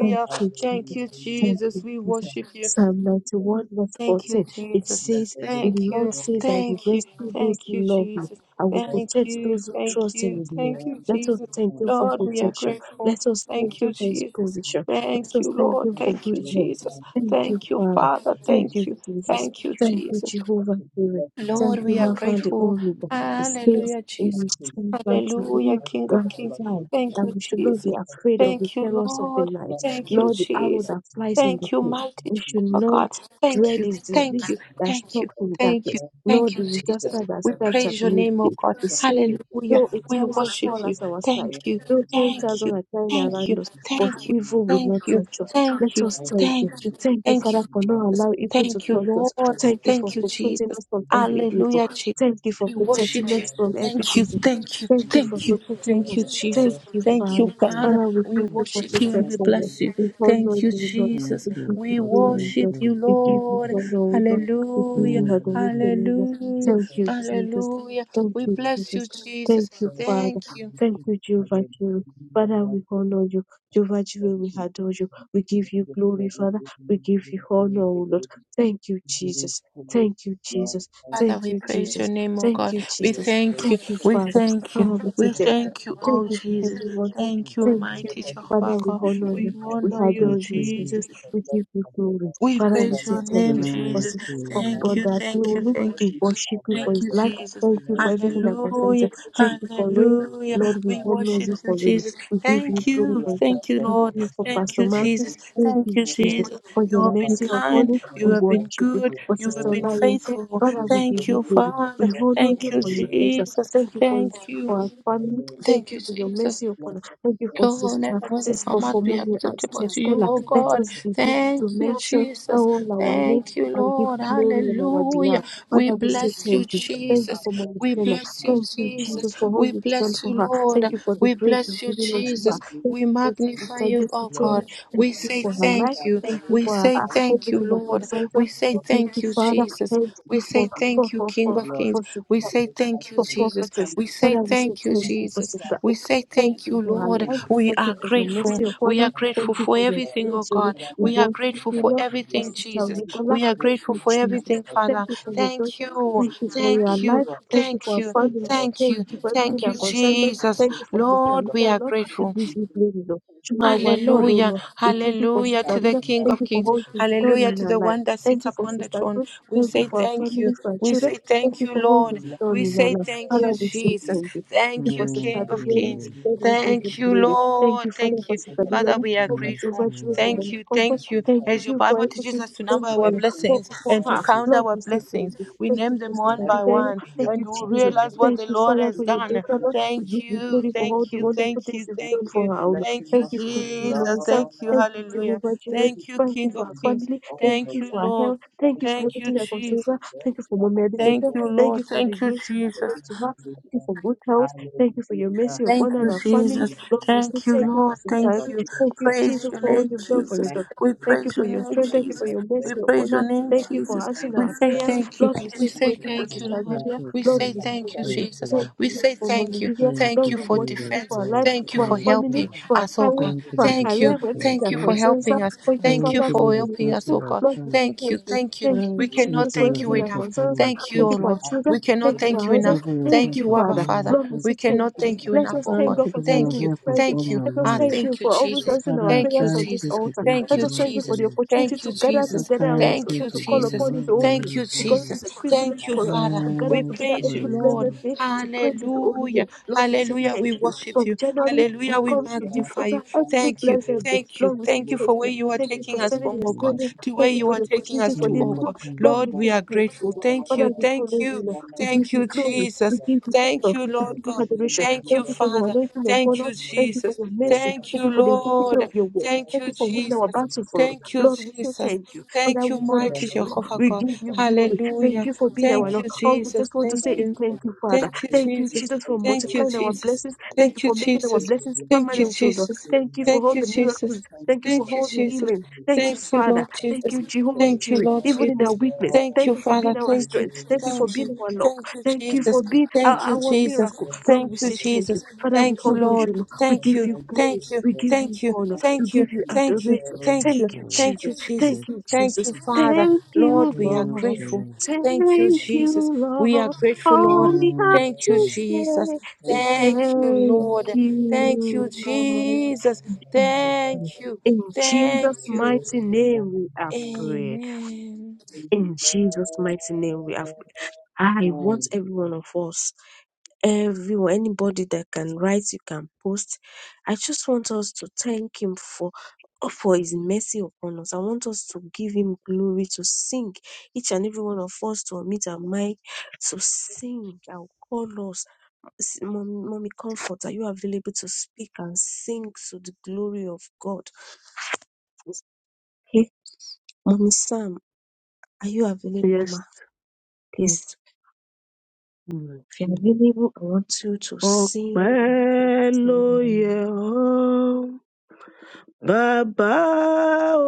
Speaker 2: Thank you,
Speaker 3: Thank
Speaker 2: Jesus.
Speaker 3: you,
Speaker 2: Thank
Speaker 3: Jesus.
Speaker 2: you,
Speaker 3: We
Speaker 2: Jesus.
Speaker 3: worship you.
Speaker 2: Psalm 91, verse
Speaker 3: Thank you,
Speaker 2: 14. It
Speaker 3: Jesus.
Speaker 2: says, The
Speaker 3: Thank
Speaker 2: Lord
Speaker 3: you.
Speaker 2: says, I will
Speaker 3: Thank you.
Speaker 2: rescue those
Speaker 3: Thank
Speaker 2: who
Speaker 3: you,
Speaker 2: love me.
Speaker 3: Jesus.
Speaker 2: I will
Speaker 3: Thank
Speaker 2: protect
Speaker 3: you.
Speaker 2: those who
Speaker 3: Thank
Speaker 2: trust in
Speaker 3: you.
Speaker 2: his name.
Speaker 3: Thank you,
Speaker 2: Let us
Speaker 3: Jesus.
Speaker 2: thank him for
Speaker 3: Lord, we are
Speaker 2: protection.
Speaker 3: grateful.
Speaker 2: Let us thank
Speaker 3: Thank you,
Speaker 2: him for his
Speaker 3: Jesus.
Speaker 2: provision. Let
Speaker 3: Thank
Speaker 2: us
Speaker 3: you,
Speaker 2: thank
Speaker 3: Lord.
Speaker 2: him for
Speaker 3: Thank
Speaker 2: good
Speaker 3: you,
Speaker 2: health.
Speaker 3: Jesus.
Speaker 2: Thank you,
Speaker 3: Thank you,
Speaker 2: Father.
Speaker 3: Father.
Speaker 2: Thank
Speaker 3: Thank
Speaker 2: you,
Speaker 3: you.
Speaker 2: Jesus.
Speaker 3: Thank you,
Speaker 2: Thank you,
Speaker 3: Jesus.
Speaker 2: Jehovah Jireh. Thank
Speaker 3: Lord,
Speaker 2: you,
Speaker 3: we are
Speaker 2: Alpha and the
Speaker 3: grateful.
Speaker 2: Omega, the space
Speaker 3: Hallelujah,
Speaker 2: in
Speaker 3: Jesus.
Speaker 2: which stands out to be
Speaker 3: Hallelujah, King of
Speaker 2: right
Speaker 3: Kings.
Speaker 2: now,
Speaker 3: Thank
Speaker 2: that
Speaker 3: you,
Speaker 2: we should not be
Speaker 3: Jesus.
Speaker 2: afraid of the
Speaker 3: Thank you,
Speaker 2: terrors of the
Speaker 3: Lord.
Speaker 2: night,
Speaker 3: Thank you,
Speaker 2: nor the arrow
Speaker 3: Jesus.
Speaker 2: that flies in the
Speaker 3: Thank you,
Speaker 2: day.
Speaker 3: mighty
Speaker 2: We should
Speaker 3: Jehovah
Speaker 2: not
Speaker 3: God. Thank
Speaker 2: dread
Speaker 3: you,
Speaker 2: this
Speaker 3: thank
Speaker 2: disease
Speaker 3: you,
Speaker 2: that
Speaker 3: thank you,
Speaker 2: stalks in
Speaker 3: thank you,
Speaker 2: darkness, nor
Speaker 3: thank you,
Speaker 2: the
Speaker 3: Jesus.
Speaker 2: disaster that
Speaker 3: We
Speaker 2: strikes at
Speaker 3: praise your name, O
Speaker 2: midday.
Speaker 3: God.
Speaker 2: He says,
Speaker 3: Hallelujah.
Speaker 2: though a
Speaker 3: We
Speaker 2: thousand
Speaker 3: worship
Speaker 2: fall at
Speaker 3: you.
Speaker 2: our
Speaker 3: Thank
Speaker 2: side,
Speaker 3: you,
Speaker 2: though ten
Speaker 3: thank
Speaker 2: thousand
Speaker 3: you,
Speaker 2: are lying
Speaker 3: thank you,
Speaker 2: around us, but
Speaker 3: thank you,
Speaker 2: evil will not
Speaker 3: thank you,
Speaker 2: touch us. Let
Speaker 3: thank you,
Speaker 2: us thank
Speaker 3: thank
Speaker 2: you.
Speaker 3: you,
Speaker 2: Thank you,
Speaker 3: thank
Speaker 2: Father,
Speaker 3: you,
Speaker 2: for not
Speaker 3: Jesus.
Speaker 2: allowing evil to
Speaker 3: Thank
Speaker 2: touch us.
Speaker 3: you, Lord.
Speaker 2: Thank you for
Speaker 3: Thank you, Jesus.
Speaker 2: protecting us from every evil.
Speaker 3: Hallelujah, Jesus.
Speaker 2: Thank you for
Speaker 3: We
Speaker 2: protecting
Speaker 3: worship you.
Speaker 2: us from every
Speaker 3: Thank you,
Speaker 2: disease.
Speaker 3: thank you,
Speaker 2: Thank you for
Speaker 3: thank you,
Speaker 2: protecting
Speaker 3: thank you,
Speaker 2: us. Thank
Speaker 3: Jesus.
Speaker 2: you,
Speaker 3: Thank you,
Speaker 2: Father.
Speaker 3: Father.
Speaker 4: you.
Speaker 2: Father, we
Speaker 3: We
Speaker 2: thank you for
Speaker 3: worship you and we
Speaker 2: protecting us.
Speaker 3: bless you.
Speaker 2: We honor
Speaker 3: Thank you,
Speaker 2: you, Lord.
Speaker 4: Thank
Speaker 3: Jesus.
Speaker 2: We
Speaker 4: you. Thank
Speaker 2: give you
Speaker 3: We
Speaker 2: glory, Lord.
Speaker 3: worship you,
Speaker 2: We give you
Speaker 3: Lord.
Speaker 2: honor, O Lord. We give
Speaker 3: Hallelujah,
Speaker 2: you
Speaker 4: you. Thank
Speaker 2: adoration,
Speaker 4: you.
Speaker 2: O Lord.
Speaker 3: hallelujah,
Speaker 2: Thank you, Jesus.
Speaker 3: hallelujah.
Speaker 2: Thank
Speaker 3: We
Speaker 2: you,
Speaker 3: bless you,
Speaker 2: Jesus.
Speaker 3: Jesus.
Speaker 2: Thank you, Father.
Speaker 3: Thank you.
Speaker 2: Thank you, Jehovah Jireh. Father, we honor you. Jehovah Jireh, we adore you. We give you glory, Father. We give you honor, O Lord. Thank you, Jesus. Thank you, Jesus.
Speaker 3: Father,
Speaker 2: Thank
Speaker 3: we
Speaker 2: you,
Speaker 3: praise your
Speaker 2: Jesus.
Speaker 3: name, O
Speaker 2: Thank
Speaker 3: God.
Speaker 2: you,
Speaker 3: We
Speaker 2: Jesus.
Speaker 3: thank you.
Speaker 2: Thank you,
Speaker 3: We
Speaker 2: Father.
Speaker 3: thank you.
Speaker 2: Father, we say
Speaker 3: We
Speaker 2: thank you.
Speaker 3: thank you,
Speaker 2: Thank
Speaker 3: O
Speaker 2: you for
Speaker 3: Jesus.
Speaker 2: everyone here.
Speaker 4: Thank
Speaker 3: Thank you,
Speaker 2: Thank
Speaker 4: you.
Speaker 2: you.
Speaker 3: mighty
Speaker 2: Father,
Speaker 3: Jehovah
Speaker 2: we
Speaker 3: God.
Speaker 2: honor
Speaker 3: We
Speaker 2: you. We
Speaker 3: honor you,
Speaker 2: adore
Speaker 4: Thank
Speaker 2: you,
Speaker 4: you.
Speaker 3: Jesus.
Speaker 2: Jesus. We give you glory.
Speaker 3: We
Speaker 2: Father, we
Speaker 3: praise
Speaker 2: say
Speaker 3: your
Speaker 2: thank
Speaker 3: name,
Speaker 2: you for
Speaker 4: Thank
Speaker 3: Jesus.
Speaker 2: sins of
Speaker 4: you.
Speaker 3: Thank you,
Speaker 2: brother
Speaker 3: thank you,
Speaker 2: Adeolu.
Speaker 3: thank you.
Speaker 2: We worship you for
Speaker 3: Thank
Speaker 2: his
Speaker 3: you,
Speaker 2: life.
Speaker 3: Jesus.
Speaker 2: Thank you for everything that concerns
Speaker 3: Hallelujah.
Speaker 2: it. Thank you for rain.
Speaker 3: Hallelujah.
Speaker 2: Lord, we
Speaker 3: We
Speaker 2: honor
Speaker 3: worship
Speaker 2: you
Speaker 3: you,
Speaker 2: for rain.
Speaker 3: Jesus.
Speaker 2: We give you
Speaker 3: Thank
Speaker 2: glory
Speaker 3: you.
Speaker 2: for his life.
Speaker 3: Thank you,
Speaker 2: Thank
Speaker 3: Lord.
Speaker 2: you for
Speaker 3: Thank
Speaker 2: Pastor
Speaker 3: you,
Speaker 2: Martin.
Speaker 3: Jesus.
Speaker 2: Thank
Speaker 3: Thank
Speaker 2: you,
Speaker 3: you,
Speaker 2: Jesus,
Speaker 3: Jesus.
Speaker 2: for your
Speaker 3: You have been
Speaker 2: mercy upon him.
Speaker 3: kind. You
Speaker 2: We
Speaker 3: have been
Speaker 2: worship you.
Speaker 3: good.
Speaker 2: For
Speaker 3: You have
Speaker 2: Sister
Speaker 3: been
Speaker 2: Olayinka,
Speaker 3: faithful.
Speaker 2: Father, we give
Speaker 3: Thank
Speaker 2: you
Speaker 3: you,
Speaker 2: glory.
Speaker 3: Father.
Speaker 2: We honor
Speaker 3: Thank
Speaker 2: you
Speaker 3: you,
Speaker 2: for your blessing.
Speaker 3: Jesus.
Speaker 2: Thank you for his,
Speaker 3: Thank you.
Speaker 2: for our family. Thank
Speaker 3: Thank you,
Speaker 2: you for your
Speaker 3: Jesus.
Speaker 2: mercy upon us. Thank you for
Speaker 3: Lord, when
Speaker 2: Sister, Sister
Speaker 3: the
Speaker 2: for,
Speaker 3: must
Speaker 2: for
Speaker 3: be
Speaker 2: Mommy and
Speaker 3: acceptable
Speaker 2: Sister
Speaker 3: to you,
Speaker 2: Stella.
Speaker 3: oh
Speaker 2: Let
Speaker 3: God.
Speaker 2: us begin
Speaker 3: Thank
Speaker 2: to
Speaker 3: you,
Speaker 2: mention
Speaker 3: Jesus.
Speaker 2: all our names
Speaker 3: Thank you,
Speaker 2: and give
Speaker 3: Lord.
Speaker 2: glory on our
Speaker 3: Hallelujah.
Speaker 2: behalf.
Speaker 3: We
Speaker 2: Father, we say
Speaker 3: bless you,
Speaker 2: thank you.
Speaker 4: Thank
Speaker 2: Thank you
Speaker 3: Jesus.
Speaker 2: for Mommy
Speaker 3: We
Speaker 2: Stella.
Speaker 3: bless you,
Speaker 2: Thank you,
Speaker 3: Jesus.
Speaker 2: Jesus, for all
Speaker 3: We
Speaker 2: you've done
Speaker 3: bless
Speaker 2: for
Speaker 3: you,
Speaker 2: her. Thank
Speaker 3: Lord.
Speaker 2: you for the
Speaker 3: We
Speaker 2: grace
Speaker 3: bless
Speaker 2: you've
Speaker 3: you,
Speaker 2: given us to her.
Speaker 3: Jesus.
Speaker 2: Thank
Speaker 3: We
Speaker 2: you for
Speaker 3: magnify
Speaker 2: Sister
Speaker 3: you,
Speaker 2: Jess
Speaker 3: oh
Speaker 2: Tony.
Speaker 3: God.
Speaker 2: Thank
Speaker 3: We
Speaker 2: you
Speaker 3: say
Speaker 2: for her life.
Speaker 3: thank you.
Speaker 2: Thank you
Speaker 3: We
Speaker 2: for
Speaker 3: say
Speaker 2: uh,
Speaker 3: thank you,
Speaker 2: everything that
Speaker 3: Lord.
Speaker 2: concerns
Speaker 3: We
Speaker 2: us.
Speaker 3: say
Speaker 2: We thank
Speaker 3: thank
Speaker 2: you,
Speaker 3: you,
Speaker 2: Father.
Speaker 3: Jesus.
Speaker 2: Thank
Speaker 3: We
Speaker 2: you for
Speaker 3: say
Speaker 2: for
Speaker 3: thank you,
Speaker 2: for
Speaker 3: King
Speaker 2: for
Speaker 3: of Kings.
Speaker 2: for
Speaker 3: We
Speaker 2: success
Speaker 3: say thank you,
Speaker 2: for
Speaker 3: Jesus.
Speaker 2: prophetess.
Speaker 3: We say
Speaker 2: Father, we say
Speaker 3: thank you,
Speaker 2: thank you for
Speaker 3: Jesus.
Speaker 2: Sister
Speaker 3: We say
Speaker 2: Oprah. Thank
Speaker 3: thank
Speaker 2: you
Speaker 3: you,
Speaker 2: for her
Speaker 3: Lord.
Speaker 2: life.
Speaker 3: We
Speaker 2: Thank you
Speaker 3: are
Speaker 2: for your
Speaker 3: grateful.
Speaker 2: mercy upon
Speaker 3: We are
Speaker 2: her.
Speaker 3: grateful
Speaker 2: Thank you
Speaker 3: for
Speaker 2: for your
Speaker 3: everything, oh
Speaker 2: grace. O Lord.
Speaker 3: God.
Speaker 2: We
Speaker 3: We are
Speaker 2: worship
Speaker 3: grateful
Speaker 2: you,
Speaker 3: for
Speaker 2: Lord. For
Speaker 3: everything,
Speaker 2: Sister
Speaker 3: Jesus.
Speaker 2: Nicola,
Speaker 3: We are
Speaker 2: thank
Speaker 3: grateful
Speaker 2: you,
Speaker 3: for
Speaker 2: Jesus.
Speaker 3: everything,
Speaker 2: Thank
Speaker 3: Father.
Speaker 2: you for your
Speaker 3: Thank
Speaker 2: daughter.
Speaker 3: you.
Speaker 2: Thank you for your
Speaker 3: Thank
Speaker 2: life.
Speaker 3: you.
Speaker 2: Thank you for
Speaker 3: Thank
Speaker 2: our
Speaker 3: you.
Speaker 2: family.
Speaker 3: Thank
Speaker 2: Thank
Speaker 3: you.
Speaker 2: you for everything
Speaker 3: Thank
Speaker 2: that
Speaker 3: you,
Speaker 2: concerns us.
Speaker 3: Jesus.
Speaker 2: Thank you for Sister
Speaker 3: Lord, we
Speaker 2: Nina,
Speaker 3: are
Speaker 2: Lord. We
Speaker 3: grateful.
Speaker 2: give you glory, Lord. You are our Lord, O
Speaker 3: Hallelujah,
Speaker 2: Lord. We thank you for
Speaker 3: hallelujah
Speaker 2: Sister
Speaker 3: to the
Speaker 2: Nina.
Speaker 3: King
Speaker 2: Thank
Speaker 3: of
Speaker 2: you for
Speaker 3: Kings,
Speaker 2: all you've done
Speaker 3: hallelujah to
Speaker 2: in our
Speaker 3: the
Speaker 2: life.
Speaker 3: one that sits
Speaker 2: Thank you for
Speaker 3: upon the
Speaker 2: Sister
Speaker 3: throne.
Speaker 2: Grace.
Speaker 3: We
Speaker 2: Thank you
Speaker 3: say
Speaker 2: for our
Speaker 3: thank
Speaker 2: family,
Speaker 3: you,
Speaker 2: for our
Speaker 3: we
Speaker 2: children.
Speaker 3: say
Speaker 2: Thank
Speaker 3: thank
Speaker 2: you
Speaker 3: you,
Speaker 2: for all
Speaker 3: Lord,
Speaker 2: you've
Speaker 4: you. Thank
Speaker 2: done
Speaker 3: we
Speaker 2: in our
Speaker 3: say
Speaker 4: you.
Speaker 2: life.
Speaker 3: thank
Speaker 2: Father,
Speaker 3: you,
Speaker 2: we say
Speaker 3: Jesus,
Speaker 2: thank you.
Speaker 3: thank you,
Speaker 2: Because Sister
Speaker 3: King of
Speaker 2: Adeyemi,
Speaker 3: Kings,
Speaker 2: Lord, we give you
Speaker 3: thank you,
Speaker 2: glory. Thank
Speaker 3: Lord,
Speaker 2: you, Father,
Speaker 3: thank
Speaker 2: for
Speaker 3: you,
Speaker 2: Sister
Speaker 3: Father.
Speaker 2: Adeyemi,
Speaker 3: We are
Speaker 2: for
Speaker 3: grateful,
Speaker 2: preserving you from
Speaker 3: thank
Speaker 2: the
Speaker 3: you,
Speaker 2: comfort.
Speaker 3: thank you.
Speaker 2: Thank
Speaker 3: as
Speaker 2: you for
Speaker 3: Bible teaches
Speaker 2: everything
Speaker 3: us to
Speaker 2: you've done
Speaker 3: number
Speaker 2: for
Speaker 3: our
Speaker 2: you, for,
Speaker 3: blessings
Speaker 2: for
Speaker 3: and to
Speaker 2: her.
Speaker 3: count
Speaker 2: Lord,
Speaker 3: our
Speaker 2: we say thank
Speaker 3: blessings.
Speaker 2: you.
Speaker 3: We
Speaker 2: Thank
Speaker 3: name
Speaker 2: you for
Speaker 3: them
Speaker 2: Sister
Speaker 3: one by
Speaker 2: Adeyemi.
Speaker 3: one
Speaker 2: Thank
Speaker 3: and
Speaker 2: you,
Speaker 3: we
Speaker 2: Jesus.
Speaker 3: realize what
Speaker 2: Thank
Speaker 3: the
Speaker 2: you,
Speaker 3: Lord
Speaker 2: Father,
Speaker 3: has
Speaker 2: for your
Speaker 3: done.
Speaker 2: daughter, Lord. We
Speaker 3: Thank
Speaker 2: give you
Speaker 3: you,
Speaker 2: glory for all
Speaker 3: thank
Speaker 2: the
Speaker 3: you,
Speaker 2: wonderful
Speaker 3: thank
Speaker 2: things
Speaker 3: you,
Speaker 2: you've
Speaker 3: thank
Speaker 2: done for
Speaker 3: you,
Speaker 2: her, O Lord.
Speaker 3: thank you,
Speaker 2: Thank you for
Speaker 3: Jesus.
Speaker 2: Mommy Sam.
Speaker 3: Thank you,
Speaker 2: Thank you,
Speaker 3: hallelujah.
Speaker 2: Jehovah Jireh.
Speaker 3: Thank you,
Speaker 2: Thank you
Speaker 3: King
Speaker 2: for
Speaker 3: of
Speaker 2: our
Speaker 3: Kings.
Speaker 2: family. Thank
Speaker 3: Thank
Speaker 2: you
Speaker 3: you,
Speaker 2: for our
Speaker 3: Lord.
Speaker 2: health. Thank you for
Speaker 3: Thank you,
Speaker 2: everything that concerns
Speaker 3: Jesus.
Speaker 2: her. Thank you for Mommy Adeyemi.
Speaker 3: Thank you,
Speaker 2: Thank
Speaker 3: Lord.
Speaker 2: you for the
Speaker 3: Thank you,
Speaker 2: grace you
Speaker 3: Jesus.
Speaker 2: brought us to have. Thank you for good health. Thank you for your mercy
Speaker 3: Thank
Speaker 2: upon her
Speaker 3: you,
Speaker 2: and her family.
Speaker 3: Jesus.
Speaker 2: Lord, we say
Speaker 3: Thank you,
Speaker 2: thank you for
Speaker 3: Lord.
Speaker 2: the
Speaker 3: Thank
Speaker 2: family.
Speaker 3: you.
Speaker 2: Thank you,
Speaker 3: Praise
Speaker 2: Jesus,
Speaker 3: your
Speaker 2: for
Speaker 3: name,
Speaker 2: all you've done for your
Speaker 3: Jesus.
Speaker 2: daughter.
Speaker 3: We
Speaker 2: Thank you
Speaker 3: praise
Speaker 2: for
Speaker 3: your
Speaker 2: your
Speaker 3: name,
Speaker 2: strength. Thank you for
Speaker 3: Jesus.
Speaker 2: your
Speaker 3: We
Speaker 2: mercy
Speaker 3: praise
Speaker 2: upon her.
Speaker 3: your name,
Speaker 2: Thank you for
Speaker 3: Jesus.
Speaker 2: answering
Speaker 3: We
Speaker 2: our
Speaker 3: say
Speaker 2: prayers.
Speaker 3: thank you.
Speaker 2: Lord, we
Speaker 3: We
Speaker 2: say
Speaker 3: say
Speaker 2: thank you for
Speaker 3: thank
Speaker 4: Thank you.
Speaker 3: you,
Speaker 2: Sister
Speaker 3: Lord.
Speaker 4: Thank
Speaker 2: Vivian.
Speaker 4: you,
Speaker 3: We
Speaker 2: Lord,
Speaker 3: say
Speaker 2: we
Speaker 4: Jesus.
Speaker 2: thank
Speaker 3: thank you,
Speaker 4: Thank
Speaker 2: you.
Speaker 4: you,
Speaker 3: Jesus.
Speaker 2: Thank
Speaker 4: Lord.
Speaker 3: We
Speaker 2: you
Speaker 3: say
Speaker 2: for
Speaker 3: thank
Speaker 2: Mommy
Speaker 3: you.
Speaker 2: Vivian.
Speaker 4: Thank
Speaker 3: Thank
Speaker 2: Lord,
Speaker 4: you,
Speaker 3: you
Speaker 2: we
Speaker 3: for
Speaker 4: King
Speaker 2: worship
Speaker 4: of
Speaker 2: you
Speaker 3: defense.
Speaker 2: for our
Speaker 4: Glory.
Speaker 2: life,
Speaker 3: Thank you
Speaker 2: for our
Speaker 3: for
Speaker 4: Thank
Speaker 2: family,
Speaker 3: helping
Speaker 4: you.
Speaker 2: for our
Speaker 3: us, oh
Speaker 2: career,
Speaker 3: God.
Speaker 4: Thank you,
Speaker 2: for our
Speaker 4: Lord,
Speaker 3: Thank you.
Speaker 2: career,
Speaker 4: because
Speaker 2: for
Speaker 4: you are
Speaker 2: everything
Speaker 3: Thank
Speaker 2: that
Speaker 3: you for
Speaker 4: good.
Speaker 2: concerns
Speaker 3: helping
Speaker 2: us.
Speaker 3: us.
Speaker 2: Thank you,
Speaker 3: Thank
Speaker 4: Thank
Speaker 3: you
Speaker 2: Father,
Speaker 4: you,
Speaker 2: for
Speaker 3: for
Speaker 4: Lord,
Speaker 2: Mommy
Speaker 3: helping
Speaker 4: because
Speaker 3: us,
Speaker 2: Musu.
Speaker 4: you
Speaker 3: oh
Speaker 4: are
Speaker 3: God.
Speaker 2: Lord, we
Speaker 4: kind.
Speaker 2: say
Speaker 3: Thank you.
Speaker 2: thank you.
Speaker 3: Thank you.
Speaker 2: Thank
Speaker 4: Thank
Speaker 3: We
Speaker 2: you,
Speaker 4: you
Speaker 3: cannot
Speaker 2: Jesus,
Speaker 4: for
Speaker 2: for
Speaker 3: cannot thank
Speaker 4: your
Speaker 3: you
Speaker 2: everything
Speaker 4: help
Speaker 2: that
Speaker 3: enough.
Speaker 2: concerns
Speaker 4: upon
Speaker 2: us.
Speaker 4: my
Speaker 3: Thank you,
Speaker 2: Thank
Speaker 3: O
Speaker 2: you for
Speaker 4: children.
Speaker 2: our
Speaker 3: Lord.
Speaker 2: children.
Speaker 3: We cannot
Speaker 2: Thank you for
Speaker 4: Thank
Speaker 3: thank
Speaker 2: our
Speaker 3: you
Speaker 2: husband.
Speaker 4: you
Speaker 3: enough.
Speaker 4: for your
Speaker 2: Thank
Speaker 4: help
Speaker 3: Thank
Speaker 2: you,
Speaker 3: you, Abba
Speaker 2: Father.
Speaker 4: upon my
Speaker 3: Father.
Speaker 2: Lord, we say
Speaker 3: We
Speaker 4: husband.
Speaker 2: thank
Speaker 3: cannot
Speaker 2: you.
Speaker 3: thank you
Speaker 2: Let
Speaker 3: enough,
Speaker 2: us
Speaker 3: O
Speaker 4: Thank
Speaker 2: thank
Speaker 3: God.
Speaker 2: God
Speaker 4: you
Speaker 2: for
Speaker 4: for
Speaker 2: standing
Speaker 4: your
Speaker 3: Thank
Speaker 2: in
Speaker 3: you.
Speaker 2: His
Speaker 4: help
Speaker 2: presence.
Speaker 4: upon
Speaker 3: Thank you.
Speaker 4: my
Speaker 2: Let us
Speaker 3: Ah,
Speaker 2: thank
Speaker 4: marriage.
Speaker 2: you
Speaker 3: thank you,
Speaker 2: for always
Speaker 3: Jesus.
Speaker 2: answering our
Speaker 4: Father, I
Speaker 3: Thank you,
Speaker 2: prayers on
Speaker 4: thank
Speaker 2: this
Speaker 4: you
Speaker 3: Jesus.
Speaker 4: today
Speaker 2: altar.
Speaker 4: in
Speaker 3: Thank
Speaker 4: the
Speaker 2: Let
Speaker 3: you,
Speaker 2: us
Speaker 4: mighty
Speaker 2: thank you for
Speaker 3: Jesus.
Speaker 2: the
Speaker 4: name.
Speaker 2: opportunity
Speaker 3: Thank you,
Speaker 2: to gather
Speaker 4: What
Speaker 3: Jesus.
Speaker 2: together on
Speaker 4: kind
Speaker 2: this
Speaker 3: Thank
Speaker 4: to
Speaker 2: altar
Speaker 3: you,
Speaker 2: to call
Speaker 4: prevent the
Speaker 3: Jesus.
Speaker 2: upon His holy name.
Speaker 3: Thank
Speaker 4: robbery
Speaker 3: you,
Speaker 4: of
Speaker 2: Because it
Speaker 4: my
Speaker 3: Jesus.
Speaker 2: is a privilege
Speaker 3: Thank you,
Speaker 2: for us
Speaker 3: Father.
Speaker 2: to
Speaker 3: We
Speaker 2: gather
Speaker 4: friends?
Speaker 2: together
Speaker 3: praise you,
Speaker 2: every
Speaker 4: We're
Speaker 3: Lord.
Speaker 2: blessed
Speaker 4: really
Speaker 2: day to praise His holy
Speaker 3: Hallelujah.
Speaker 2: name. Lord, we say
Speaker 3: Hallelujah.
Speaker 2: thank
Speaker 3: We
Speaker 2: you.
Speaker 3: worship
Speaker 2: From
Speaker 3: you.
Speaker 2: January, we
Speaker 3: Hallelujah. We
Speaker 2: come to this
Speaker 3: magnify
Speaker 2: altar
Speaker 3: you. Thank.
Speaker 2: every
Speaker 3: Thank you.
Speaker 2: blessed day.
Speaker 3: Thank you.
Speaker 2: Lord, we say
Speaker 3: Thank you
Speaker 2: thank
Speaker 3: for where
Speaker 2: you.
Speaker 3: you are
Speaker 2: Thank you for
Speaker 3: taking us
Speaker 2: standing
Speaker 3: from,
Speaker 2: in
Speaker 3: oh
Speaker 2: His
Speaker 3: God,
Speaker 4: thinking,
Speaker 2: presence.
Speaker 3: to where
Speaker 2: Thank you
Speaker 3: you
Speaker 2: for
Speaker 3: are
Speaker 2: the
Speaker 3: taking
Speaker 2: opportunity
Speaker 3: us
Speaker 2: for
Speaker 3: to,
Speaker 2: this
Speaker 3: oh
Speaker 2: group.
Speaker 3: God.
Speaker 4: mm-hmm,
Speaker 2: Lord,
Speaker 3: Lord,
Speaker 2: we say
Speaker 3: we are
Speaker 2: thank you,
Speaker 3: grateful.
Speaker 2: Lord.
Speaker 3: Thank
Speaker 2: Father,
Speaker 3: you.
Speaker 2: we
Speaker 3: Thank
Speaker 2: honor you,
Speaker 3: you.
Speaker 2: Lord. We give
Speaker 3: Thank
Speaker 2: you
Speaker 3: you,
Speaker 2: glory. We
Speaker 3: Jesus.
Speaker 2: give you
Speaker 3: Thank
Speaker 2: honor.
Speaker 3: you,
Speaker 2: We
Speaker 3: Lord
Speaker 2: give you
Speaker 3: God.
Speaker 2: adoration.
Speaker 3: Thank you,
Speaker 2: Thank you for your
Speaker 3: Father.
Speaker 2: anointing upon
Speaker 3: Thank
Speaker 2: us.
Speaker 3: you,
Speaker 2: Thank you for
Speaker 3: Jesus.
Speaker 2: your mercy.
Speaker 3: Thank
Speaker 2: Thank
Speaker 3: you,
Speaker 2: you for the integrity of
Speaker 3: Lord.
Speaker 2: your word.
Speaker 3: Thank
Speaker 2: Thank
Speaker 3: you,
Speaker 2: you for winning our
Speaker 3: Jesus.
Speaker 2: battle for us.
Speaker 3: Thank you,
Speaker 2: Lord, we say
Speaker 3: Jesus.
Speaker 2: thank you. Father,
Speaker 3: Thank
Speaker 2: we
Speaker 3: you,
Speaker 2: honor
Speaker 3: mighty
Speaker 2: you, Lord.
Speaker 3: Jehovah
Speaker 2: We
Speaker 3: God.
Speaker 2: give you glory. Thank
Speaker 3: Hallelujah.
Speaker 2: you for being our
Speaker 3: Thank
Speaker 2: Lord.
Speaker 3: you,
Speaker 2: All we
Speaker 3: Jesus.
Speaker 2: just want to say
Speaker 3: Thank
Speaker 2: is
Speaker 3: you.
Speaker 2: thank you, Father.
Speaker 3: Thank you,
Speaker 2: Thank you,
Speaker 3: Jesus.
Speaker 2: Jesus, for
Speaker 3: Thank you,
Speaker 2: multiplying our
Speaker 3: Jesus.
Speaker 2: blessings. Thank you
Speaker 3: Thank you,
Speaker 2: for making our
Speaker 3: Jesus.
Speaker 2: blessings
Speaker 3: Thank you,
Speaker 2: permanent, O Lord.
Speaker 3: Jesus.
Speaker 2: Thank you for
Speaker 3: Thank
Speaker 2: all
Speaker 3: you,
Speaker 2: the
Speaker 3: Jesus.
Speaker 2: miracles. Thank you for
Speaker 3: Thank you,
Speaker 2: all the
Speaker 3: Jesus.
Speaker 2: healing. Thank you,
Speaker 3: Thank you,
Speaker 2: Father.
Speaker 3: Lord
Speaker 2: Thank
Speaker 3: Jesus.
Speaker 2: you, Jehovah
Speaker 3: Thank you,
Speaker 2: Jireh,
Speaker 3: Lord
Speaker 2: even in our
Speaker 3: Jesus.
Speaker 2: weakness.
Speaker 3: Thank
Speaker 2: Thank
Speaker 3: you,
Speaker 2: you for
Speaker 3: Father.
Speaker 2: being our
Speaker 3: Thank you.
Speaker 2: strength. Thank you for
Speaker 3: Thank
Speaker 2: being
Speaker 3: you.
Speaker 2: our luck.
Speaker 3: Thank you,
Speaker 2: Thank you
Speaker 3: Jesus.
Speaker 2: for being our,
Speaker 3: Thank you,
Speaker 2: our
Speaker 3: Jesus.
Speaker 2: miracle. Lord, we
Speaker 3: Thank you,
Speaker 2: say thank you.
Speaker 3: Jesus.
Speaker 2: Father, we
Speaker 3: Thank you,
Speaker 2: honor
Speaker 3: Lord.
Speaker 2: you, Lord. We
Speaker 3: Thank
Speaker 2: give
Speaker 3: you.
Speaker 2: you glory.
Speaker 3: Thank you.
Speaker 2: We give you
Speaker 3: Thank you.
Speaker 2: honor. We
Speaker 3: Thank you.
Speaker 2: give you
Speaker 3: Thank you.
Speaker 2: adoration.
Speaker 3: Thank
Speaker 2: Thank
Speaker 3: you.
Speaker 2: you,
Speaker 4: also,
Speaker 3: Thank you,
Speaker 2: Jesus. Thank
Speaker 3: Jesus.
Speaker 2: you,
Speaker 4: also,
Speaker 3: Thank
Speaker 2: Jesus.
Speaker 3: you, Father.
Speaker 2: Thank you,
Speaker 3: Lord, we are
Speaker 2: Lord.
Speaker 3: grateful.
Speaker 4: also,
Speaker 2: Thank
Speaker 3: Thank you,
Speaker 2: you,
Speaker 3: Jesus. We are
Speaker 2: Lord.
Speaker 3: grateful, Lord.
Speaker 2: All we have
Speaker 3: Thank you,
Speaker 2: to
Speaker 4: also.
Speaker 3: Jesus.
Speaker 2: say is thank
Speaker 3: Thank you, Lord. Thank you,
Speaker 2: you, Lord.
Speaker 3: Jesus. Thank you.
Speaker 2: In
Speaker 3: Thank
Speaker 2: Jesus'
Speaker 3: you.
Speaker 2: mighty name, we have prayed.
Speaker 3: Amen.
Speaker 2: In Jesus' mighty name, we have. I want every one of us, everyone, anybody that can write, you can post. I just want us to thank Him for. For his mercy upon us. I want us to give him glory, to sing, each and every one of us to meet our mic, to sing. I'll call us. S- Mommy, Mommy Comfort, are you available to speak and sing to the glory of God? Mommy Sam, are you available,
Speaker 4: Yes.
Speaker 2: ma?
Speaker 4: of
Speaker 2: Please,
Speaker 4: course.
Speaker 2: if you're available, I want you to sing.
Speaker 4: Ọpẹ́ ló yẹ ọ́, bàbá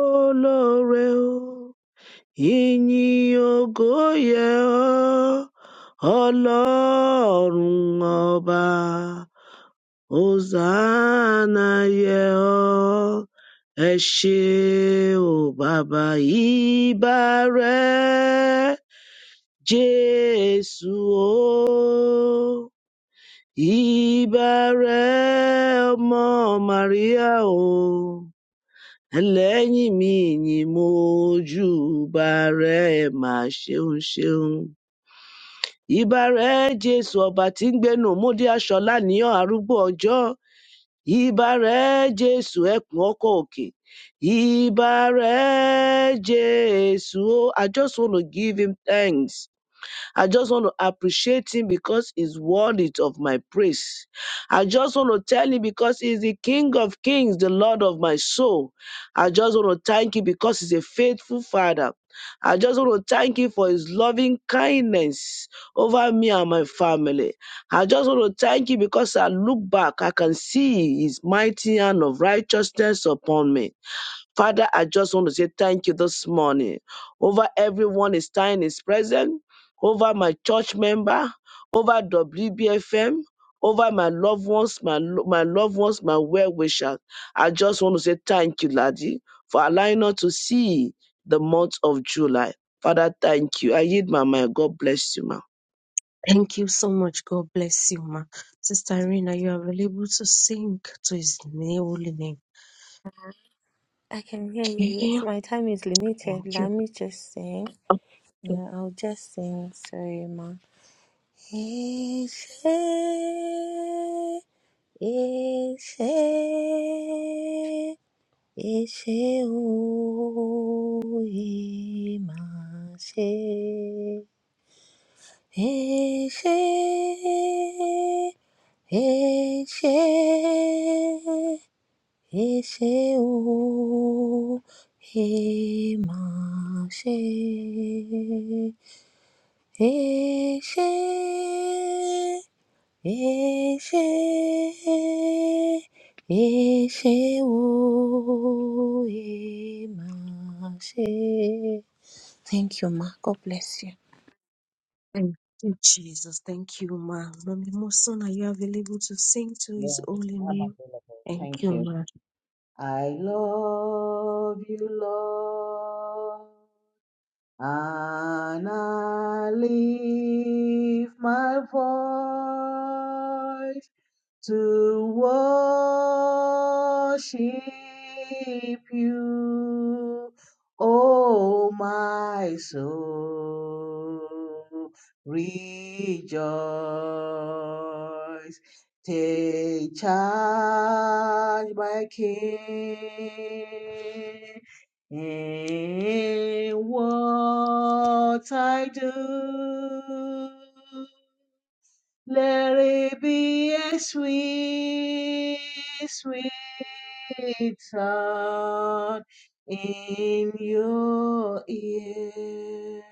Speaker 4: olóore o, ìyìn ògo yẹ ọ́, ọlọ́run ọba. Hosanna yẹ ọ́, ẹ ṣé o bàbá ìbà rẹ̀, Jésù o. Ìbà rẹ̀ ọmọ Màríà o, ẹlẹ́yìn mi ni mo júbà rẹ̀, ẹ mà ṣeun ṣeun. Ìbà rẹ̀ Jésù ọba tí ń gbénu òmùdí aṣọ láníyàn arúgbó ọjọ́. Ìbà rẹ̀ Jésù ẹkùn ọkọ̀ òkè. Ìbà rẹ̀ Jésù. Oh, I just want to give him thanks. I just want to appreciate him because he's worthy of my praise. I just want to tell him because he's the King of kings, the Lord of my soul. I just want to thank him because he's a faithful father. I just want to thank him for his loving kindness over me and my family. I just want to thank him because I look back, I can see his mighty hand of righteousness upon me. Father, I just want to say thank you this morning over everyone is time is present, over my church member, over WBFM, over my loved ones, my, lo- my loved ones, my well wishers. I just want to say thank you, ladi, for allowing us to see the month of July. Father, thank you. I yield my mind. God bless you, ma.
Speaker 2: Thank you so much. God bless you, ma. Sister Irene, are you available to sing to His na- holy name?
Speaker 3: I can hear you.
Speaker 2: Okay.
Speaker 3: Yes, my time is limited.
Speaker 2: Thank you.
Speaker 3: Let me just sing.
Speaker 2: Okay.
Speaker 3: Yeah, I'll just sing. Sorry, ma. Ishe, Ishe, Eshe oye mashe. Eshe, eshe, eshe oye mashe. Eshe, ẹ ṣé ẹ ṣé o ẹ máa ṣe. Thank you, ma. God bless you.
Speaker 2: Thank you, Jesus. Thank you, ma. Mommy Moson, are you available to sing to
Speaker 1: Yes,
Speaker 2: His holy
Speaker 1: I'm
Speaker 2: name?
Speaker 1: available.
Speaker 2: Thank
Speaker 1: Thank
Speaker 2: you,
Speaker 1: you.
Speaker 2: ma.
Speaker 1: I love you, Lord. And I lift my voice to worship you, oh my soul, rejoice. Take charge, my King in what I do. Let it be a sweet, sweet sound in your ear.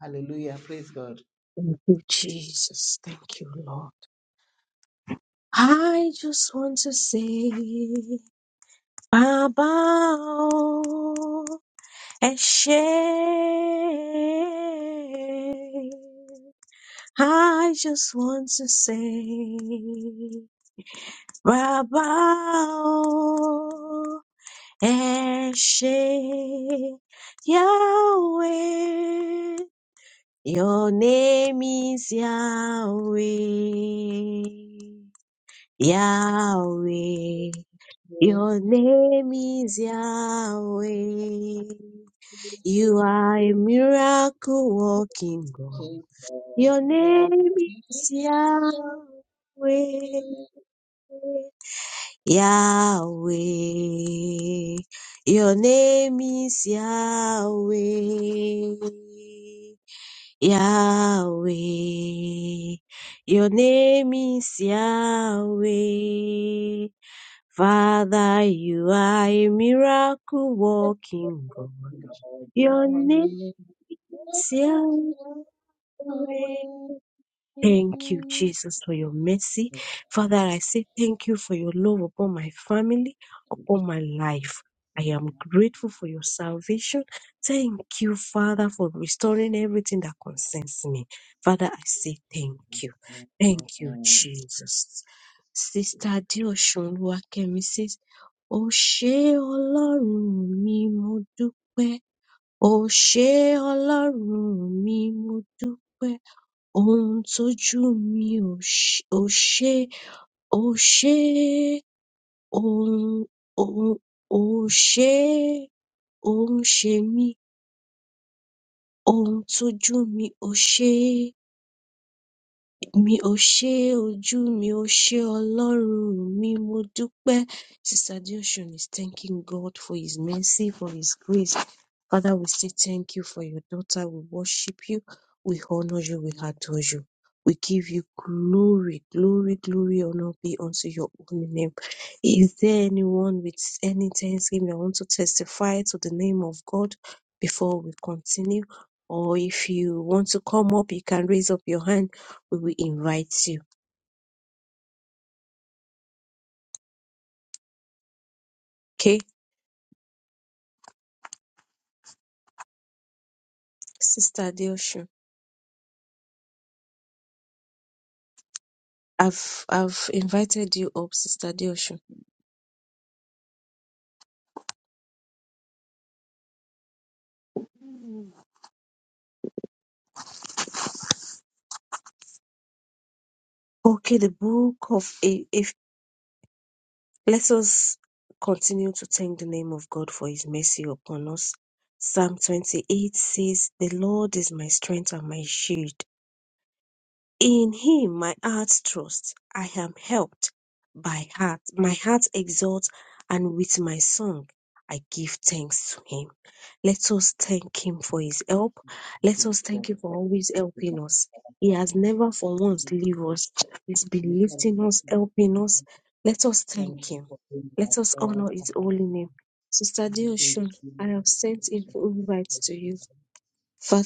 Speaker 1: Hallelujah. Praise God.
Speaker 2: Thank you, Jesus. Thank you, Lord. I just want to say. Baba o, Eshe. I just want to say, Baba o, Eshe. Yahweh, your name is Yahweh. Yahweh, your name is Yahweh. You are a miracle working God. Your name is Yahweh. Yahweh. Your name is Yahweh. Yahweh. Your name is Yahweh. Father, you are a miracle working God. Your name is Yahweh. Thank you, Jesus, for your mercy. Father, I say thank you for your love upon my family, upon my life. I am grateful for your salvation. Thank you, Father, for restoring everything that concerns me. Father, I say thank you. Thank you, Jesus. Sister Adeosun Oluwakemi says, Ó ṣé Ọlọ́run mi, mo dúpẹ́. Ó ṣé Ọlọ́run mi, mo dúpẹ́ ohun tójú mi ò ṣ- ò ṣe ò ṣe ohun ohun ò ṣe é ó ń ṣe mí ohun tójú mi ò ṣe se mi ò ṣe ojú mi ò ṣe ọlọrun mi mo dúpẹ sister deoshun is thanking god for his mercy for his grace father we say thank you for your daughter we worship you we honor you we adore you we give you glory glory glory honor be unto your holy name is there anyone with any thanksgiving that want to testify to the name of god before we continue or if you want to come up you can raise up your hand we will invite you. Okay, Sister Deosho. I've I've invited you up, Sister Deosho. Okay, the book of A- if let us continue to thank the name of God for his mercy upon us. Psalm 28 says, The Lord is my strength and my shield. In him my heart trusts, I am helped by heart. My heart exalts, and with my song I give thanks to him. Let us thank him for his help. Let us thank him for always helping us. He has never for once leave us. He's been lifting us, helping us. Let us thank
Speaker 1: Thank you
Speaker 2: him.
Speaker 1: for being our
Speaker 2: Let us
Speaker 1: prayer,
Speaker 2: honor his
Speaker 1: Papa.
Speaker 2: holy name. Sister
Speaker 1: Thank you, Jesus.
Speaker 2: Deoshun, I have sent in invite to you.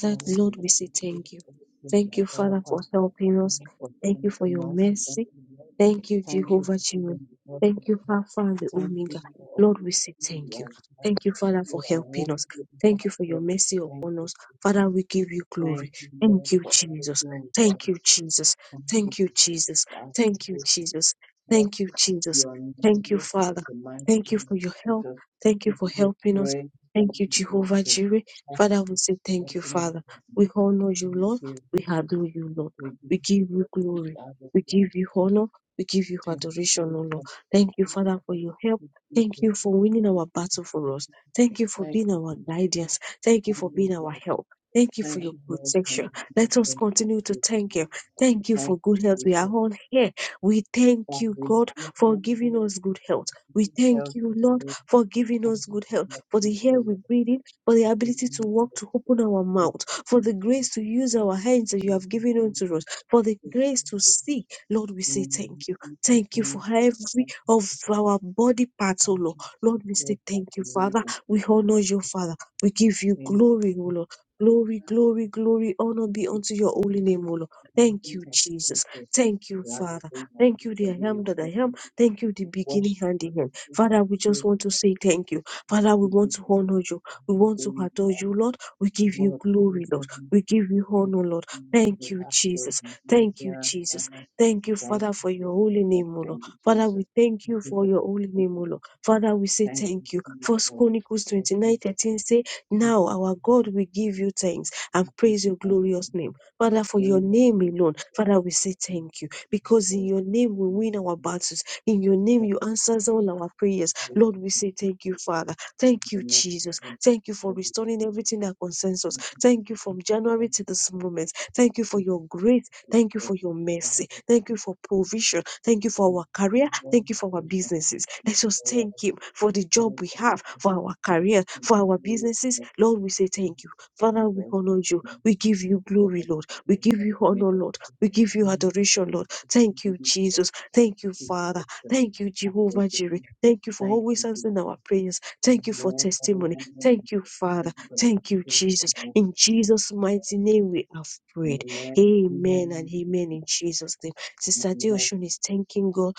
Speaker 1: But I will
Speaker 2: Lord, we say thank you.
Speaker 1: in
Speaker 2: Thank you,
Speaker 1: your
Speaker 2: Father,
Speaker 1: help
Speaker 2: for
Speaker 1: us.
Speaker 2: helping us.
Speaker 1: Thank you for
Speaker 2: Thank you for your
Speaker 1: strengthening us. Thank
Speaker 2: mercy.
Speaker 1: you, Lord.
Speaker 2: Thank you,
Speaker 1: Thank you
Speaker 2: Jehovah
Speaker 1: for
Speaker 2: Jireh.
Speaker 1: being the Lord.
Speaker 2: Thank you, Alpha and the
Speaker 1: Thank you
Speaker 2: Omega.
Speaker 1: for
Speaker 2: Lord,
Speaker 1: always
Speaker 2: we say
Speaker 1: being
Speaker 2: thank
Speaker 1: with
Speaker 2: you.
Speaker 1: us.
Speaker 2: Thank you, Father, for
Speaker 1: You are
Speaker 2: helping
Speaker 1: walking
Speaker 2: us.
Speaker 1: with
Speaker 2: Thank
Speaker 1: our
Speaker 2: you for your
Speaker 1: prayers.
Speaker 2: mercy
Speaker 1: Thank
Speaker 2: upon
Speaker 1: you,
Speaker 2: us. Father, we give you glory. Thank you, Jesus. Thank you, Jesus. Thank you, Jesus. Thank you, Jesus. Thank you, Jesus. Thank you, Father. Thank you for your help. Thank you for helping us. Thank you, Jehovah Jireh. Father, we say thank you, Father. We honor you, Lord. We adore you, Lord. We give you glory. We give you honor. We give you adoration, O Lord. Thank you, Father, for your help. Thank you for winning our battle for us. Thank you for being our guidance. Thank you for being our help. Thank you for your protection. Let us continue to thank you. Thank you for good health. We are all here. We thank you, God, for giving us good health. We thank you, Lord, for giving us good health, for the air we breathe in for the ability to walk, to open our mouth, for the grace to use our hands that you have given unto us, for the grace to see. Lord, we say thank you. Thank you for every of our body parts, oh Lord. Lord, we say thank you, Father.
Speaker 1: Lord.
Speaker 2: We honor you, Father. We give you
Speaker 1: Thank you
Speaker 2: glory, O Lord. Glory, glory, glory, honor be unto your holy name, O Lord. Thank you, Jesus.
Speaker 1: for
Speaker 2: Thank you,
Speaker 1: life.
Speaker 2: Father. Thank you, the I am that I am. Thank you, the beginning and the end. Father, we just want to say thank you. Father, we want to honor you. We want to adore you, Lord. We give you glory, Lord. We give you honor, Lord. Thank you, Jesus. Thank you, Jesus. Thank you,
Speaker 1: Thank
Speaker 2: Father, for your holy
Speaker 1: you,
Speaker 2: name, O Lord. Father,
Speaker 1: Jesus.
Speaker 2: we thank
Speaker 1: Thank
Speaker 2: you
Speaker 1: you
Speaker 2: for
Speaker 1: for
Speaker 2: your holy name, O
Speaker 1: everything.
Speaker 2: Lord. Father, we say
Speaker 1: Thank you,
Speaker 2: thank you. First
Speaker 1: Jesus.
Speaker 2: Chronicles
Speaker 1: So
Speaker 2: twenty
Speaker 1: thank
Speaker 2: nine 13 say,
Speaker 1: you,
Speaker 2: Now our God we give you thanks and
Speaker 1: thank
Speaker 2: praise
Speaker 1: you,
Speaker 2: your
Speaker 1: thank you.
Speaker 2: glorious name. Father, for your name alone, Father, we say
Speaker 1: Thank
Speaker 2: thank you. Because in
Speaker 1: you, Jesus.
Speaker 2: your name we win our battles. In your name you answer all our prayers. Lord, we say thank you, Father. Thank you, Jesus. Thank you for restoring everything that concerns us. Thank you from January to this moment. Thank you for your grace. Thank you for your mercy. Thank you for provision. Thank you for our career. Thank you for our businesses. Let's just thank Him for the job we have, for our career, for our businesses. Lord, we say thank you. Father, we honor you. We give you glory, Lord. We give you honor, Lord. We give you adoration, Lord. Thank you, Jesus. Thank you, Father. Thank you, Jehovah Jireh. Thank you for always answering our prayers. Thank you for testimony. Thank you, Father. Thank you, Jesus. In Jesus' mighty name, we have prayed. Amen and amen in Jesus' name. Sister Deoshun is thanking God,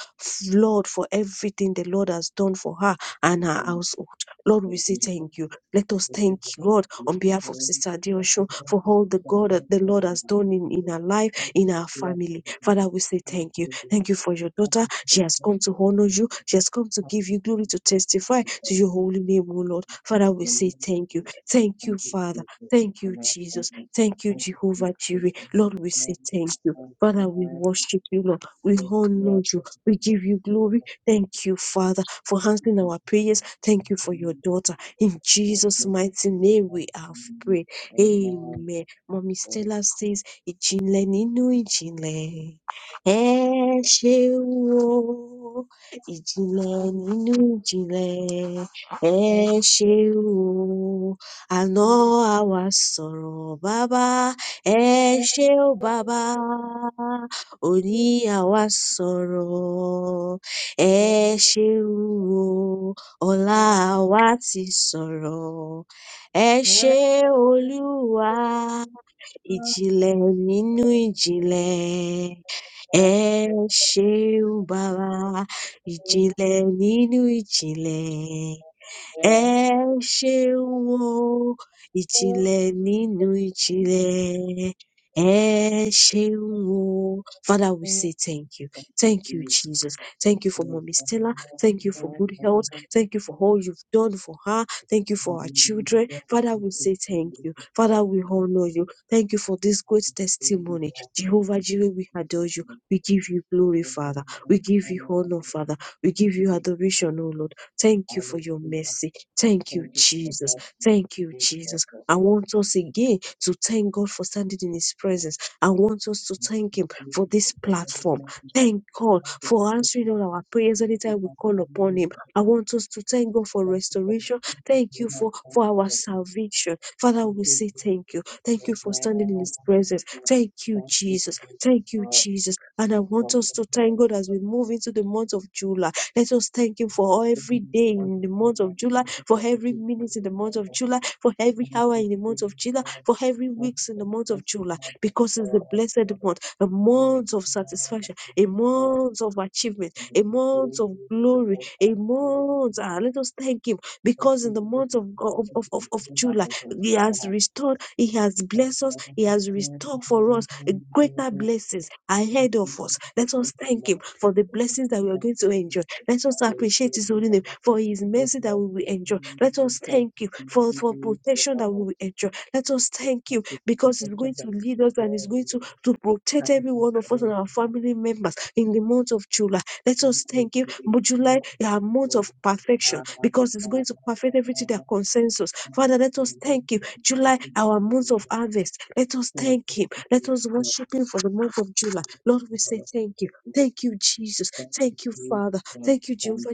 Speaker 2: Lord, for everything the Lord has done for her and her household. Lord, we say thank you. Let us thank God on behalf of Sister Deoshun for all the God that the Lord has done in, in her life, in her family. Father, we say thank you. Thank you for your daughter. She has come to honor you. She has come to give you glory to testify to your holy name, O Lord. Father, we say thank you. Thank you, Father. Thank you, Jesus. Thank you, Jehovah Jireh. Lord, we say thank you. Father, we worship you, Lord. We honor you. We give you glory. Thank you, Father, for answering our prayers. Thank you for your daughter. In Jesus' mighty name, we have prayed. Amen. Mommy Stella says, Ijinle ninu ijinle. Ẹ ṣe o, ìjìnlẹ̀ nínú ìjìnlẹ̀. Ẹ ṣe o, àná àwa sọ̀rọ̀ bàbá. Ẹ ṣe o bàbá, òní àwa sọ̀rọ̀. Ẹ ṣe o, ọ̀la àwa ti sọ̀rọ̀. Ẹ ṣe Olúwa ìjìnlẹ̀ nínú ìjìnlẹ̀ ẹ ṣeun bàbá ìjìnlẹ̀ nínú ìjìnlẹ̀ Ẹ ṣe o, ìjìnlẹ̀ nínú ìjìnlẹ̀. Ẹ ṣeun o. Father, we say thank you. Thank you, Jesus. Thank you for Mommy Stella. Thank you for good health. Thank you for all you've done for her. Thank you for our children. Father, we say thank you. Father, we honor you. Thank you for this great testimony. Jehovah Jireh, we adore you. We give you glory, Father. We give you honor, Father. We give you adoration, O Lord. Thank you for your mercy. Thank you, Jesus. Thank you, Jesus. I want us again to thank God for standing in His presence. I want us to thank Him for this platform. Thank God for answering all our prayers anytime we call upon Him. I want us to thank God for restoration. Thank you for, for our salvation. Father, we say thank you. Thank you for standing in His presence. Thank you, Jesus. Thank you, Jesus. And I want us to thank God as we move into the month of July. Let us thank Him for every day in the month of July, for every minute in the month of July, for every hour in the month of July, for every weeks in the month of July, because it's a blessed month, a month of satisfaction, a month of achievement, a month of glory, a month. Ah, let us thank Him because in the month of, of, of, of of July, He has restored, He has blessed us, He has restored for us a greater blessings ahead of us. Let us thank Him for the blessings that we are going to enjoy let us appreciate His holy name for His mercy that we will enjoy. Let us thank you for, for protection that we will enjoy. Let us thank you because it's going to lead us and it's going to, to protect every one of us and our family members in the month of July. Let us thank you. But July, our month of perfection, because it's going to perfect everything that concerns us. Father, let us thank you. July, our month of harvest. Let us thank Him. Let us worship Him for the month of July. Lord, we say thank you. Thank you, Jesus. Thank you, Father. Thank you, June, for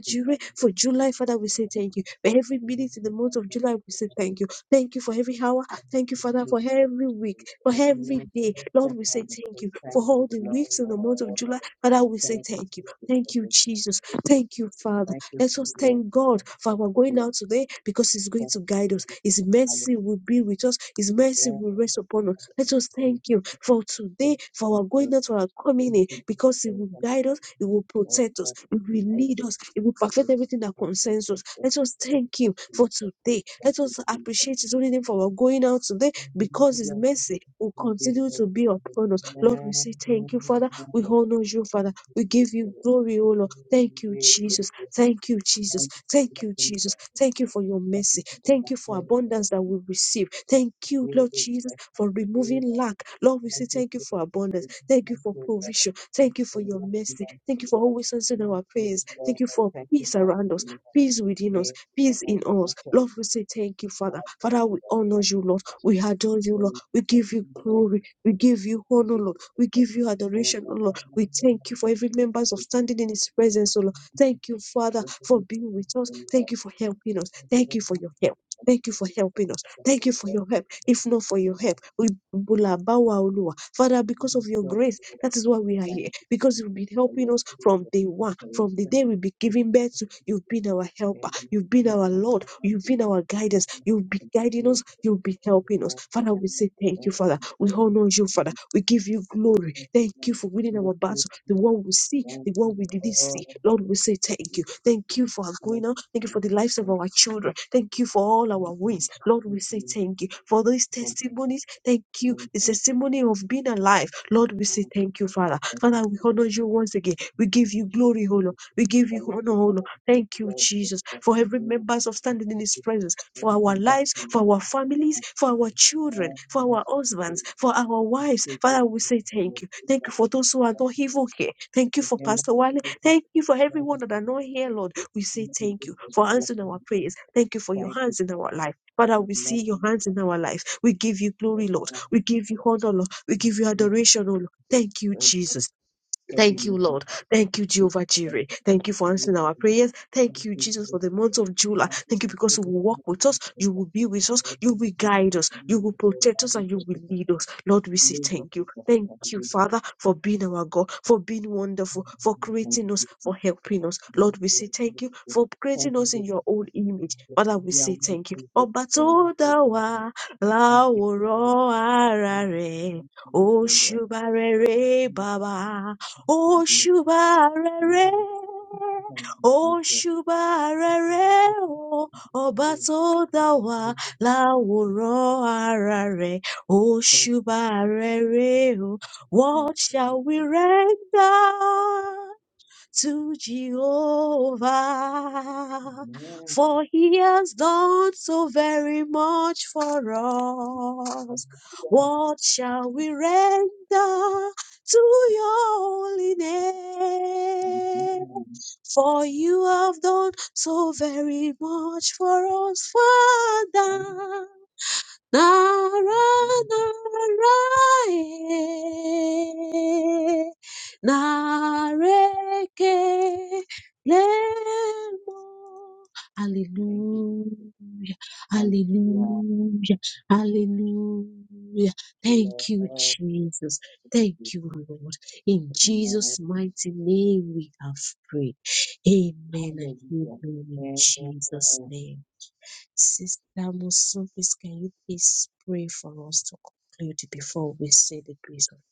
Speaker 2: for July, Father, we say thank you. For every minute in the month of July, we say thank you. Thank you for every hour. Thank you, Father, for every week, for every day. Lord, we say thank you. For all the weeks in the month of July, Father, we say thank you. Thank you, Jesus. Thank you, Father. Let us thank God for our going out today because He's going to guide us. His mercy will be with us. His mercy will rest upon us. I just thank you for today, for our going out, for our coming in, because it will guide us, it will protect us, it will lead us, it will perfect everything that concerns us. Let us thank him for today. Let us appreciate his only name for our going out today, because his mercy will continue to be upon us. Lord, we say thank you, Father. We honor you, Father. We give you glory, O Lord. Thank you, Jesus. Thank you, Jesus. Thank you, Jesus. Thank you for your mercy. Thank you for abundance that we receive. Thank you, Lord Jesus, for removing lack. Lord, we say thank you for abundance. Thank you for provision. Thank you for your mercy. Thank you for always answering our prayers. Thank you for peace around us, peace within us, peace in us. Lord, we say thank you, Father. Father, we honor you, Lord. We adore you, Lord. We give you glory. We give you honor, Lord. We give you adoration, oh Lord. We thank you for every members of standing in His presence, oh Lord. Thank you, Father, for being with us. Thank you for helping us. Thank you for your help. Thank you for helping us. Thank you for your help. If not for your help, we bulabawa olua. Father, because of your grace, that is why we are here. Because you've been helping us from day one, from the day we have been giving birth to. You've been our helper. You've been our Lord. You've been our guidance. You've been guiding us. You've been helping us. Father, we say thank you, Father. We honor you, Father. We give you glory. Thank you for winning our battle. The one we see, the one we didn't see. Lord, we say thank you. Thank you for our going on. Thank you for the lives of our children. Thank you for all our wins. Lord, we say thank you for these testimonies. Thank you. The testimony of being alive. Lord, we say thank you, Father. Father, we honor you once again. We give you glory, O Lord. We give you honor, O Lord. Thank you, Jesus, for every member's of standing in His presence, for our lives, for our families, for our children, for our husbands, for our wives. Father, we say thank you. Thank you for those who are not evil here. Thank you for Pastor Wale. Thank you for everyone that are not here, Lord. We say thank you for answering our prayers. Thank you for your hands in our life. Father, we see your hands in our life. We give you glory, Lord. We give you honor, Lord. We give you adoration, oh Lord. Thank you, Jesus. Thank you, Lord. Thank you, Jehovah Jireh. Thank you for answering our prayers. Thank you, Jesus, for the month of July. Thank you because you
Speaker 1: Hallelujah. We praise
Speaker 2: will walk with us,
Speaker 1: you,
Speaker 2: you will be with us, you will guide us, you will protect
Speaker 1: Lord.
Speaker 2: us, and
Speaker 1: We
Speaker 2: you
Speaker 1: say
Speaker 2: will
Speaker 1: thank
Speaker 2: lead
Speaker 1: you.
Speaker 2: us. Lord, we say thank you.
Speaker 1: Thank
Speaker 2: Thank you,
Speaker 1: you,
Speaker 2: Father, for being our God, for being wonderful, for creating us,
Speaker 1: Jesus.
Speaker 2: for helping us.
Speaker 1: We
Speaker 2: Lord, we
Speaker 1: say
Speaker 2: say thank you for
Speaker 1: Thank
Speaker 2: creating
Speaker 1: you,
Speaker 2: us in
Speaker 1: Lord.
Speaker 2: your own image.
Speaker 1: Lord.
Speaker 2: Father, we
Speaker 1: We are
Speaker 2: say
Speaker 1: really
Speaker 2: thank you.
Speaker 1: grateful
Speaker 2: Ọba
Speaker 1: for what
Speaker 2: tó
Speaker 1: you
Speaker 2: dá
Speaker 1: have done.
Speaker 2: wa
Speaker 1: thank you, Jesus.
Speaker 2: láwòrán ara rẹ̀,
Speaker 1: Thank you, for the
Speaker 2: òṣùbà rere
Speaker 1: opportunity
Speaker 2: bàbá.
Speaker 1: to do it. And
Speaker 2: Oṣùbàrẹ̀rẹ̀,
Speaker 1: then thank you, Jesus.
Speaker 2: Oṣùbàrẹ̀rẹ̀ o, ọba tó dá wa láwòrán ara rẹ̀. Oṣùbàrẹ̀rẹ̀ o, what shall we render? to Jehovah, for he has done so very much for us. What shall we render to your holy name?
Speaker 1: Amen.
Speaker 2: For you have done so very much for us,
Speaker 1: Amen.
Speaker 2: Father. Nara, narae, nareke, lemo.
Speaker 1: Thank you.
Speaker 2: Hallelujah,
Speaker 1: Hallelujah.
Speaker 2: hallelujah, hallelujah. Thank you,
Speaker 1: Lord,
Speaker 2: Jesus. Thank
Speaker 1: we
Speaker 2: you, Lord. In
Speaker 1: praise you.
Speaker 2: Jesus' mighty name we have prayed. Amen and amen
Speaker 1: Hallelujah.
Speaker 2: in Jesus'
Speaker 1: Amen.
Speaker 2: name. Sister Musubis, can you please pray for us to conclude before we say the grace of God?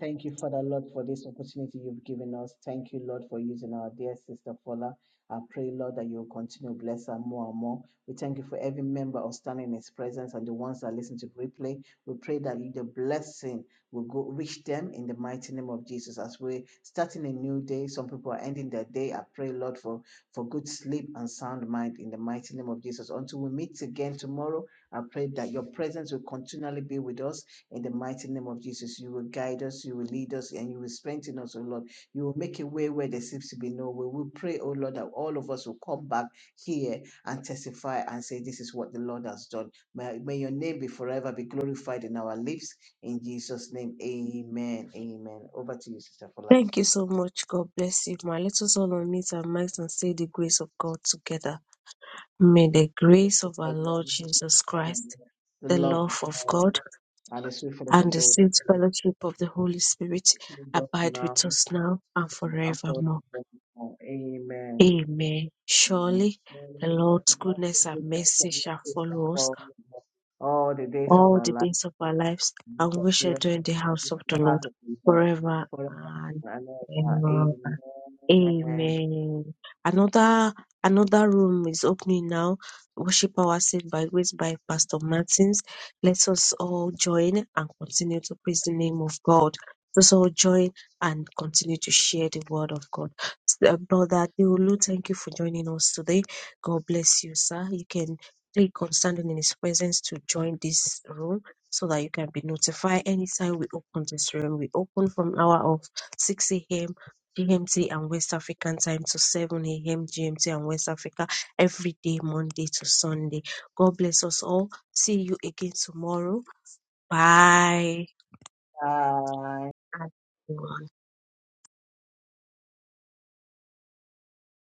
Speaker 1: Thank you, Father Lord, for this opportunity you've given us. Thank you, Lord, for using our dear sister Paula. I pray, Lord, that you will continue to bless her more and more. We thank you for every member of standing in his presence and the ones that listen to the replay. We pray that the blessing will go reach them in the mighty name of Jesus. As we're starting a new day, some people are ending their day. I pray, Lord, for, for good sleep and sound mind in the mighty name of Jesus. Until we meet again tomorrow, I pray that your presence will continually be with us in the mighty name of Jesus, you will guide us, you will lead us, and you will strengthen us, O Lord. You will make a way where there seems to be no way. We pray, O Lord, that all of us will come back here and testify and say, This is what the Lord has done. May, may your name be forever be glorified in our lips. In Jesus' name, amen. Amen. Over to you, Sister Fola.
Speaker 2: Thank you so much. God bless you, ma. Let us all unmute our mics and say the grace of God together. May the grace of our Lord Jesus Christ,
Speaker 1: The
Speaker 2: the
Speaker 1: love
Speaker 2: love
Speaker 1: of
Speaker 2: of
Speaker 1: God
Speaker 2: God,
Speaker 1: and the sweet fellowship
Speaker 2: and
Speaker 1: of the
Speaker 2: the
Speaker 1: Holy
Speaker 2: sweet
Speaker 1: Spirit
Speaker 2: fellowship of the Holy Spirit
Speaker 1: be with us
Speaker 2: abide
Speaker 1: now
Speaker 2: with us now and
Speaker 1: and
Speaker 2: forevermore.
Speaker 1: forevermore. Amen.
Speaker 2: Amen.
Speaker 1: And
Speaker 2: Surely
Speaker 1: so
Speaker 2: the Lord's
Speaker 1: God
Speaker 2: goodness
Speaker 1: will
Speaker 2: and
Speaker 1: take us
Speaker 2: mercy
Speaker 1: and
Speaker 2: shall
Speaker 1: make us
Speaker 2: follow us
Speaker 1: perform All the days of
Speaker 2: all
Speaker 1: our
Speaker 2: the
Speaker 1: life,
Speaker 2: days of our lives,
Speaker 1: and we
Speaker 2: and
Speaker 1: shall
Speaker 2: we shall
Speaker 1: dwell
Speaker 2: dwell in
Speaker 1: and
Speaker 2: the
Speaker 1: we shall
Speaker 2: house of
Speaker 1: be
Speaker 2: the
Speaker 1: in the
Speaker 2: Lord
Speaker 1: house of the Lord
Speaker 2: forever
Speaker 1: forever
Speaker 2: and
Speaker 1: and
Speaker 2: ever.
Speaker 1: ever. Amen.
Speaker 2: Amen. Another another room is opening now. Worship Hour Saved by Grace by Pastor Martins. Let us all join and continue to praise the name of God. Let us all join and continue to share the word of God. Uh, Brother Deolu, thank you for joining us today. God bless you, sir. You can click on standing in his presence to join this room so that you can be notified anytime we open this room. We open from hour of 6 a.m GMT and West African time to 7 a.m. GMT and West Africa every day, Monday to Sunday. God bless us all. See you again tomorrow. Bye. everyone.